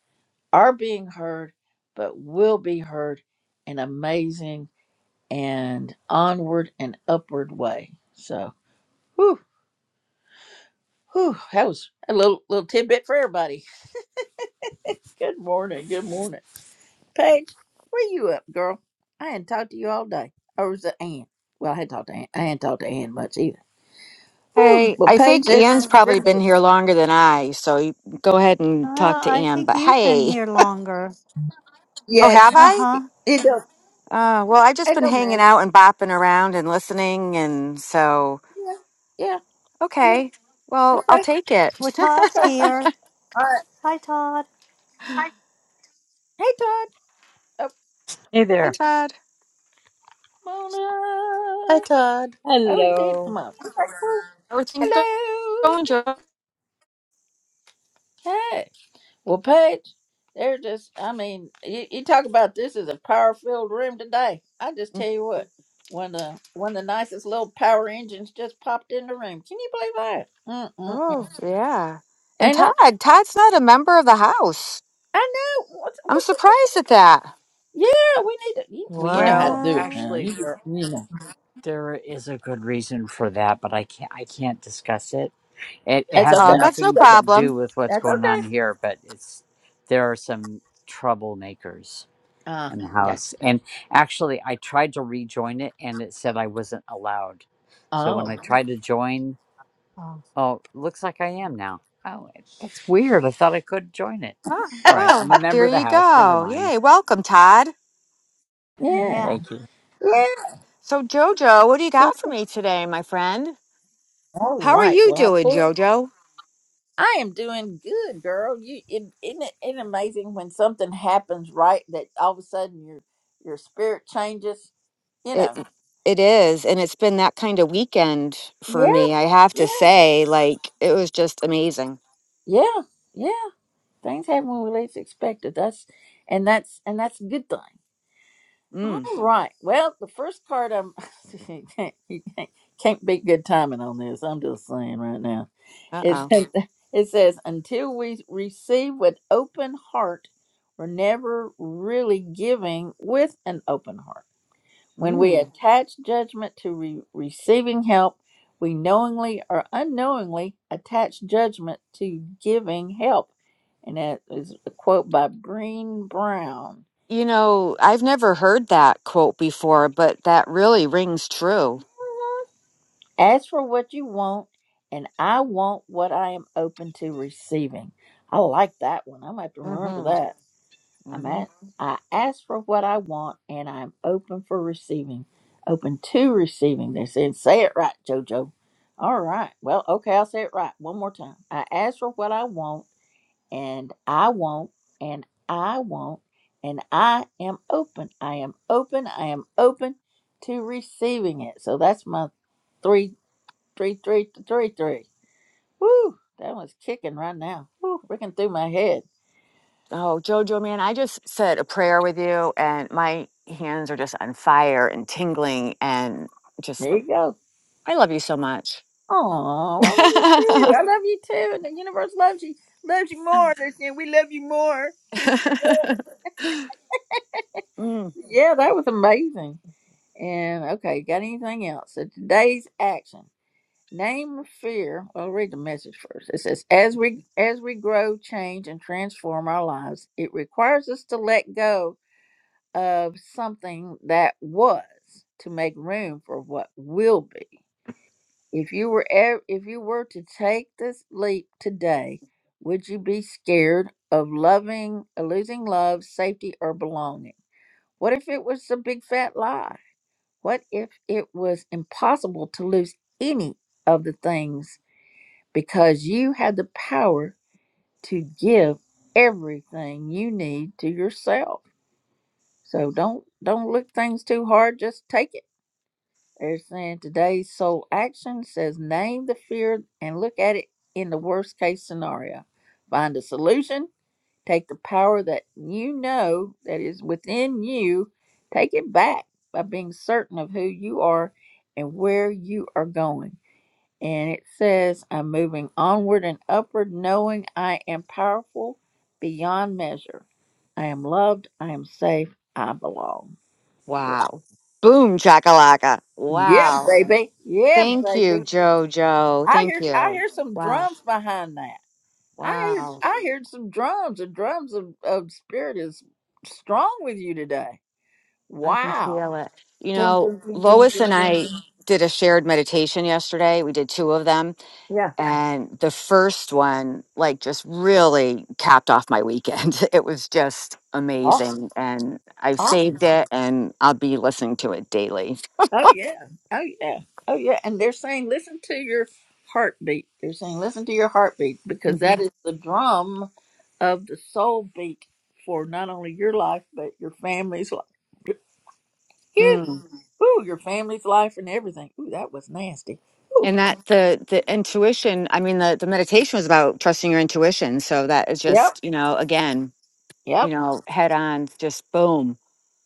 Speaker 1: are being heard, but will be heard in amazing and onward and upward way. So, whew, whew, that was a little little tidbit for everybody. good morning, good morning, Paige. Where you up, girl? I hadn't talked to you all day. Or was it Ann? Well, I hadn't talked to Ann. I hadn't talked to Ann much either. Whew,
Speaker 10: Hey,
Speaker 1: well,
Speaker 10: I
Speaker 1: Paige,
Speaker 10: think
Speaker 1: there's
Speaker 10: Ian's probably
Speaker 1: you're
Speaker 10: been
Speaker 1: next.
Speaker 10: here longer than I, so you go ahead and
Speaker 9: Well,
Speaker 10: talk to
Speaker 9: I
Speaker 10: Ian.
Speaker 9: think
Speaker 10: But
Speaker 9: you've been
Speaker 10: hey,
Speaker 9: here longer.
Speaker 10: oh,
Speaker 1: yeah,
Speaker 10: have
Speaker 9: Uh
Speaker 10: I?
Speaker 9: huh.
Speaker 1: it don't
Speaker 10: Uh, well, I've just
Speaker 1: it
Speaker 10: been
Speaker 1: don't
Speaker 10: hanging
Speaker 1: matter.
Speaker 10: out and bopping around and listening, and so
Speaker 1: Yeah, yeah, yeah.
Speaker 10: okay. Well, I'll
Speaker 1: Okay,
Speaker 10: take it.
Speaker 9: Well, Todd's
Speaker 1: okay,
Speaker 9: here.
Speaker 1: all right.
Speaker 9: Hi, Todd.
Speaker 10: Hi,
Speaker 1: Hey, Todd, oh,
Speaker 13: Hey
Speaker 10: hi,
Speaker 13: there.
Speaker 10: Todd.
Speaker 1: come
Speaker 2: Hi
Speaker 1: on up.
Speaker 2: Todd.
Speaker 1: Oh, he did come
Speaker 13: Hello.
Speaker 1: up. Okay, cool.
Speaker 10: How are things go-
Speaker 1: Hello.
Speaker 10: going, Joe?
Speaker 1: Hey. Well, Paige, there's just, I mean, you, you talk about this is a power filled room today. I just tell you what, one of, one of the nicest little power engines just popped in the room. Can you believe that? Mm-mm.
Speaker 10: Oh, yeah. And
Speaker 1: Ain't that?
Speaker 10: Todd, Todd's not a member of the house.
Speaker 1: I know. What's,
Speaker 10: I'm
Speaker 1: what's up?
Speaker 10: surprised at that.
Speaker 1: Yeah, we need to. You,
Speaker 9: what?
Speaker 1: well, you know how to
Speaker 13: Well,
Speaker 1: do it now.
Speaker 13: actually,
Speaker 1: You, just-
Speaker 13: there
Speaker 1: you know.
Speaker 13: there is a good reason for that, but I can't I can't discuss it. It it
Speaker 1: That's
Speaker 13: has
Speaker 10: Uh,
Speaker 1: okay.
Speaker 10: that's no
Speaker 13: nothing to do
Speaker 10: problem.
Speaker 13: with what's
Speaker 1: That's
Speaker 13: going on
Speaker 1: okay.
Speaker 13: here, but it's there are some troublemakers
Speaker 1: Ah,
Speaker 13: in the
Speaker 1: gotcha.
Speaker 13: house, and actually, I tried to rejoin it, and it said I wasn't allowed. So when
Speaker 1: Oh,
Speaker 13: I tried to join,
Speaker 9: Oh,
Speaker 13: oh, looks like I am now. Oh, that's weird. I thought I could join it.
Speaker 10: Huh,
Speaker 13: All right, I'm a
Speaker 10: well,
Speaker 13: member
Speaker 10: there
Speaker 13: of the
Speaker 10: you
Speaker 13: house. Never
Speaker 10: go.
Speaker 13: mind.
Speaker 10: Yay, welcome, Todd.
Speaker 1: yeah.
Speaker 9: Yeah.
Speaker 13: Thank you.
Speaker 1: Yeah.
Speaker 10: So, Jojo, what do you got for me today, my friend?
Speaker 1: All
Speaker 10: How are
Speaker 1: right.
Speaker 10: you
Speaker 1: Well, I
Speaker 10: doing,
Speaker 1: pulled.
Speaker 10: Jojo?
Speaker 1: I am doing good, girl. You it, isn't it isn't it amazing when something happens right that all of a sudden your your spirit changes. You
Speaker 10: It
Speaker 1: know.
Speaker 10: it is, and it's been that kind of weekend for
Speaker 1: Yeah,
Speaker 10: me. I have
Speaker 1: yeah,
Speaker 10: to say, like it was just amazing.
Speaker 1: yeah, yeah. Things happen when we least expect it. That's and that's and that's a good thing. All
Speaker 10: Mm.
Speaker 1: right. Well, the first card I'm can't be good timing on this. I'm just saying right now.
Speaker 10: Uh
Speaker 1: It
Speaker 10: oh.
Speaker 1: says, it says, until we receive with open heart, we're never really giving with an open heart. When we
Speaker 10: Mm.
Speaker 1: attach judgment to re- receiving help, we knowingly or unknowingly attach judgment to giving help. And that is a quote by Breen Brown.
Speaker 10: You know, I've never heard that quote before, but that really rings true.
Speaker 1: Ask for what you want, and I want what I am open to receiving. I like that one. i might have to remember
Speaker 10: hmm
Speaker 1: that. I'm
Speaker 10: Mm-hmm.
Speaker 1: at, I ask for what I want and I'm open for receiving. Open to receiving. They're saying, say it right, JoJo. All right. Well, okay, I'll say it right one more time. I ask for what I want and I want and I want and I am open. I am open. I am open to receiving it. So that's my three, three, three, three, three. Woo! That one's kicking right now. Woo! Freaking through my head.
Speaker 10: Oh, Jojo, man, I just said a prayer with you, and my hands are just on fire and tingling, and just
Speaker 1: There you go.
Speaker 10: I love you so much.
Speaker 1: Oh, I love you too. I love you too. And the universe loves you. Loves you more. They're saying we love you more. She's-
Speaker 10: Mm,
Speaker 1: Yeah, that was amazing. And okay, got anything else? So today's action. Name a fear. Well, I'll read the message first. It says, as we as we grow, change, and transform our lives, it requires us to let go of something that was to make room for what will be. If you were ev- if you were to take this leap today, would you be scared of loving, uh, losing love, safety, or belonging? What if it was a big fat lie? What if it was impossible to lose any of the things because you had the power to give everything you need to yourself? So don't don't look things too hard. Just take it. They're saying today's sole action says name the fear and look at it in the worst case scenario. Find a solution, take the power that you know that is within you, take it back by being certain of who you are and where you are going. And it says, I'm moving onward and upward, knowing I am powerful beyond measure. I am loved, I am safe, I belong.
Speaker 10: wow. Boom, chakalaka.
Speaker 1: Yeah,
Speaker 10: Wow.
Speaker 1: baby. Yeah,
Speaker 10: Thank
Speaker 1: baby.
Speaker 10: you, Jojo.
Speaker 1: I
Speaker 10: Thank
Speaker 1: hear I
Speaker 10: you.
Speaker 1: hear some
Speaker 10: Wow.
Speaker 1: drums behind that. I hear
Speaker 10: Wow.
Speaker 1: I heard some drums. The drums of, of spirit is strong with you today.
Speaker 10: I can
Speaker 1: Wow.
Speaker 10: feel it. You
Speaker 1: Dun,
Speaker 10: know,
Speaker 1: dun, dun, dun,
Speaker 10: Lois and
Speaker 1: dun, dun,
Speaker 10: I
Speaker 1: dun.
Speaker 10: did a shared meditation yesterday. We did two of them.
Speaker 1: Yeah.
Speaker 10: And the first one, like, just really capped off my weekend. It was just
Speaker 1: Awesome.
Speaker 10: amazing. And I've
Speaker 1: Awesome.
Speaker 10: saved it and I'll be listening to it daily.
Speaker 1: Oh yeah. Oh yeah. Oh yeah. And they're saying listen to your heartbeat. They're saying listen to your heartbeat because that is the drum of the soul beat for not only your life but your family's life.
Speaker 10: hmm
Speaker 1: You, ooh, your family's life and everything. Ooh, that was nasty. Ooh,
Speaker 10: and that the the intuition i mean the the meditation was about trusting your intuition so that is
Speaker 1: yep,
Speaker 10: just you know again you
Speaker 1: yep.
Speaker 10: know head on just boom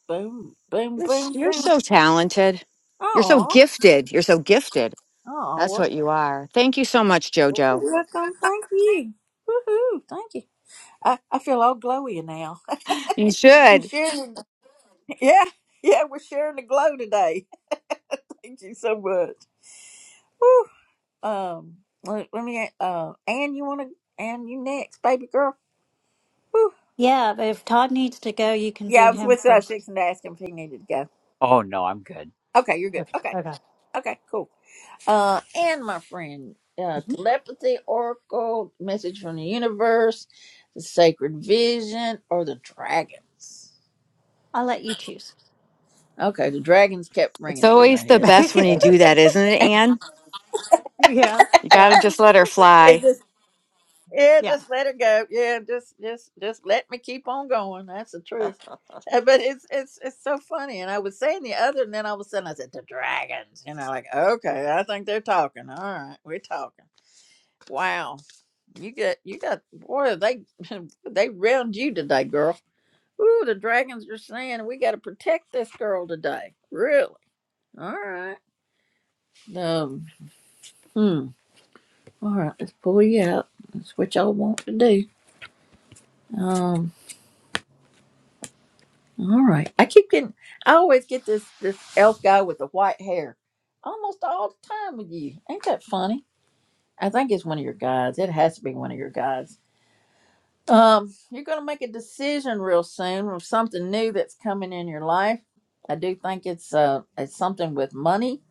Speaker 1: Boom, boom,
Speaker 10: you're, s-
Speaker 1: boom,
Speaker 10: you're
Speaker 1: boom.
Speaker 10: so talented you're so
Speaker 1: Oh,
Speaker 10: gifted you're so gifted that's
Speaker 1: oh,
Speaker 10: what you are thank you so much
Speaker 1: well,
Speaker 10: jojo
Speaker 1: welcome. Thank you. Woohoo! Thank you. I, I feel all glowy now.
Speaker 10: you
Speaker 1: you
Speaker 10: should
Speaker 1: sharing? Yeah, yeah. We're sharing the glow today. Thank you so much. Woo. Um, let, let me. Uh, Anne, you want to? Anne, you next, baby girl. Woo.
Speaker 9: Yeah, but if Todd needs to go, you can
Speaker 1: Yeah,
Speaker 9: do
Speaker 1: I was
Speaker 9: him
Speaker 1: with uh,
Speaker 9: 1st
Speaker 1: Six and asked him if he needed to go.
Speaker 13: Oh no, I'm good.
Speaker 1: Okay, you're good.
Speaker 9: okay.
Speaker 1: Okay,
Speaker 9: Okay.
Speaker 1: okay, cool. uh, and my friend, uh,
Speaker 9: hmm
Speaker 1: telepathy, oracle, message from the universe, the sacred vision, or the dragons.
Speaker 9: I'll let you choose.
Speaker 1: Okay, the dragons kept
Speaker 10: it's
Speaker 1: ringing through my
Speaker 10: always the
Speaker 1: head.
Speaker 10: best when you do that isn't it anne
Speaker 9: yeah,
Speaker 10: you gotta
Speaker 9: yeah,
Speaker 10: just let her
Speaker 1: It's
Speaker 10: fly
Speaker 1: just, yeah,
Speaker 9: yeah.
Speaker 1: just let it go. Yeah, just, just, just let me keep on going. That's the truth. Uh, But it's, it's, it's so funny. And I was saying the other, and then all of a sudden I said the dragons. You know, like okay, I think they're talking. All right, we're talking. Wow. You got you got boy, they they round you today, girl. Ooh, the dragons are saying we gotta protect this girl today. Really? All right. Um hmm. All right, let's pull you out. That's what y'all want to do. Um all right. I keep getting I always get this this elf guy with the white hair. Almost all the time with you. Ain't that funny? I think it's one of your guys. It has to be one of your guys Um, you're going to make a decision real soon of something new that's coming in your life. I do think it's uh it's something with money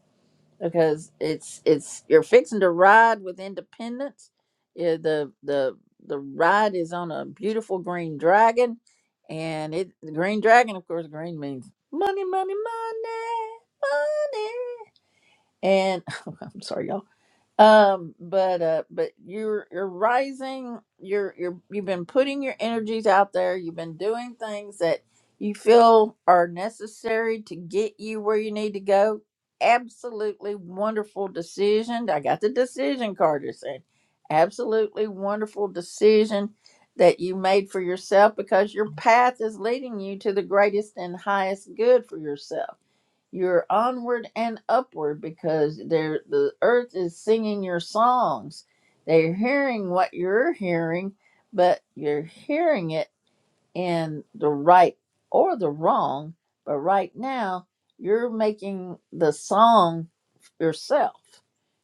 Speaker 1: because it's it's you're fixing to ride with independence. Yeah, the the the ride is on a beautiful green dragon, and it the green dragon, of course, green means money, money, money, money. And I'm sorry, y'all. Um, but uh, but you're you're rising. You're you're you've been putting your energies out there. You've been doing things that you feel are necessary to get you where you need to go. Absolutely wonderful decision. I got the decision card. You're saying, absolutely wonderful decision that you made for yourself because your path is leading you to the greatest and highest good for yourself you're onward and upward because there the earth is singing your songs. They're hearing what you're hearing, but you're hearing it in the right or the wrong. But right now, you're making the song yourself.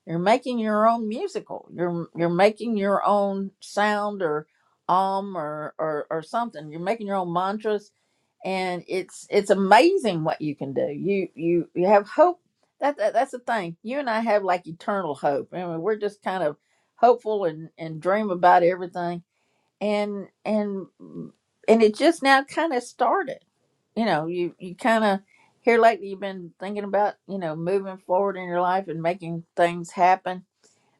Speaker 1: You're making your own musical. You're you're making your own sound or um or or, or something. You're making your own mantras and it's it's amazing what you can do. You you you have hope. That, that that's the thing. You and I have like eternal hope. I mean, we're just kind of hopeful and and dream about everything. And and mm, and it just now kind of started. You know, you you kind of here lately you've been thinking about you know moving forward in your life and making things happen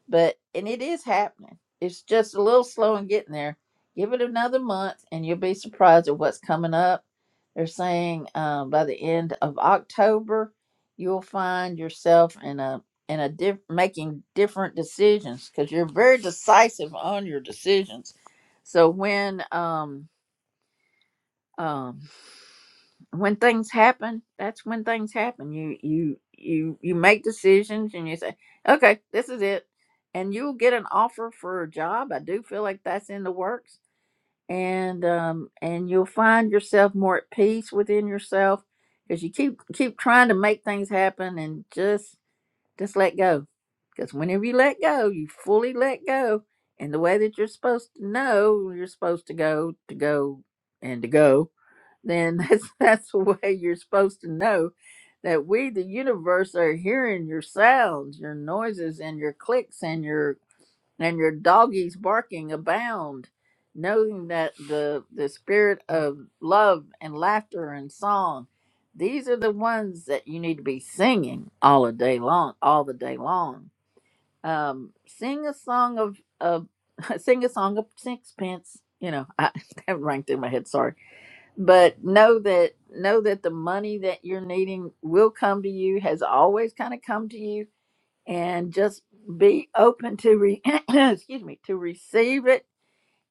Speaker 1: but and it is happening. It's just a little slow in getting there. Give it another month, and you'll be surprised at what's coming up. They're saying um, by the end of October, you'll find yourself in a in a diff- making different decisions because you're very decisive on your decisions. So when um, um, when things happen that's when things happen you you you you make decisions and you say okay this is it and you'll get an offer for a job i do feel like that's in the works and um and you'll find yourself more at peace within yourself because you keep keep trying to make things happen and just just let go because whenever you let go you fully let go and the way that you're supposed to know you're supposed to go to go and to go then that's that's the way you're supposed to know that we the universe are hearing your sounds your noises and your clicks and your and your doggies barking abound knowing that the the spirit of love and laughter and song these are the ones that you need to be singing all a day long all the day long um sing a song of of sing a song of sixpence you know I, that rang through my head sorry but know that know that the money that you're needing will come to you has always kind of come to you and just be open to re- excuse me to receive it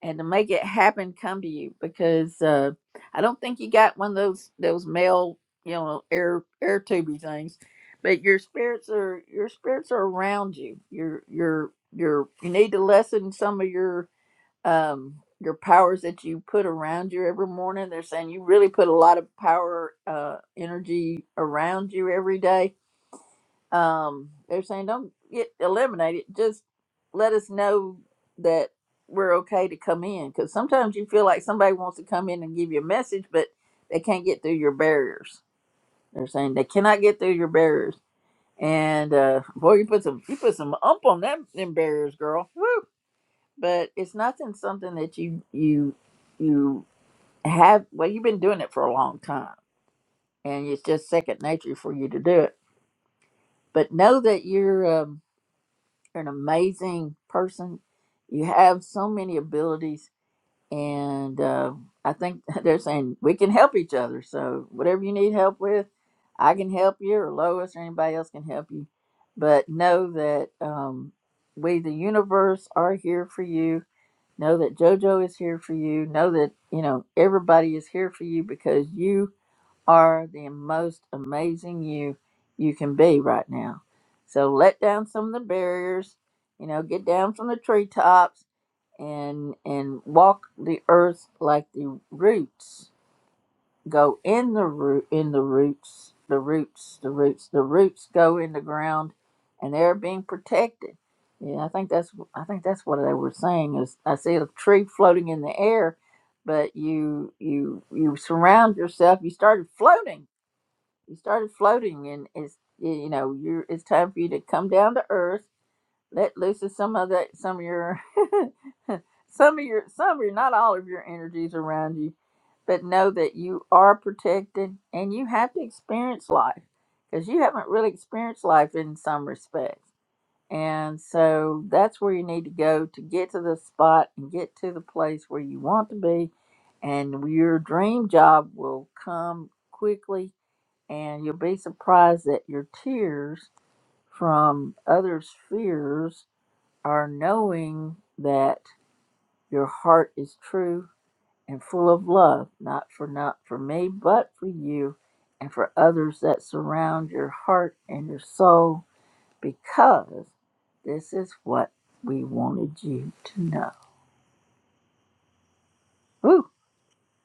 Speaker 1: and to make it happen come to you because uh i don't think you got one of those those mail you know air air tubey things but your spirits are your spirits are around you you're you're you're you need to lessen some of your um your powers that you put around you every morning they're saying you really put a lot of power uh energy around you every day um they're saying don't get eliminate it just let us know that we're okay to come in because sometimes you feel like somebody wants to come in and give you a message but they can't get through your barriers they're saying they cannot get through your barriers and uh boy you put some you put some ump on them them barriers girl Woo but it's nothing something that you you you have well you've been doing it for a long time and it's just second nature for you to do it but know that you're um, an amazing person you have so many abilities and uh, i think they're saying we can help each other so whatever you need help with i can help you or lois or anybody else can help you but know that um, we the universe are here for you Know that JoJo is here for you. Know that, you know, everybody is here for you because you are the most amazing you you can be right now. So let down some of the barriers, you know, get down from the treetops and and walk the earth like the roots go in the root in the roots the roots the roots the roots go in the ground and they're being protected yeah i think that's i think that's what they were saying is i see a tree floating in the air but you you you surround yourself you started floating you started floating and it's you know you're it's time for you to come down to earth let loose of some of that some of your Some of your, some of your, not all of your energies around you, but know that you are protected and you have to experience life because you haven't really experienced life in some respects. And so that's where you need to go to get to the spot and get to the place where you want to be. And your dream job will come quickly, and you'll be surprised that your tears from others' fears are knowing that your heart is true and full of love, not for not for me, but for you and for others that surround your heart and your soul, because this is what we wanted you to know. Ooh,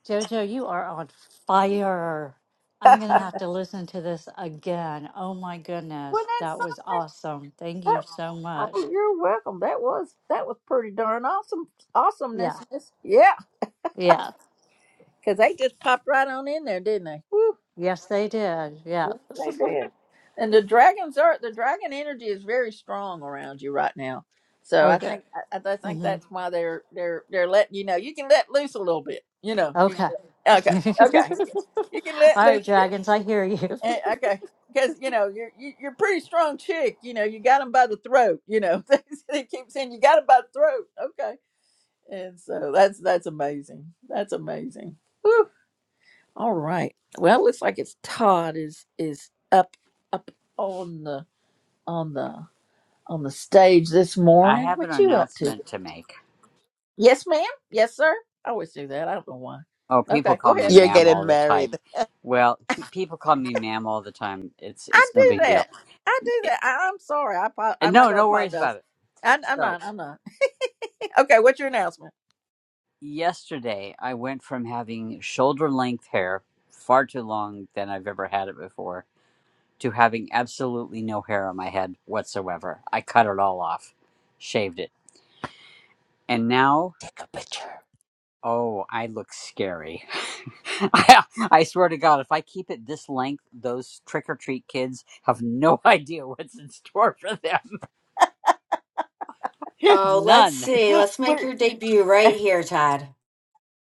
Speaker 9: Jojo, you are on fire. I'm
Speaker 1: wasn't
Speaker 9: going to have to listen to this again. Oh my goodness.
Speaker 1: that
Speaker 9: That was
Speaker 1: something?
Speaker 9: awesome. Thank you
Speaker 1: That-
Speaker 9: so much.
Speaker 1: oh, you're welcome. That was that was pretty darn awesome awesomeness.
Speaker 9: Yeah.
Speaker 1: Yeah,
Speaker 9: Yeah.
Speaker 1: because they just popped right on in there, didn't they? Woo.
Speaker 9: Yes, they did. Yeah.
Speaker 1: Yes, they did. And the dragons are the dragon energy is very strong around you right now. So I
Speaker 9: Okay.
Speaker 1: think I, I think
Speaker 9: hmm
Speaker 1: that's why they're they're they're letting you know you can let loose a little bit. You know. You can
Speaker 9: Okay.
Speaker 1: let- okay.
Speaker 9: All
Speaker 1: Okay. You can let loose.
Speaker 9: right,
Speaker 1: a bit.
Speaker 9: Dragons, I hear you.
Speaker 1: Eh, Okay. Because you know you're you- you're a pretty strong chick. You know you got them by the throat. You know they keep saying you got them by the throat. Okay. And so that's that's amazing. That's amazing. All right. Well, it looks like it's Todd is is up up on the on the on the stage this
Speaker 13: I
Speaker 1: morning.
Speaker 13: have an
Speaker 1: What you up to?
Speaker 13: announcement to make.
Speaker 1: Yes, ma'am. Yes, sir. I always do that. I don't know why.
Speaker 13: Oh, people
Speaker 1: Okay, go
Speaker 13: call me
Speaker 1: ahead.
Speaker 2: You're
Speaker 13: ma'am
Speaker 2: getting
Speaker 13: all the time.
Speaker 2: married.
Speaker 13: Well, pe- people call me ma'am all the time. It's
Speaker 1: I
Speaker 13: it's no
Speaker 1: do
Speaker 13: big deal.
Speaker 1: that. I do
Speaker 13: It,
Speaker 1: that. I, I'm sorry. I apo-
Speaker 13: and
Speaker 1: I'm not
Speaker 13: no,
Speaker 1: going to
Speaker 13: no worries
Speaker 1: apologize.
Speaker 13: about it.
Speaker 1: I, I'm
Speaker 13: So
Speaker 1: not. I'm not. okay. What's your announcement?
Speaker 13: yesterday, I went from having shoulder length hair, far too long than I've ever had it before, to having absolutely no hair on my head whatsoever. I cut it all off, shaved it, and now
Speaker 2: Take a picture.
Speaker 13: Oh, I look scary. I, I swear to God, if I keep it this length, those trick or treat kids have no idea what's in store for them.
Speaker 10: Oh, let's
Speaker 13: None.
Speaker 10: see. Let's make
Speaker 1: We're,
Speaker 10: your debut right here, Todd.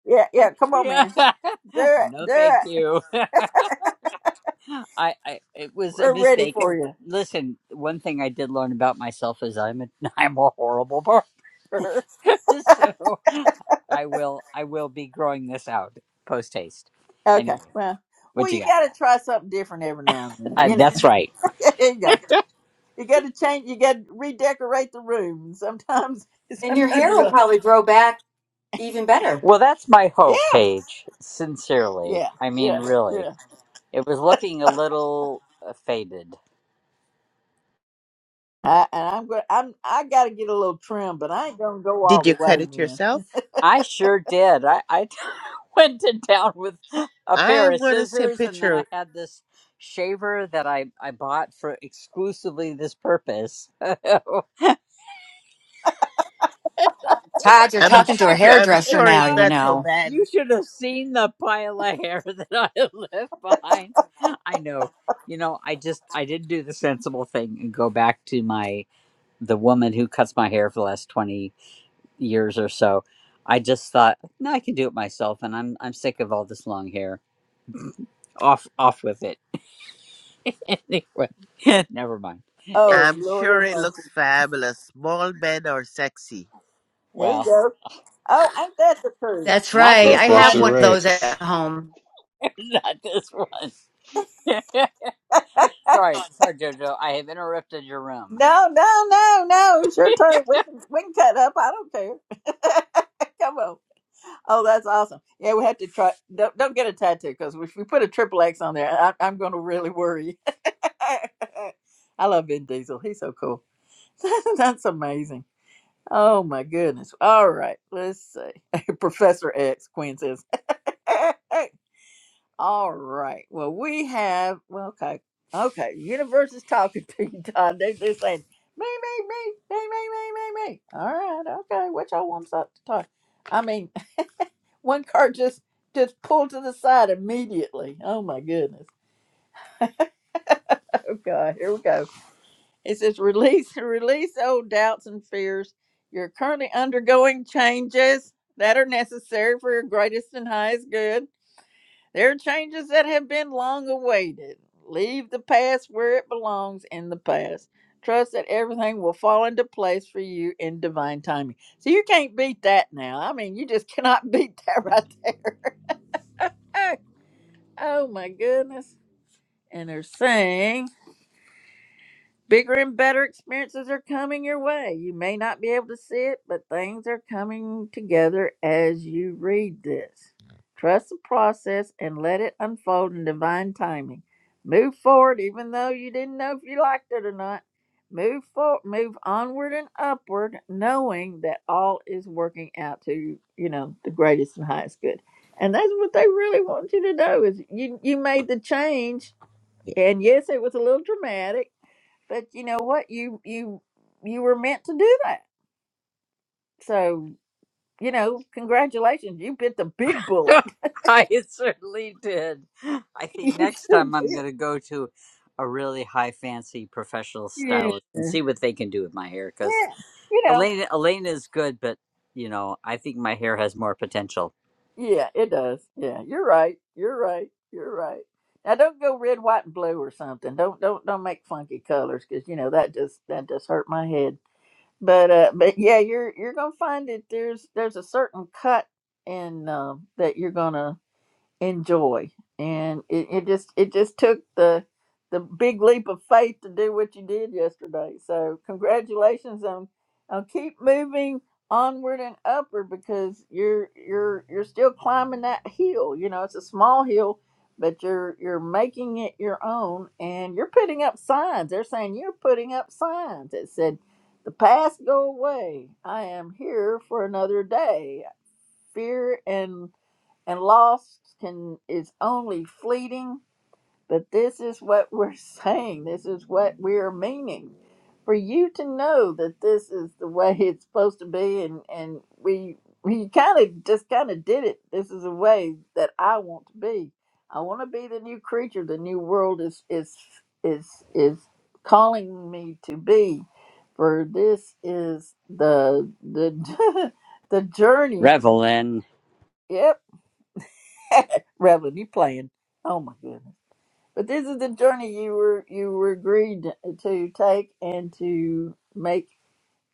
Speaker 1: yeah, yeah. Come on,
Speaker 13: Yeah.
Speaker 1: man. They're
Speaker 13: No, thank
Speaker 1: they're
Speaker 13: you. I, I it was a
Speaker 1: we're ready
Speaker 13: mistake.
Speaker 1: for
Speaker 13: And
Speaker 1: you.
Speaker 13: listen, one thing I did learn about myself is I'm a I'm a horrible barber. So I will I will be growing this out post haste.
Speaker 1: Okay.
Speaker 13: Anyway,
Speaker 1: Well, well,
Speaker 13: what you
Speaker 1: you
Speaker 13: got?
Speaker 1: got to try something different every now and then.
Speaker 13: Uh,
Speaker 1: You know.
Speaker 13: that's right.
Speaker 1: there you go. you got to change. You got to redecorate the room. Sometimes,
Speaker 10: And your
Speaker 1: sometimes
Speaker 10: hair
Speaker 1: you're
Speaker 10: will
Speaker 1: like,
Speaker 10: probably grow back even better.
Speaker 13: Well, that's my
Speaker 1: yeah,
Speaker 13: hope, Paige. Sincerely.
Speaker 1: yeah,
Speaker 13: I mean,
Speaker 1: yeah,
Speaker 13: really.
Speaker 1: yeah.
Speaker 13: It was looking a little uh, faded.
Speaker 1: I, and I'm going. I'm. I got to get a little trim, but I ain't gonna go all
Speaker 2: Did you
Speaker 1: the way,
Speaker 2: cut it
Speaker 1: man.
Speaker 2: yourself?
Speaker 13: I sure did. I, I went to town with a
Speaker 2: I
Speaker 13: pair of
Speaker 2: wanna see a
Speaker 13: scissors, and then I
Speaker 2: picture.
Speaker 13: had this shaver that I, I bought for exclusively this purpose. And I went
Speaker 10: todd you're
Speaker 2: I'm
Speaker 10: talking
Speaker 2: sh-
Speaker 10: to a
Speaker 13: I
Speaker 2: I'm
Speaker 13: went to
Speaker 10: hairdresser
Speaker 2: sure
Speaker 10: now
Speaker 2: it's
Speaker 13: town.
Speaker 10: you
Speaker 2: not so
Speaker 10: know
Speaker 13: You
Speaker 2: bad.
Speaker 13: should have seen the pile of hair that I left behind. I know. You know, I just I didn't do the sensible thing and go back to my the woman who cuts my hair for the last 20 years or so i just thought no i can do it myself and i'm i'm sick of all this long hair off off with it anyway never mind
Speaker 1: Oh
Speaker 13: it's
Speaker 2: I'm
Speaker 1: Lord,
Speaker 2: sure
Speaker 1: have
Speaker 2: it looks
Speaker 1: mercy.
Speaker 2: fabulous. Small men are sexy.
Speaker 1: There you
Speaker 13: well
Speaker 1: go. Oh, ain't that the truth?
Speaker 10: That's
Speaker 13: not
Speaker 10: right.
Speaker 13: this
Speaker 10: I have
Speaker 13: one
Speaker 5: Professor
Speaker 10: one of those
Speaker 5: Rex.
Speaker 10: at home.
Speaker 13: not this one sorry sorry jojo i have interrupted your room
Speaker 1: No, no, no, no. It's your turn. We can we can cut up. I don't care. Come on. Oh, that's awesome. Yeah, we have to try. Don't don't get a tattoo because if we put a triple X on there, I, I'm going to really worry. I love Vin Diesel. He's so cool. That's amazing. Oh my goodness. All right. Let's see. Professor X, Quinn says. All right. Well, we have, well, okay. Okay. Universe is talking to you, Todd. They, they're saying, me, me, me, me, me, me, me, me. All right. Okay. What y'all wants up to talk? I mean, one car just just pulled to the side immediately. Oh my goodness. Okay. Here we go. It says, release, release old doubts and fears. You're currently undergoing changes that are necessary for your greatest and highest good. There are changes that have been long awaited. Leave the past where it belongs in the past. Trust that everything will fall into place for you in divine timing. So you can't beat that now. I mean, you just cannot beat that right there. oh my goodness. And they're saying. Bigger and better experiences are coming your way. You may not be able to see it, but things are coming together as you read this. Trust the process and let it unfold in divine timing. Move forward even though you didn't know if you liked it or not. Move for move onward and upward knowing that all is working out to, you know, the greatest and highest good. And that's what they really want you to know is you you made the change and yes, it was a little dramatic but you know what you you you were meant to do that so you know congratulations you bit the big bullet
Speaker 13: I certainly did. I
Speaker 1: you
Speaker 13: think next
Speaker 1: sure
Speaker 13: time
Speaker 1: did
Speaker 13: I'm going to go to a really high fancy professional
Speaker 1: yeah
Speaker 13: stylist and see what they can do with my hair because
Speaker 1: yeah you know
Speaker 13: Elena, Elena is good, but you know, I think my hair has more potential.
Speaker 1: yeah it does yeah you're right you're right you're right now don't go red white and blue or something don't don't don't make funky colors because you know that just that just hurt my head but uh but yeah you're you're gonna find that there's there's a certain cut in um that you're gonna enjoy and it, it just it just took the the big leap of faith to do what you did yesterday so congratulations on on keep moving onward and upward because you're you're you're still climbing that hill you know it's a small hill but you're you're making it your own and you're putting up signs they're saying you're putting up signs that said the past go away i am here for another day fear and and loss can is only fleeting but this is what we're saying this is what we're meaning for you to know that this is the way it's supposed to be and and we we kind of just kind of did it this is the way that i want to be i want to be the new creature the new world is is is is calling me to be for this is the the the journey
Speaker 13: Revelin,
Speaker 1: Yeah. Reverend, you playing. Oh my goodness. But this is the journey you were you were agreed to take and to make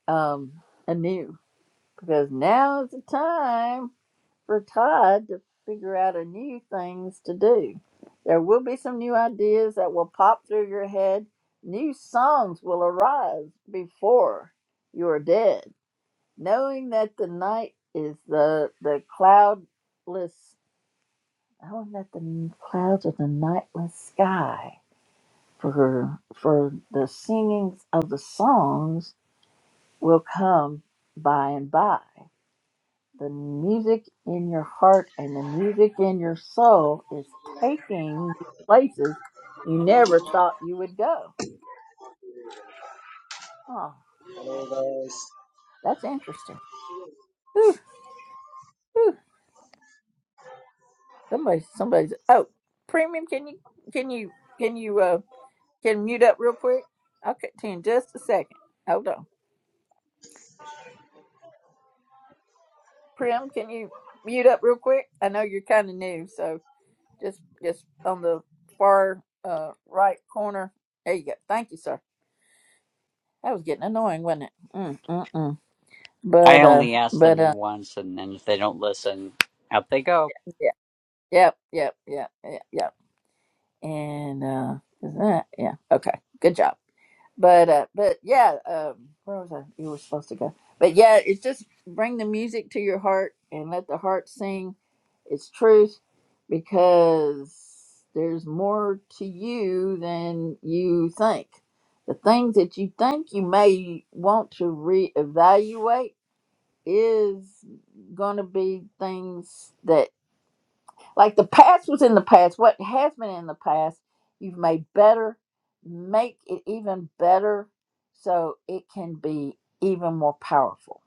Speaker 1: um anew. Because now is the time for Todd to figure out a new things to do. There will be some new ideas that will pop through your head. New songs will arise before you are dead. Knowing that the night is the the cloudless I want that the clouds of the nightless sky for for the singings of the songs will come by and by. The music in your heart and the music in your soul is taking you places you never thought you would go. Oh,
Speaker 14: Hello guys,
Speaker 1: that's interesting. Whew, whew. Somebody, somebody's. Oh, premium. Can you, can you, can you, uh, can mute up real quick? I'll Okay, in just a second. Hold on. Prim, can you mute up real quick? I know you're kind of new, so just just on the far uh, right corner. There you go. Thank you, sir. That was getting annoying, wasn't it? Mm, mm, mm.
Speaker 13: I
Speaker 1: But uh,
Speaker 13: only ask
Speaker 1: but
Speaker 13: them
Speaker 1: uh,
Speaker 13: once, and then if they don't listen, out they go.
Speaker 1: yeah, yep, yep, yep, yep, yep. And uh, is that yeah? Okay, good job. But uh, but yeah, um, where was I? You were supposed to go. But yeah, it's just bring the music to your heart and let the heart sing its truth, because there's more to you than you think. The things that you think you may want to reevaluate is going to be things like the past was in the past. What has been in the past, you've made better. Make it even better so it can be even more powerful.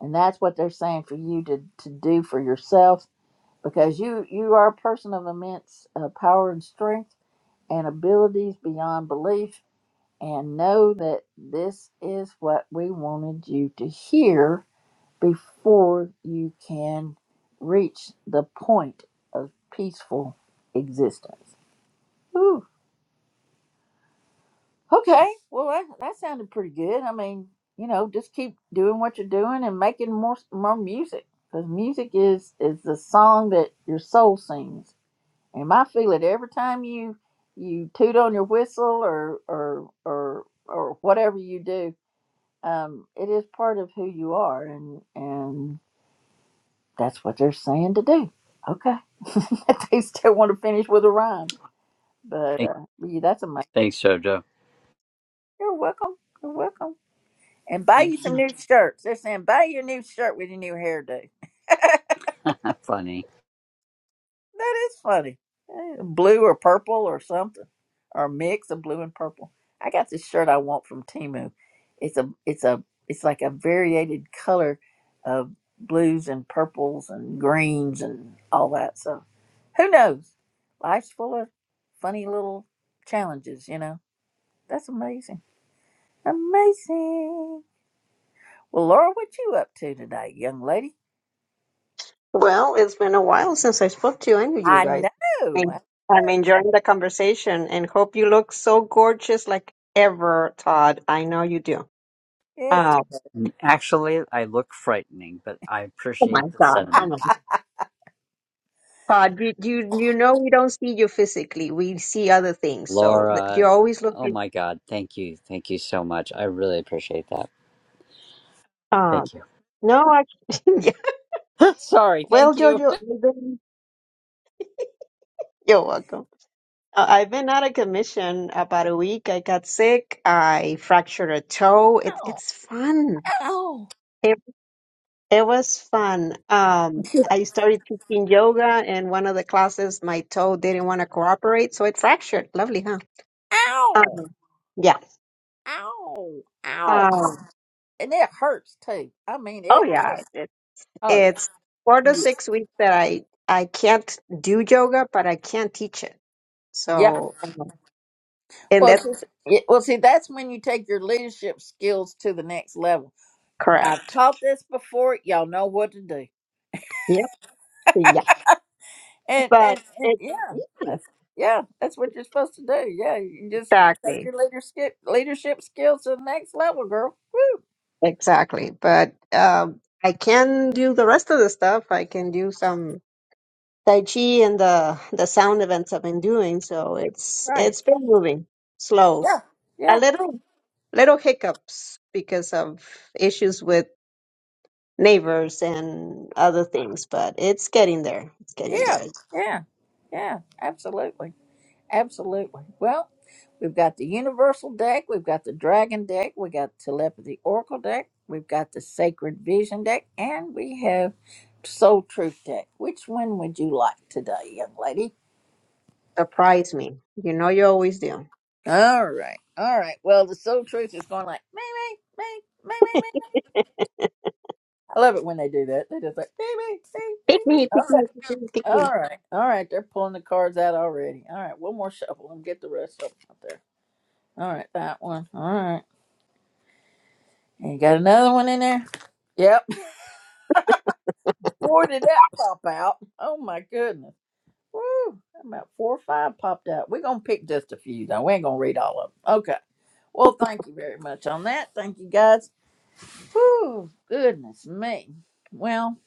Speaker 1: And that's what they're saying for you to, to do for yourself because you, you are a person of immense uh, power and strength and abilities beyond belief. And know that this is what we wanted you to hear before you can reach the point of peaceful existence. Ooh, okay. Well, that, that sounded pretty good. I mean, you know, just keep doing what you're doing and making more more music because music is is the song that your soul sings. And I feel it every time you you toot on your whistle or or or or whatever you do. Um, it is part of who you are, and and that's what they're saying to do. Okay. they still want to finish with a rhyme. But
Speaker 13: Thanks,
Speaker 1: uh, yeah, that's amazing.
Speaker 13: thanks Jojo.
Speaker 1: You're welcome. You're welcome. And buy
Speaker 2: You
Speaker 1: you some
Speaker 2: can
Speaker 1: new shirts. They're saying buy your new shirt with your new hairdo.
Speaker 13: Funny.
Speaker 1: That is funny. Eh, Blue or purple or something, or a mix of blue and purple. I got this shirt I want from Timu. It's a it's a it's like a variated color of blues and purples and greens and all that. So who knows? Life's full of funny little challenges, you know. That's amazing. Amazing. Well, Laura, what you up to today, young lady?
Speaker 15: Well, it's been a while since I spoke to any of you
Speaker 1: I
Speaker 15: guys. I
Speaker 1: know.
Speaker 15: mean, I'm enjoying the conversation and hope you look so gorgeous like ever, Todd. I know you do.
Speaker 1: Yes.
Speaker 15: Oh,
Speaker 13: And Actually, I look frightening, but I
Speaker 15: come
Speaker 13: appreciate
Speaker 15: on,
Speaker 13: the
Speaker 15: Todd.
Speaker 13: sentiment.
Speaker 15: Come on. Todd, you, you, you know we don't see you physically. We see other things. So th- you
Speaker 13: Laura,
Speaker 15: always look
Speaker 13: oh
Speaker 15: beautiful.
Speaker 13: my God, thank you. Thank you so much. I really appreciate that.
Speaker 15: Uh,
Speaker 13: Thank you.
Speaker 15: no, I, yeah.
Speaker 13: Sorry,
Speaker 15: Well,
Speaker 13: thank you.
Speaker 15: Jojo, I've been- you're welcome. Uh, I've been out of commission about a week. I got sick. I fractured a toe. It,
Speaker 1: Ow.
Speaker 15: it's fun.
Speaker 1: Ow!
Speaker 15: It was fun. Um, I started teaching yoga, and one of the classes, my toe didn't want to cooperate, so it fractured. Lovely, huh?
Speaker 1: Ow.
Speaker 15: Um, yeah.
Speaker 1: ow, ow,
Speaker 15: Um,
Speaker 1: and it hurts too. I mean,
Speaker 15: oh
Speaker 1: it
Speaker 15: yeah.
Speaker 1: hurts.
Speaker 15: It,
Speaker 1: Oh yeah,
Speaker 15: it's four to
Speaker 1: yeah.
Speaker 15: six weeks that I I can't do yoga, but I can not teach it.
Speaker 1: yeah.
Speaker 15: So, um, and
Speaker 1: Well, see,
Speaker 15: that's
Speaker 1: yeah, well, see, that's when you take your leadership skills to the next level. I've
Speaker 15: correct.
Speaker 1: taught this before. Y'all know what to do.
Speaker 15: Yep. Yeah.
Speaker 1: And
Speaker 15: But
Speaker 1: and and
Speaker 15: it
Speaker 1: yeah,
Speaker 15: yeah,
Speaker 1: that's yeah, that's what you're supposed to do. Yeah, you just take
Speaker 15: exactly
Speaker 1: your leadership leadership skills to the next level, girl.
Speaker 15: exactly. But um, I can do the rest of the stuff. I can do some. Tai Chi and the the sound events I've been doing, so it's
Speaker 1: Right.
Speaker 15: it's been moving slow.
Speaker 1: Yeah.
Speaker 15: A
Speaker 1: Yeah.
Speaker 15: little little hiccups because of issues with neighbors and other things, but it's getting there. It's getting
Speaker 1: Yeah.
Speaker 15: there.
Speaker 1: Yeah. Yeah. Absolutely. Absolutely. Well, we've got the Universal deck, we've got the Dragon deck, we got Telepathy Oracle deck, we've got the Sacred Vision deck, and we have Soul Truth deck. Which one would you like today, young lady?
Speaker 15: Surprise me. You know you always do.
Speaker 1: All right. All right. Well, the Soul Truth is going like, me, me, me, me, me, me, me. I love it when they do that. They just like, me, me, me,
Speaker 15: Pick
Speaker 1: me, me.
Speaker 15: me,
Speaker 1: All
Speaker 15: pick me,
Speaker 1: right.
Speaker 15: pick me, pick
Speaker 1: All
Speaker 15: me.
Speaker 1: right. All right. They're pulling the cards out already. All right. One more shuffle and get the rest of them out there. All right. That one. All right. And got another one in there. Yep. Four did that pop out. Oh my goodness. Woo. About four or five popped out. We're gonna pick just a few though. We ain't gonna read all of them. Okay. Well, thank you very much on that. Thank you guys. Woo. Goodness me. Well,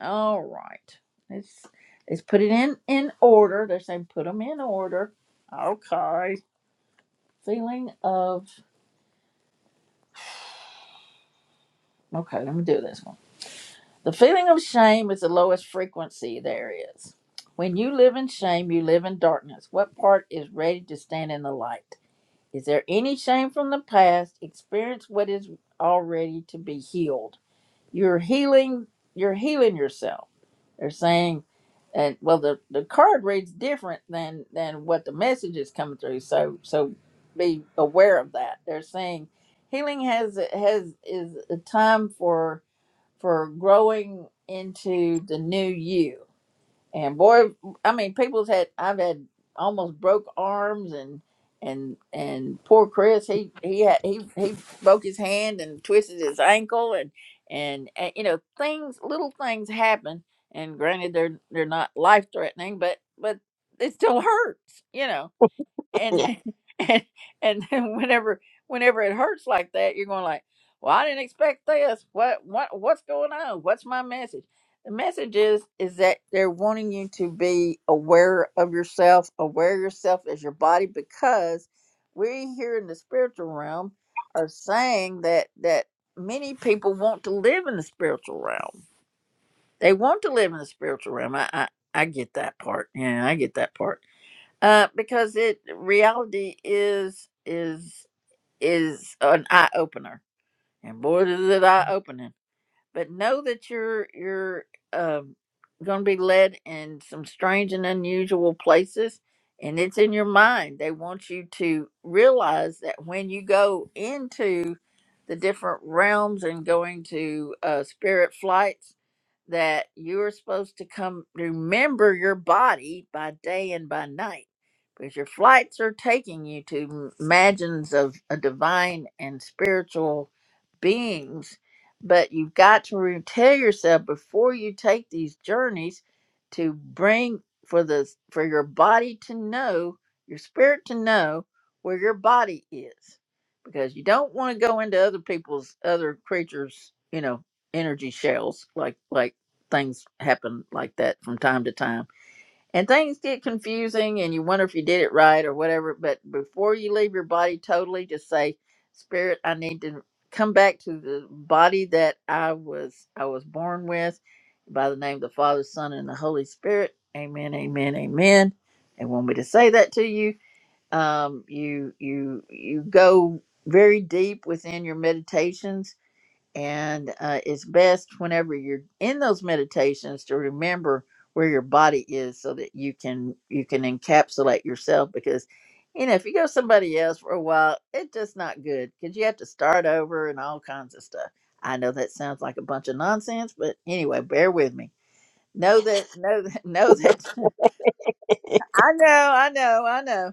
Speaker 1: all right. Let's let's put it in in order. They're saying put them in order. Okay. Feeling of okay. Let me do this one. The feeling of shame is the lowest frequency there is. When you live in shame, you live in darkness. What part is ready to stand in the light? Is there any shame from the past? Experience what is already to be healed. You're healing. You're healing yourself. They're saying, and well, the, the card reads different than than what the message is coming through. So so be aware of that. They're saying healing has has is a time for for growing into the new you. And boy, I mean, people's had I've had almost broke arms and and and poor Chris, he he had, he he broke his hand and twisted his ankle and and, and you know things little things happen. And granted, they're they're not life threatening, but but it still hurts, you know and
Speaker 15: Yeah.
Speaker 1: and and then whenever whenever it hurts like that, you're going like, "Well, I didn't expect this. What what what's going on? What's my message?" The message is is that they're wanting you to be aware of yourself, aware of yourself as your body, because we here in the spiritual realm are saying that that many people want to live in the spiritual realm. They want to live in the spiritual realm. I I, I get that part. Yeah, I get that part uh, because it reality is is is an eye opener, and boy is it eye opening. But know that you're you're um going to be led in some strange and unusual places, and it's in your mind. They want you to realize that when you go into the different realms and going to uh, spirit flights that you are supposed to come remember your body by day and by night because your flights are taking you to m- imagines of a divine and spiritual beings but you've got to re- tell yourself before you take these journeys to bring for the for your body to know your spirit to know where your body is because you don't want to go into other people's other creatures you know energy shells like like things happen like that from time to time. And things get confusing and you wonder if you did it right or whatever. But before you leave your body totally, just say, Spirit, I need to come back to the body that I was I was born with by the name of the Father, Son, and the Holy Spirit. Amen, amen, amen. And want me to say that to you. Um, you you you go very deep within your meditations and uh, it's best whenever you're in those meditations to remember where your body is so that you can you can encapsulate yourself because you know if you go somebody else for a while it's just not good because you have to start over and all kinds of stuff i know that sounds like a bunch of nonsense but anyway bear with me know that know that know that i know i know i know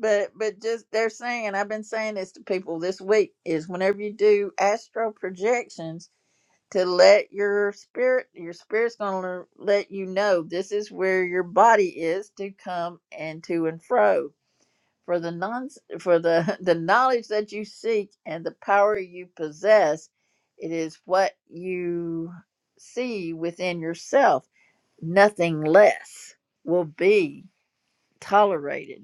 Speaker 1: but but just they're saying i've been saying this to people this week is whenever you do astral projections to let your spirit your spirit's going to let you know this is where your body is to come and to and fro for the non for the the knowledge that you seek and the power you possess it is what you see within yourself nothing less will be tolerated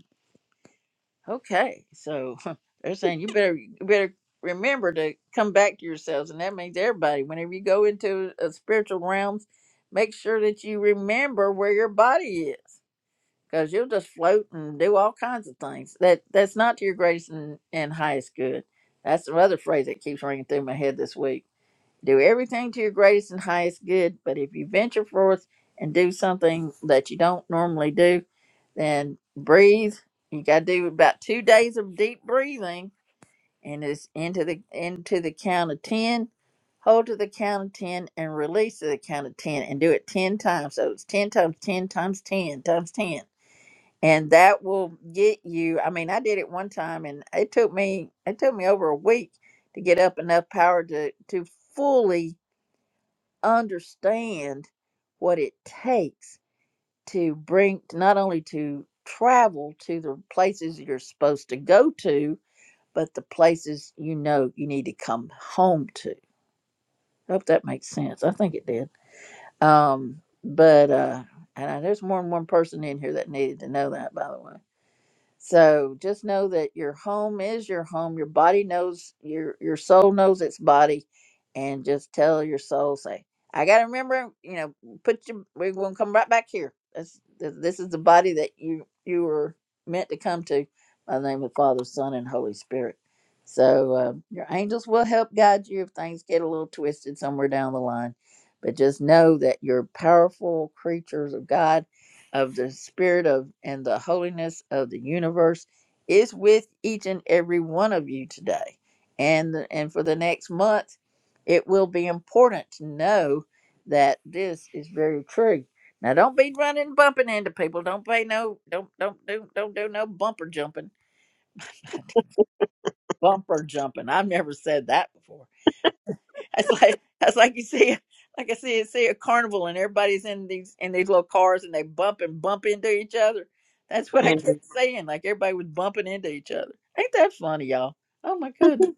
Speaker 1: Okay, so they're saying you better you better remember to come back to yourselves, and that means everybody. Whenever you go into a spiritual realms, make sure that you remember where your body is, because you'll just float and do all kinds of things that that's not to your greatest and, and highest good. That's another phrase that keeps ringing through my head this week. Do everything to your greatest and highest good, but if you venture forth and do something that you don't normally do, then breathe. You gotta do about two days of deep breathing and it's into the into the count of ten. Hold to the count of ten and release to the count of ten and do it ten times. So it's ten times ten times ten times ten. And that will get you I mean, I did it one time and it took me it took me over a week to get up enough power to to fully understand what it takes to bring not only to travel to the places you're supposed to go to, but the places you know you need to come home to. I hope that makes sense. I think it did. Um, but uh, and I, there's more than one person in here that needed to know that, by the way. So just know that your home is your home. Your body knows your your soul knows its body, and just tell your soul, say, "I got to remember." You know, put your we're going to come right back here. This th- this is the body that you you were meant to come to. By the name of the Father, Son, and Holy Spirit. So uh, your angels will help guide you if things get a little twisted somewhere down the line. But just know that you're powerful creatures of God of the spirit of and the holiness of the universe is with each and every one of you today and the, and for the next month it will be important to know that this is very true now don't be running and bumping into people don't pay no don't don't do don't do no bumper jumping bumper jumping i've never said that before That's like that's like you see like I see see a carnival and everybody's in these in these little cars and they bump and bump into each other. That's what I
Speaker 15: And
Speaker 1: kept saying. Like everybody was bumping into each other. Ain't that funny, y'all? Oh my goodness.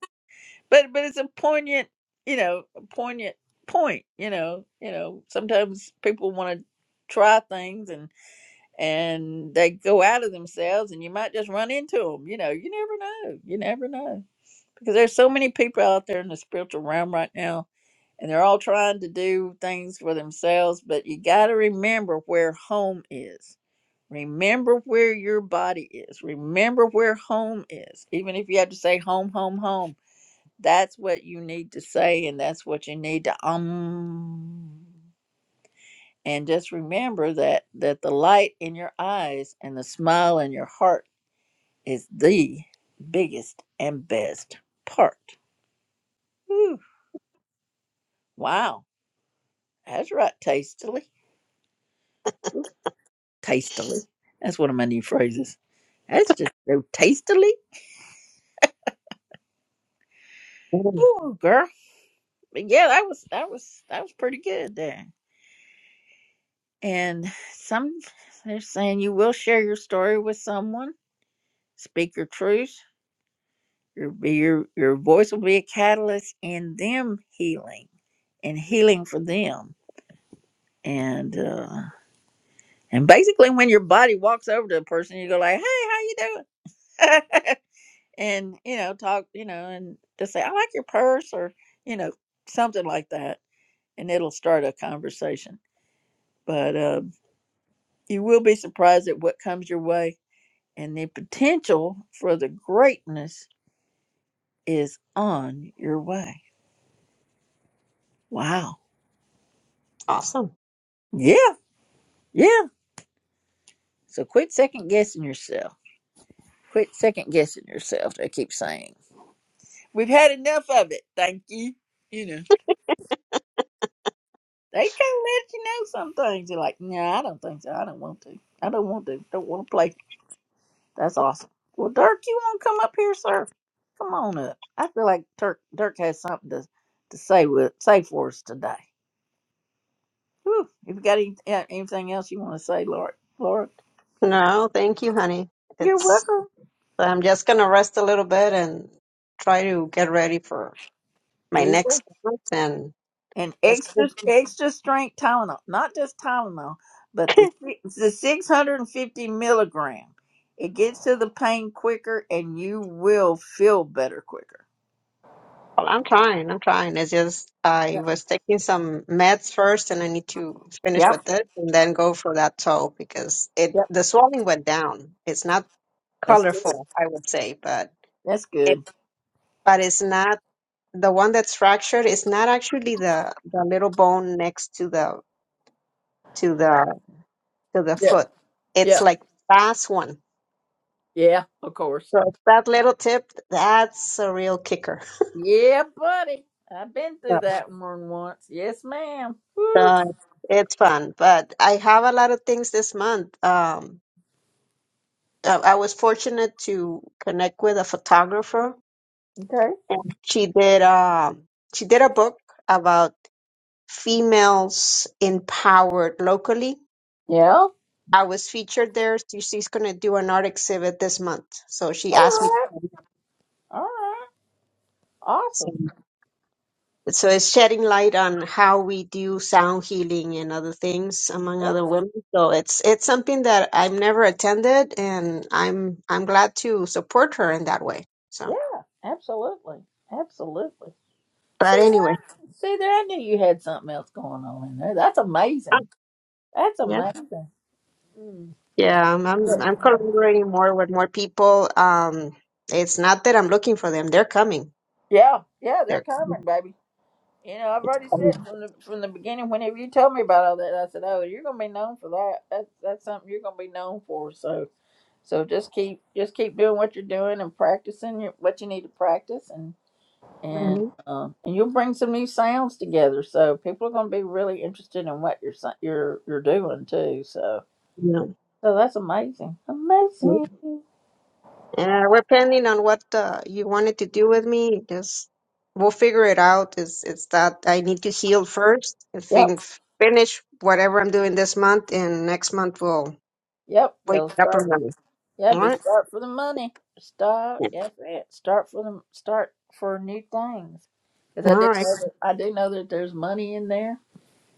Speaker 1: But but it's a poignant, you know, a poignant point, you know, you know, sometimes people want to try things and and they go out of themselves and you might just run into them, you know. You never know. You never know because there's so many people out there in the spiritual realm right now and they're all trying to do things for themselves but you got to remember where home is remember where your body is remember where home is even if you have to say home home home that's what you need to say and that's what you need to um and just remember that that the light in your eyes and the smile in your heart is the biggest and best part Whew. wow That's right, tastily. Tastily. That's one of my new phrases. That's just so tastily.
Speaker 15: Mm,
Speaker 1: Ooh, girl. But yeah, that was that was that was pretty good there. And some they're saying you will share your story with someone, speak your truth. Your your your voice will be a catalyst in them healing and healing for them. And uh and basically when your body walks over to a person, you go like, Hey, how you doing? and you know talk you know and just say i like your purse or you know something like that and it'll start a conversation but um, you will be surprised at what comes your way and the potential for the greatness is on your way wow
Speaker 15: Awesome.
Speaker 1: yeah yeah so quit second guessing yourself quit second guessing yourself i keep saying we've had enough of it thank you you know They can't let you know some things. You're like, nah, I don't think so. I don't want to. I don't want to. Don't want to play. That's awesome. Well, Dirk, you want to come up here, sir? Come on up. I feel like Dirk Dirk has something to to say with say for us today. Whew. If you got any, uh, anything else you want to say, Laura, Laura,
Speaker 15: No, thank you, honey.
Speaker 1: you're
Speaker 15: It's
Speaker 1: welcome.
Speaker 15: I'm just gonna rest a little bit and try to get ready for my
Speaker 1: There you go.
Speaker 15: next class. And
Speaker 1: and
Speaker 15: it's
Speaker 1: extra
Speaker 15: well,
Speaker 1: extra strength Tylenol, not just Tylenol, but the si- the 650 milligram. It gets to the pain quicker, and you will feel better quicker.
Speaker 15: I'm trying. I'm trying. It's just I
Speaker 1: Yep,
Speaker 15: was taking some meds first, and I need to finish
Speaker 1: yep,
Speaker 15: with this and then go for that toe because it
Speaker 1: yep.
Speaker 15: the swelling went down. It's not
Speaker 1: that's good.
Speaker 15: colorful, I would say, but
Speaker 1: That's
Speaker 15: it
Speaker 1: good.
Speaker 15: but it's not the one that's fractured. It's not actually the the little bone next to the to the to the
Speaker 1: Yeah,
Speaker 15: foot. It's
Speaker 1: yeah,
Speaker 15: like fast one.
Speaker 1: yeah, of course.
Speaker 15: So that little tip, that's a real kicker.
Speaker 1: Yeah, buddy, I've been through
Speaker 15: So,
Speaker 1: that one once. Yes, ma'am. Woo.
Speaker 15: uh, it's fun, but I have a lot of things this month. Um, I, I was fortunate to connect with a photographer,
Speaker 1: Okay.
Speaker 15: and she did um she did a book about females empowered locally.
Speaker 1: Yeah.
Speaker 15: I was featured there. She- She's going to do an art exhibit this month, so
Speaker 1: All
Speaker 15: she asked me.
Speaker 1: right.
Speaker 15: to
Speaker 1: All right. Awesome.
Speaker 15: come. so it's shedding light on how we do sound healing and other things among
Speaker 1: Yeah.
Speaker 15: other women so it's it's something that i've never attended and i'm i'm glad to support her in that way so
Speaker 1: Yeah. Absolutely. Absolutely. See
Speaker 15: but anyway
Speaker 1: there, see there. I knew you had something else going on in there. That's amazing.
Speaker 15: um,
Speaker 1: That's
Speaker 15: yeah
Speaker 1: amazing. Mm.
Speaker 15: yeah i'm i'm, I'm collaborating more with more people um it's not that i'm looking for them they're coming
Speaker 1: Yeah, yeah, they're
Speaker 15: they're
Speaker 1: coming, baby. You know, I've already said
Speaker 15: coming.
Speaker 1: from the from the beginning. Whenever you told me about all that, I said, "Oh, you're gonna be known for that. That's that's something you're gonna be known for." So, so just keep just keep doing what you're doing and practicing your, what you need to practice, and and um, and you'll bring some new sounds together. So people are gonna be really interested in what you're sa- you're you're doing too. So,
Speaker 15: Mhm.
Speaker 1: So that's amazing.
Speaker 15: yeah.
Speaker 1: Amazing.
Speaker 15: Yeah, depending on what uh, you wanted to do with me, just we'll figure it out. It's it's that I need to heal first I
Speaker 1: Yep.
Speaker 15: think finish whatever I'm doing this month, and next month we'll
Speaker 1: Yep.
Speaker 15: wake
Speaker 1: It'll
Speaker 15: up
Speaker 1: start.
Speaker 15: and running.
Speaker 1: Yeah,
Speaker 15: All
Speaker 1: be
Speaker 15: right.
Speaker 1: start for the money. Start.
Speaker 15: Yeah.
Speaker 1: Yes, it. Start for the start for new things. Because
Speaker 15: All
Speaker 1: I do
Speaker 15: right.
Speaker 1: know that I do know that there's money in there,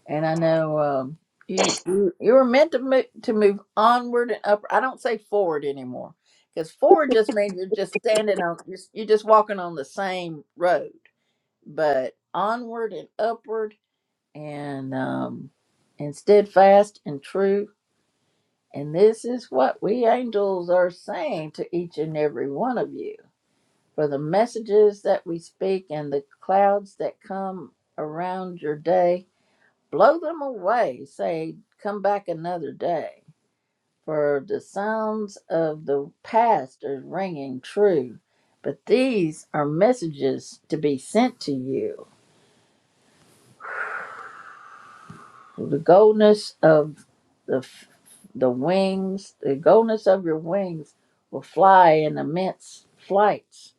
Speaker 1: and I know um, you you you were meant to move to move onward and up. I don't say forward anymore because forward just means you're just standing on you're, you're just walking on the same road. But onward and upward and um, and steadfast and true. And this is what we angels are saying to each and every one of you. For the messages that we speak and the clouds that come around your day, blow them away. Say, come back another day. For the sounds of the past are ringing true. But these are messages to be sent to you The goldness of the f- the wings, the goldness of your wings will fly in immense flights.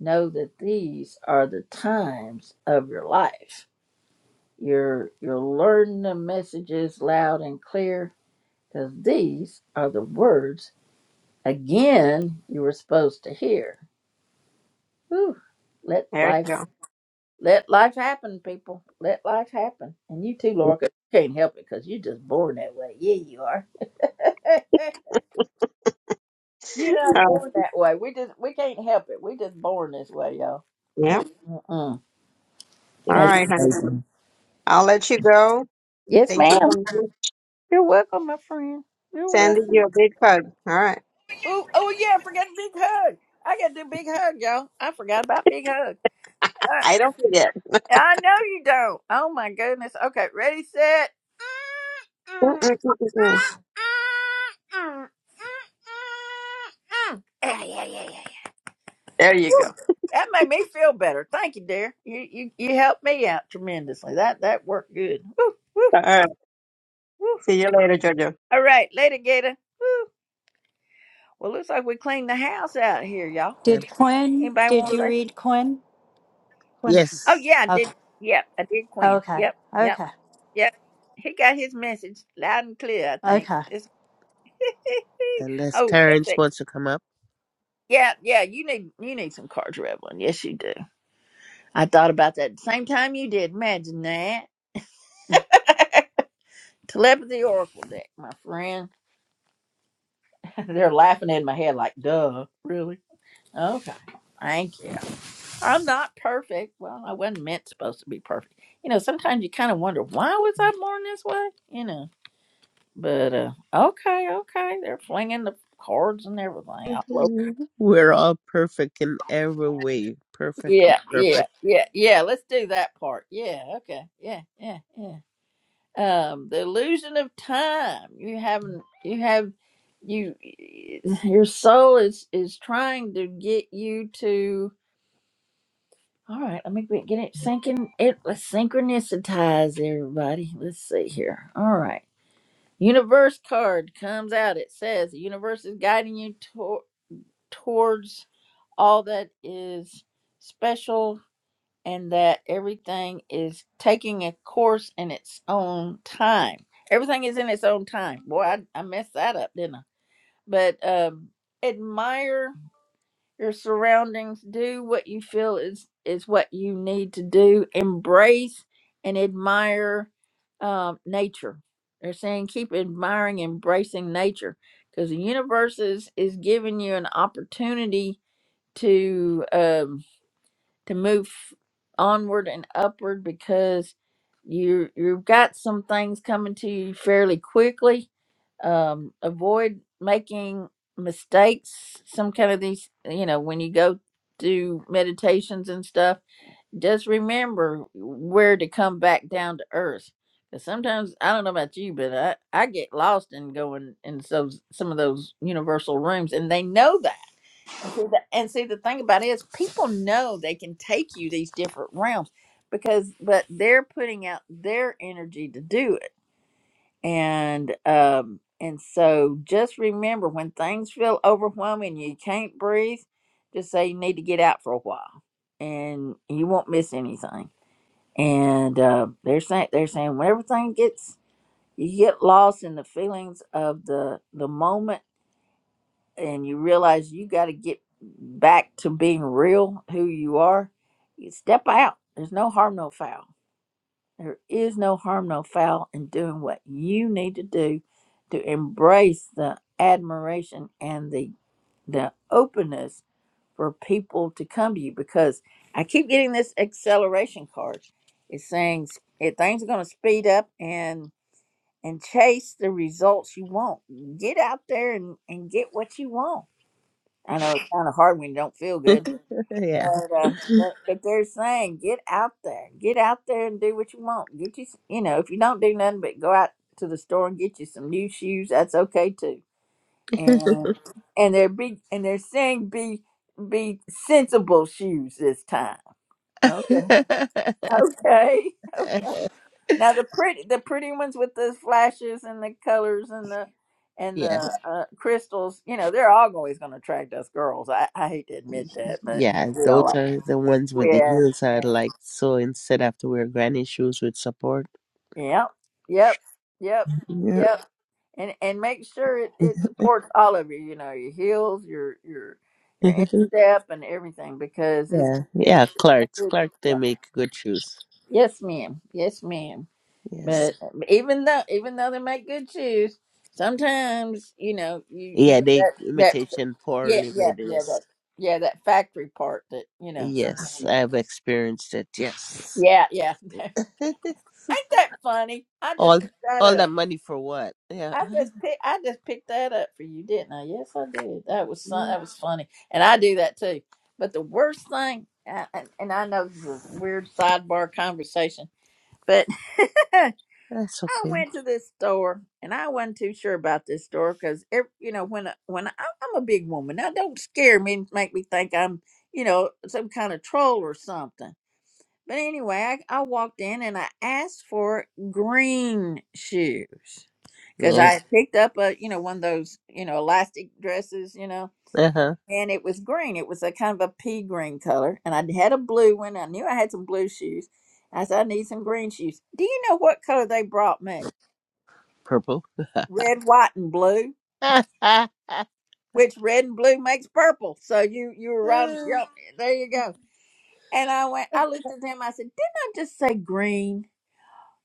Speaker 1: Know that these are the times of your life. You're you're learning the messages loud and clear because these are the words again you were supposed to hear. Whew. Let
Speaker 15: There
Speaker 1: life
Speaker 15: you go.
Speaker 1: let life happen, people. Let life happen. And you too, Laura, 'cause you can't help it because you're just born that way. Yeah, you are. You're not
Speaker 15: Oh,
Speaker 1: born that way. We just we can't help it. We just born this way, y'all.
Speaker 15: yeah.
Speaker 1: Mm, mm, mm.
Speaker 15: All
Speaker 1: That's
Speaker 15: right, honey.
Speaker 1: amazing.
Speaker 15: I'll let you go.
Speaker 1: Yes,
Speaker 15: Thank you
Speaker 1: ma'am.
Speaker 15: for me.
Speaker 1: You're welcome, my friend. You're
Speaker 15: sending you
Speaker 1: welcome.
Speaker 15: a big hug. All right.
Speaker 1: Oh, oh yeah, I forgot big hug. I got to do big hug, y'all. I forgot about big hug. I,
Speaker 15: I don't forget.
Speaker 1: I know you don't. Oh my goodness. Okay, ready, set.
Speaker 15: Mm-mm-mm-mm-mm.
Speaker 1: Yeah, yeah, yeah, yeah. yeah.
Speaker 15: There you go.
Speaker 1: That made me feel better. Thank you, dear. You you, you helped me out tremendously. That that worked good.
Speaker 15: All right.
Speaker 1: Woo.
Speaker 15: See you later, Jojo.
Speaker 1: All right, later, Gator. Woo. Well, looks like we cleaned the house out here, y'all.
Speaker 9: Did
Speaker 2: And
Speaker 9: Quinn,
Speaker 1: Anybody want
Speaker 9: did
Speaker 1: to say?
Speaker 9: you
Speaker 1: something?
Speaker 9: read Quinn?
Speaker 2: yes,
Speaker 1: Oh
Speaker 9: Quinn's.
Speaker 1: yeah, I did.
Speaker 9: Okay.
Speaker 1: Yep, I did. Quinn.
Speaker 9: Okay.
Speaker 1: Yep, yep,
Speaker 9: Okay.
Speaker 1: yep. He got his message loud and clear. I think.
Speaker 9: Okay.
Speaker 1: It's-
Speaker 2: unless
Speaker 1: oh, that's
Speaker 2: Terrence
Speaker 1: it.
Speaker 2: wants to come up,
Speaker 1: Yeah, yeah. You need you need some cards, Revelin. Yes, you do. I thought about that at the same time you did. Imagine that telepathy oracle deck, my friend. They're laughing in my head like, duh, really? Okay. Thank you. I'm not perfect. Well, I wasn't meant supposed to be perfect. You know, sometimes you kind of wonder, why was I born this way? You know, but uh, okay, okay. They're flinging the cards and everything. all over.
Speaker 2: we're all perfect in every way. Perfectly
Speaker 1: Yeah, yeah,
Speaker 2: perfect.
Speaker 1: yeah, yeah. Let's do that part. Yeah, okay. Yeah, yeah, yeah. Um, the illusion of time. You haven't, you have, you, your soul is, is trying to get you to All right, let me get get it syncing. It let's synchronicize everybody. Let's see here. All right, universe card comes out. It says the universe is guiding you to- towards all that is special, and that everything is taking a course in its own time. Everything is in its own time. Boy, I, I messed that up, didn't I? But um, admire your surroundings do what you feel is is what you need to do embrace and admire um, nature they're saying keep admiring embracing nature because the universe is is giving you an opportunity to um to move onward and upward because you you've got some things coming to you fairly quickly um, avoid making mistakes some kind of these you know when you go do meditations and stuff just remember where to come back down to earth because sometimes i don't know about you but i i get lost in going in so some of those universal rooms and they know that and see the, and see the thing about it is people know they can take you these different realms because but they're putting out their energy to do it and um and so just remember when things feel overwhelming you can't breathe just say you need to get out for a while and you won't miss anything and uh, they're saying they're saying when everything gets you get lost in the feelings of the the moment and you realize you got to get back to being real who you are you step out there's no harm no foul there is no harm, no foul in doing what you need to do to embrace the admiration and the the openness for people to come to you because I keep getting this acceleration card. It's saying it, things are going to speed up and and chase the results you want. Get out there and, and get what you want. I know it's kind of hard when you don't feel good, but,
Speaker 2: yeah.
Speaker 1: uh, but but they're saying get out there, get out there and do what you want. Get you, s- you know, if you don't do nothing but go out to the store and get you some new shoes, that's okay too. And and they're big and they're saying be be sensible shoes this time. Okay, okay. okay. Now the pretty the pretty ones with the flashes and the colors and the and
Speaker 2: yeah.
Speaker 1: the uh, crystals, you know, they're all always going to attract us girls. I, I hate to admit that, but
Speaker 2: Yeah.
Speaker 1: we all
Speaker 2: Those are the ones
Speaker 1: like
Speaker 2: with the
Speaker 1: yeah.
Speaker 2: heels I
Speaker 1: yeah.
Speaker 2: like. So instead, I have to wear granny shoes with support.
Speaker 1: Yep, yep, yep,
Speaker 2: Yeah.
Speaker 1: yep. And and make sure it, it supports all of you. You know your heels, your your your instep, and everything because it's
Speaker 2: yeah.
Speaker 1: gonna be
Speaker 2: Yeah. Clark's.
Speaker 1: something-
Speaker 2: Clark, they
Speaker 1: yep.
Speaker 2: make good shoes.
Speaker 1: yes, ma'am, yes, ma'am.
Speaker 2: Yes.
Speaker 1: But uh, even though even though they make good shoes, sometimes you know you you
Speaker 2: Yeah.
Speaker 1: get
Speaker 2: They
Speaker 1: that that
Speaker 2: imitation
Speaker 1: yeah
Speaker 2: poorly
Speaker 1: yeah
Speaker 2: made
Speaker 1: yeah
Speaker 2: this.
Speaker 1: that yeah that factory part that you know. Sometimes.
Speaker 2: Yes. I've experienced it. Yes.
Speaker 1: Yeah, yeah. Ain't that funny? I just
Speaker 2: all
Speaker 1: picked that
Speaker 2: all
Speaker 1: up.
Speaker 2: that money for what? Yeah.
Speaker 1: I just pick, I just picked that up for you, didn't I? Yes, I did. That was fun.
Speaker 2: Yeah.
Speaker 1: That was funny, and I do that too. But the worst thing, I- and and I know this is a weird sidebar conversation, but I
Speaker 2: That's okay.
Speaker 1: went to this store, and I wasn't too sure about this store because, you know, when I- when I, I'm a big woman, now don't scare me and make me think I'm, you know, some kind of troll or something. But anyway, I, I walked in and I asked for green shoes because I
Speaker 2: Yeah.
Speaker 1: had picked up a you know one of those you know elastic dresses, you know,
Speaker 2: Uh-huh.
Speaker 1: and it was green. It was a kind of a pea green color, and I had a blue one. I knew I had some blue shoes. I said I need some green shoes. Do you know what color they brought me?
Speaker 2: Purple.
Speaker 1: Red, white, and blue.
Speaker 2: oh.
Speaker 1: Which red and blue makes purple. So you you were right. Yep, there you go. And I went. I looked at them. I said, "Didn't I just say green?"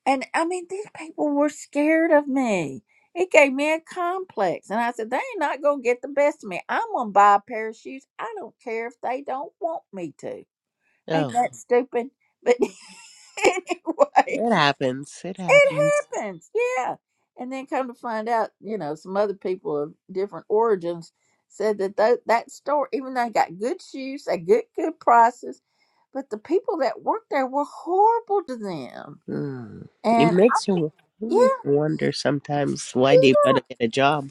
Speaker 1: And I mean, these people were scared of me. It gave me a complex. And I said, they ain't not going to get the best of me. I'm going to buy a pair of shoes. I don't care if they don't want me to. Ain't that stupid? But anyway,
Speaker 2: It happens. It happens.
Speaker 1: it happens. Yeah. And then come to find out, you know, some other people of different origins said that tho- that store, even though they got good shoes, they good, good prices, but the people that worked there were horrible to them.
Speaker 2: Mm. It
Speaker 1: And
Speaker 2: makes you it
Speaker 1: yeah,
Speaker 2: makes you wonder sometimes why they better
Speaker 1: yeah,
Speaker 2: get a job.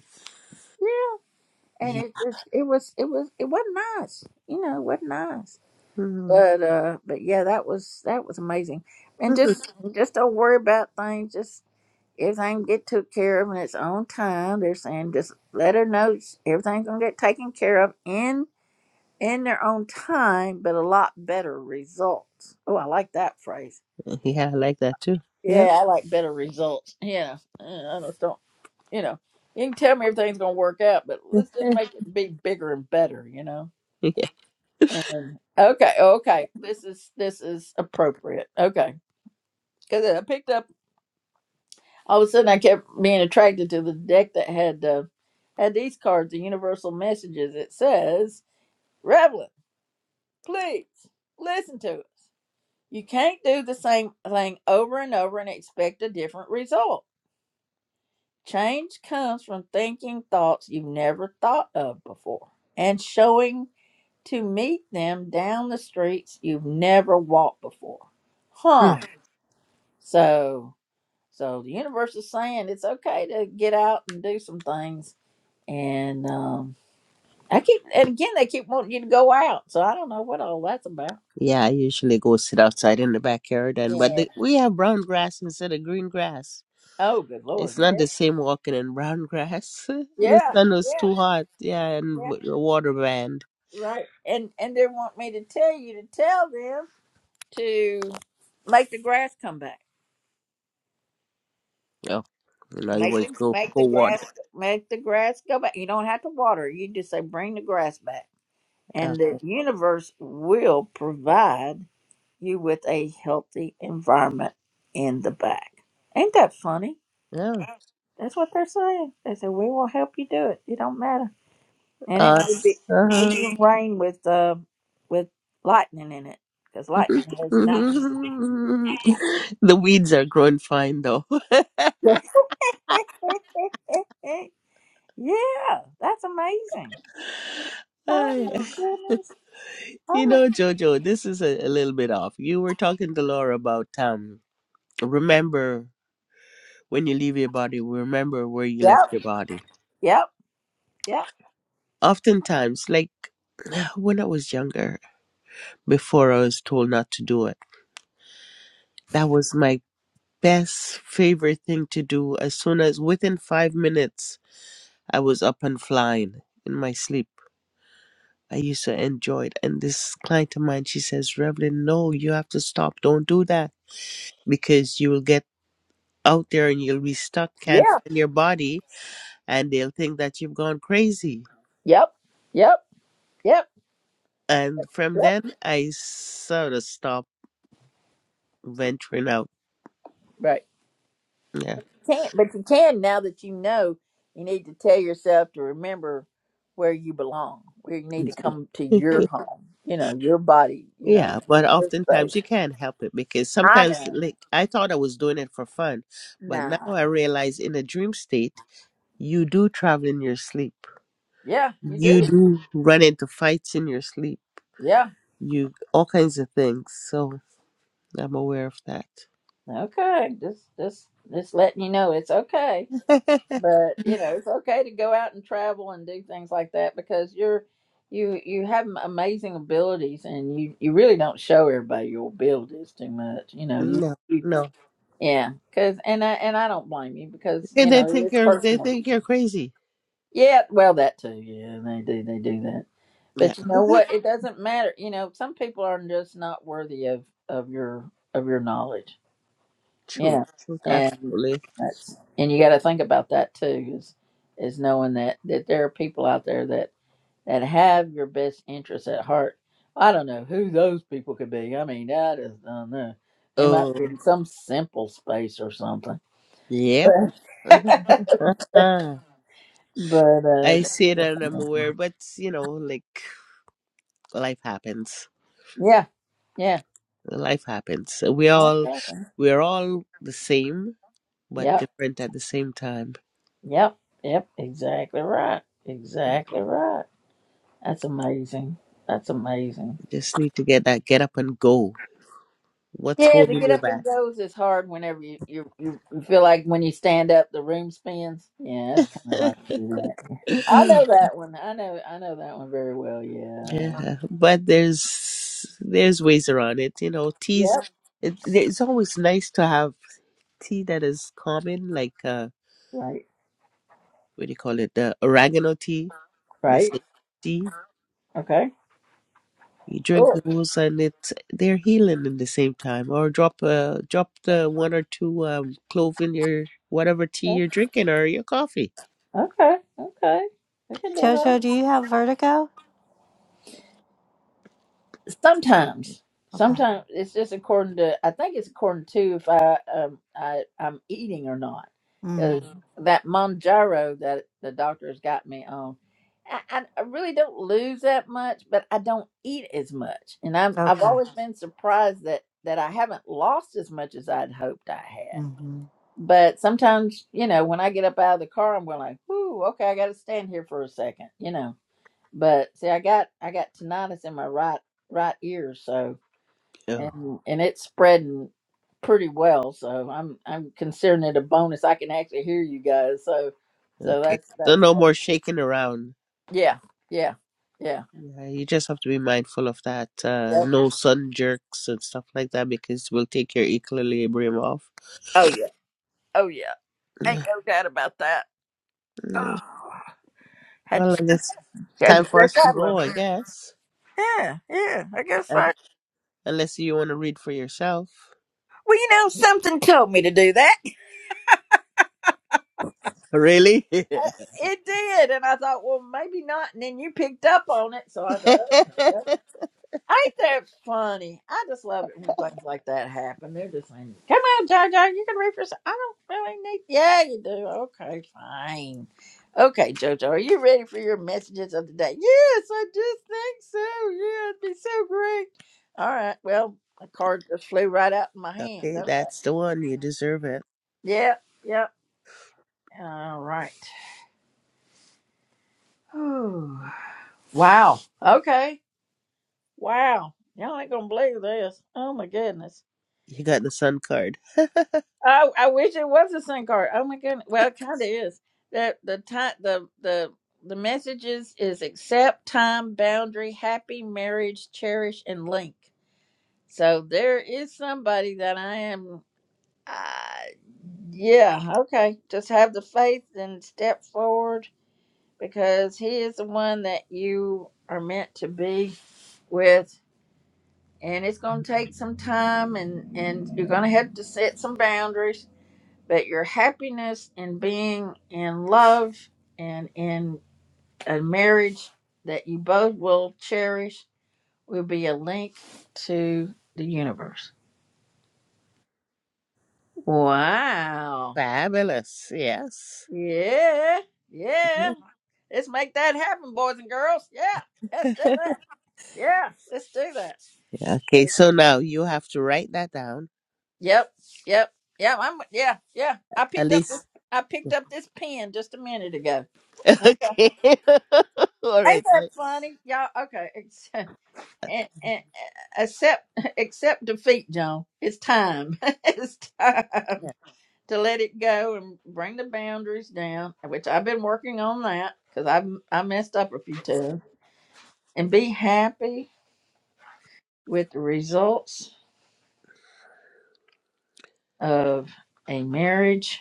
Speaker 1: yeah. and
Speaker 2: Yeah.
Speaker 1: it just it was it was it wasn't nice you know it wasn't nice
Speaker 2: Mm.
Speaker 1: but uh but yeah that was that was amazing and just just don't worry about things just everything get took care of in its own time they're saying just let her know everything's gonna get taken care of in in their own time but a lot better results oh i like that phrase
Speaker 2: yeah, I like that too. Yep.
Speaker 1: yeah i like better results yeah Uh, i just don't you know you can tell me everything's gonna work out but let's just
Speaker 2: yeah.
Speaker 1: make it be bigger and better you know And okay, okay, this is this is appropriate. Okay, because I picked up all of a sudden I kept being attracted to the deck that had uh, had these cards, the universal messages. It says, "Revelin, please listen to us. You can't do the same thing over and over and expect a different result. Change comes from thinking thoughts you've never thought of before and showing to meet them down the streets you've never walked before." Huh.
Speaker 2: Mm.
Speaker 1: So, so the universe is saying it's okay to get out and do some things. And um, I keep, and again, they keep wanting you to go out. So I don't know what all that's about.
Speaker 2: Yeah, I usually go sit outside in the backyard and but
Speaker 1: Yeah.
Speaker 2: the, we have brown grass instead of green grass.
Speaker 1: Oh, good
Speaker 2: It's
Speaker 1: lord. Yeah.
Speaker 2: not the same walking in brown grass. The
Speaker 1: Yeah.
Speaker 2: sun was too
Speaker 1: Yeah.
Speaker 2: hot. Yeah, and
Speaker 1: yeah.
Speaker 2: w- the water band.
Speaker 1: Right. And and they want me to tell you to tell them to make the grass come back.
Speaker 2: Oh, in other
Speaker 1: Make
Speaker 2: words,
Speaker 1: the
Speaker 2: go
Speaker 1: make the
Speaker 2: go
Speaker 1: grass
Speaker 2: water.
Speaker 1: make the grass go back. You don't have to water. You just say bring the grass back,
Speaker 2: Yeah,
Speaker 1: and the universe will provide you with a healthy environment in the back. Ain't that funny?
Speaker 2: yeah.
Speaker 1: That's what they're saying. They said we will help you do it. It don't matter, and it may
Speaker 2: Us.
Speaker 1: be may
Speaker 2: Uh-huh.
Speaker 1: be rain with uh with lightning in it because lightning has not.
Speaker 2: the weeds are growing fine though.
Speaker 1: yeah, that's amazing.
Speaker 2: Ah,
Speaker 1: Oh my
Speaker 2: yeah.
Speaker 1: goodness. Oh
Speaker 2: you
Speaker 1: my.
Speaker 2: know, Jojo, this is a, a little bit off. You were talking to Laura about um. Remember when you leave your body, remember where you left
Speaker 1: Yep.
Speaker 2: your body.
Speaker 1: Yep. Yep.
Speaker 2: Oftentimes, like when I was younger, before I was told not to do it. That was my best favorite thing to do. As soon as within five minutes, I was up and flying in my sleep. I used to enjoy it. And this client of mine, she says, Reverend, no, you have to stop. Don't do that because you will get out there and you'll be stuck,
Speaker 1: Yeah.
Speaker 2: can't find your body, and they'll think that you've gone crazy.
Speaker 1: Yep. Yep. Yep.
Speaker 2: And from
Speaker 1: Yep.
Speaker 2: then, I sort of stopped venturing out.
Speaker 1: Right.
Speaker 2: Yeah.
Speaker 1: can't, but you can now that you know. You need to tell yourself to remember where you belong, where you need to come to your home. You know, your body. You know,
Speaker 2: Yeah, but
Speaker 1: your
Speaker 2: oftentimes
Speaker 1: space.
Speaker 2: you can't help it because
Speaker 1: I
Speaker 2: sometimes,
Speaker 1: know.
Speaker 2: like, I thought I was doing it for fun, but
Speaker 1: Nah.
Speaker 2: now I realize in a dream state, you do travel in your sleep.
Speaker 1: Yeah, you
Speaker 2: You
Speaker 1: do.
Speaker 2: do run into fights in your sleep.
Speaker 1: Yeah.
Speaker 2: You all kinds of things. So I'm aware of that.
Speaker 1: Okay. Just, just, just letting you know it's okay. But you know, it's okay to go out and travel and do things like that because you're. You, you have am- amazing abilities and you, you really don't show everybody your abilities too much. You know, you
Speaker 2: no, no.
Speaker 1: Yeah, cause and I and I don't blame you because you
Speaker 2: And they
Speaker 1: know
Speaker 2: think
Speaker 1: it's
Speaker 2: you're they
Speaker 1: personal.
Speaker 2: think you're crazy.
Speaker 1: Yeah, well that too. Yeah, they do they do that.
Speaker 2: Yeah,
Speaker 1: But you know what? It doesn't matter. You know, some people are just not worthy of of your of your knowledge.
Speaker 2: truth,
Speaker 1: Yeah,
Speaker 2: truth,
Speaker 1: and
Speaker 2: absolutely.
Speaker 1: that's and you got to think about that too. Is is knowing that that there are people out there that that have your best interests at heart. I don't know who those people could be. I mean, I just don't know. They might
Speaker 2: Oh,
Speaker 1: be in some simple space or something.
Speaker 2: yep. I
Speaker 1: But uh,
Speaker 2: see it and I'm aware, but you know, like life happens.
Speaker 1: yeah, yeah.
Speaker 2: life happens. So We
Speaker 1: I
Speaker 2: all
Speaker 1: feel that.
Speaker 2: we're all the same but
Speaker 1: Yep,
Speaker 2: different at the same time.
Speaker 1: yep, yep. Exactly right. Exactly right. That's amazing. That's amazing.
Speaker 2: Just need to get that get up and go. What's
Speaker 1: Yeah, to
Speaker 2: holding
Speaker 1: get
Speaker 2: you
Speaker 1: up and
Speaker 2: back?
Speaker 1: goes is hard whenever you you, you you feel like when you stand up, the room spins. Yeah, it's kind of hard to do that. I know that one. I know. I know that one very well. Yeah.
Speaker 2: yeah, but there's there's ways around it. You know, teas.
Speaker 1: Yep.
Speaker 2: It, it's always nice to have tea that is common, like uh,
Speaker 1: Right.
Speaker 2: what do you call it? The oregano tea, the
Speaker 1: Right.
Speaker 2: sage tea.
Speaker 1: Okay.
Speaker 2: You drink
Speaker 1: Cool.
Speaker 2: those, and it's they're healing in the same time. Or drop uh drop the one or two um clove in your whatever tea you're drinking or your coffee.
Speaker 1: Okay. Okay. We can do that.
Speaker 9: Jojo, do you have vertigo?
Speaker 1: sometimes
Speaker 9: Okay.
Speaker 1: sometimes it's just according to i think it's according to if i um i i'm eating or not
Speaker 9: Mm.
Speaker 1: because that monjaro that the doctor has got me on I, I I really don't lose that much but i don't eat as much and i'm i've
Speaker 9: Okay.
Speaker 1: always been surprised that that i haven't lost as much as i'd hoped i had
Speaker 9: Mm-hmm.
Speaker 1: but sometimes you know when i get up out of the car i'm going like whoo okay i gotta stand here for a second," you know but see, I got I got tinnitus in my right right ear, so
Speaker 2: Oh,
Speaker 1: and and it's spreading pretty well. So I'm I'm considering it a bonus. I can actually hear you guys. So so
Speaker 2: okay.
Speaker 1: that's
Speaker 2: So
Speaker 1: that's
Speaker 2: no more shaking around.
Speaker 1: yeah yeah yeah.
Speaker 2: Yeah, you just have to be mindful of that. Uh,
Speaker 1: Yep.
Speaker 2: no sun jerks and stuff like that because we'll take your equilibrium off.
Speaker 1: Oh yeah oh yeah. Ain't
Speaker 2: Yeah.
Speaker 1: no doubt about that.
Speaker 2: yeah.
Speaker 1: Oh, had to
Speaker 2: Well, I
Speaker 1: stretch-
Speaker 2: guess
Speaker 1: had to
Speaker 2: time for
Speaker 1: stretch
Speaker 2: us to
Speaker 1: out a little
Speaker 2: go.
Speaker 1: bit.
Speaker 2: I guess,
Speaker 1: Yeah yeah. I guess so.
Speaker 2: Un-
Speaker 1: Well,
Speaker 2: unless you want to read for yourself.
Speaker 1: you know, something told me to do that.
Speaker 2: Really?
Speaker 1: Uh, It did, and I thought, well, maybe not. And then you picked up on it, so I thought, okay. Ain't that funny? I just love it when things like that happen. They're just like, come on, JoJo, you can read for yourself. I don't really need. Yeah, you do. Okay, fine. Okay, JoJo, are you ready for your messages of the day? Yes, I just think so. Yeah, it'd be so great. All right. Well, a card just flew right out of my hand.
Speaker 2: Okay,
Speaker 1: Okay.
Speaker 2: that's the one. You deserve it.
Speaker 1: Yep. Yep. All right. Whew. Wow. Okay. Wow. Y'all ain't gonna believe this. Oh my goodness.
Speaker 2: You got the sun card.
Speaker 1: I I wish it was a SIM card. Oh my goodness. Well, it kind of is. The the time the the the messages is accept time boundary happy marriage cherish and link. So there is somebody that I am. Uh, yeah. Okay. Just have the faith and step forward because he is the one that you are meant to be with. And it's gonna take some time, and and you're gonna have to set some boundaries but your happiness in being in love and in a marriage that you both will cherish will be a link to the universe. Wow.
Speaker 2: Fabulous. Yes.
Speaker 1: Yeah. Yeah.
Speaker 2: Mhm.
Speaker 1: Let's make that happen, boys and girls. Yeah. Let's do that. Yeah. Let's do that.
Speaker 2: Yeah, okay, so now you have to write that down.
Speaker 1: Yep. Yep. Yeah, I'm yeah, yeah. I
Speaker 2: At
Speaker 1: picked up
Speaker 2: least.
Speaker 1: I picked up this pen just a minute ago.
Speaker 2: Okay. All
Speaker 1: Ain't
Speaker 2: right. I,
Speaker 1: that funny? Y'all okay. and, and accept accept defeat, John. It's time. it's time
Speaker 2: yeah.
Speaker 1: to let it go and bring the boundaries down, which I've been working on that because I have I messed up a few times, and be happy with the results of a marriage.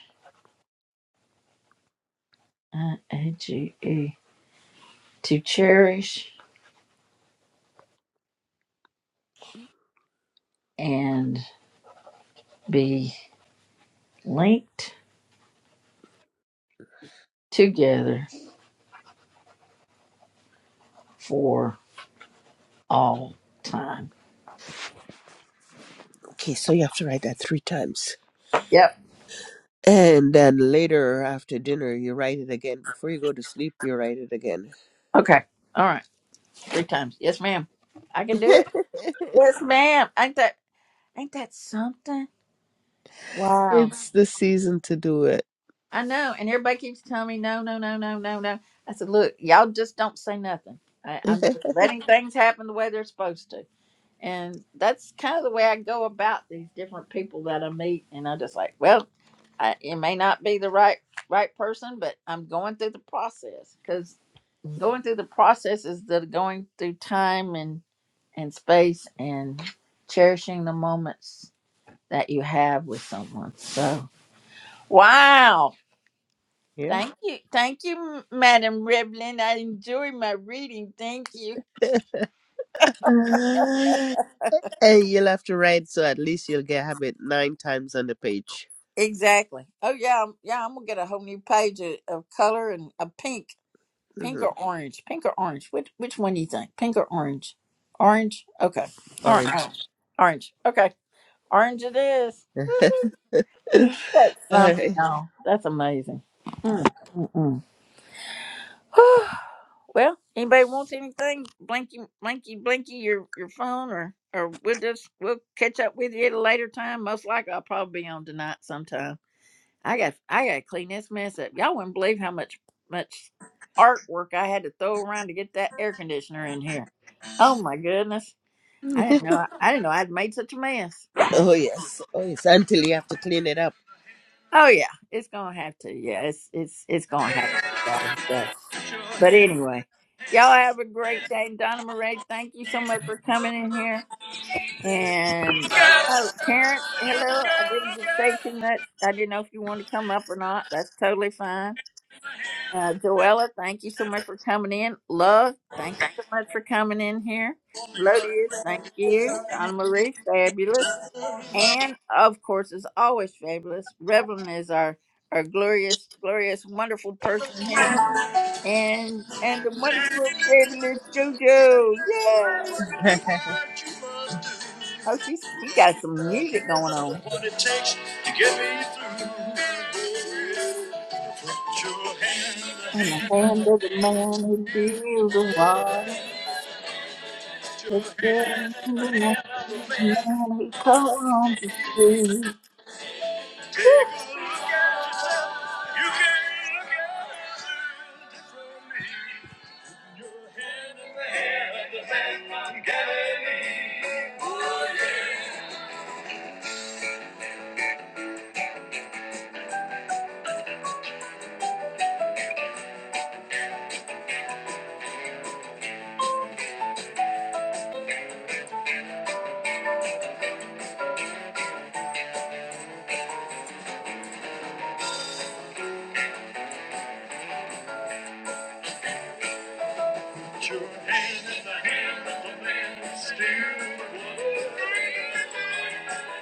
Speaker 1: I A G E to cherish and be linked together for all time.
Speaker 2: Okay, so you have to write that three times.
Speaker 1: Yep.
Speaker 2: And then later after dinner, you write it again. Before you go to sleep, you write it again.
Speaker 1: Okay. All right. Three times. Yes, ma'am. I can do it. Yes, ma'am. Ain't that ain't that something? Wow.
Speaker 2: it's the season to do it.
Speaker 1: I know. And everybody keeps telling me no, no, no, no, no, no. I said, look, y'all just don't say nothing. I, I'm just letting things happen the way they're supposed to. And that's kind of the way I go about these different people that I meet. And I'm just like, well, I, it may not be the right right person, but I'm going through the process because going through the process is the going through time and space and cherishing the moments that you have with someone. So, wow.
Speaker 2: yeah.
Speaker 1: Thank you. Thank you, M- Madam Riblin. I enjoy my reading. Thank you.
Speaker 2: And you'll have to write so at least you'll get have it nine times on the page.
Speaker 1: Exactly. Oh, yeah. I'm- Yeah, I'm going to get a whole new page of, of color and a pink. Pink
Speaker 2: hmm
Speaker 1: or orange? Pink or orange? Which, which one do you think? Pink or orange? Orange? Okay. All
Speaker 2: Orange.
Speaker 1: right. Orange. Okay. Orange it is.
Speaker 2: All
Speaker 1: That's something,
Speaker 2: right.
Speaker 1: y'all. That's amazing. Mm, mm, mm. Well, anybody wants anything? Blinky, blinky, blinky, your your phone, or or we'll just we'll catch up with you at a later time. Most likely, I'll probably be on tonight sometime. I got I got to clean this mess up. Y'all wouldn't believe how much much artwork I had to throw around to get that air conditioner in here. Oh my goodness! I didn't know I didn't know I'd made such a mess. But
Speaker 2: Oh yes. Oh yes. Until you have to clean it up.
Speaker 1: oh yeah, it's gonna have to. Yeah, it's it's it's gonna have to. be done. so. But anyway, y'all have a great day. Donna Marie, thank you so much for coming in here. And oh, Terrence, hello. I didn't get to say too much. I didn't know if you wanted to come up or not. That's totally fine. Uh, Joella, thank you so much for coming in. Love, thank you so much for coming in here. Melodious, thank you. Donna Marie, fabulous. And of course, as always, fabulous. Revlon is our, our glorious, glorious, wonderful person here and and the wonderful fabulous JoJo. Yay!
Speaker 2: what
Speaker 1: Oh, she's she got some music going on.
Speaker 2: it takes to get me through. your hand the
Speaker 1: And the
Speaker 2: hand,
Speaker 1: hand of the man who builds the water,
Speaker 2: your hand-
Speaker 1: the hand of the man who calms the sea.
Speaker 2: take a look You can look at it differently. Putting Your hand in the hand of the man from Galilee. Oh yeah. Put your hand in the hand of the man that's still alive.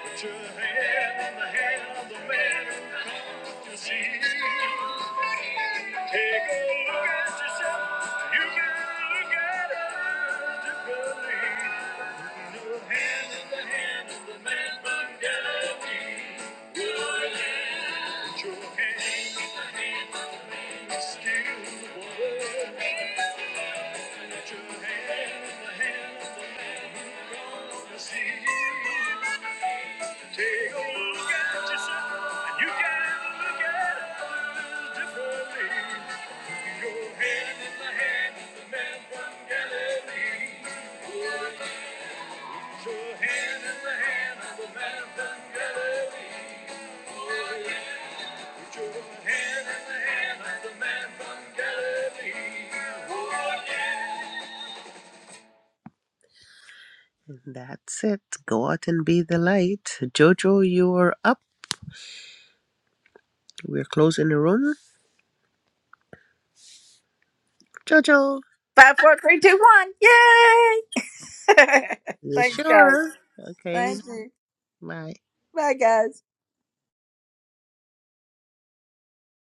Speaker 2: Put your hand in the hand of the man who comes to see. Take a look at yourself. You can look at others differently. Put your hand in the hand of the man from Galilee. Your hand. Put your hand in the hand of the man that's still alive. Let your hands, the hands of the man who comes to see you. Take a look at yourself, and you can look at others differently. Your hand in the hand of the man from Galilee. Put your hand in the hand of the man from Galilee. Put your hand in the hand of the man from Galilee. Oh, yeah. That's it. Go out and be the light. Jojo, you're up. We're closing the room. Jojo,
Speaker 1: Five, four, three, two, one. Yay!
Speaker 2: you
Speaker 1: Thanks, guys.
Speaker 2: sure? Okay,
Speaker 1: Thank you.
Speaker 2: bye.
Speaker 1: Bye, guys.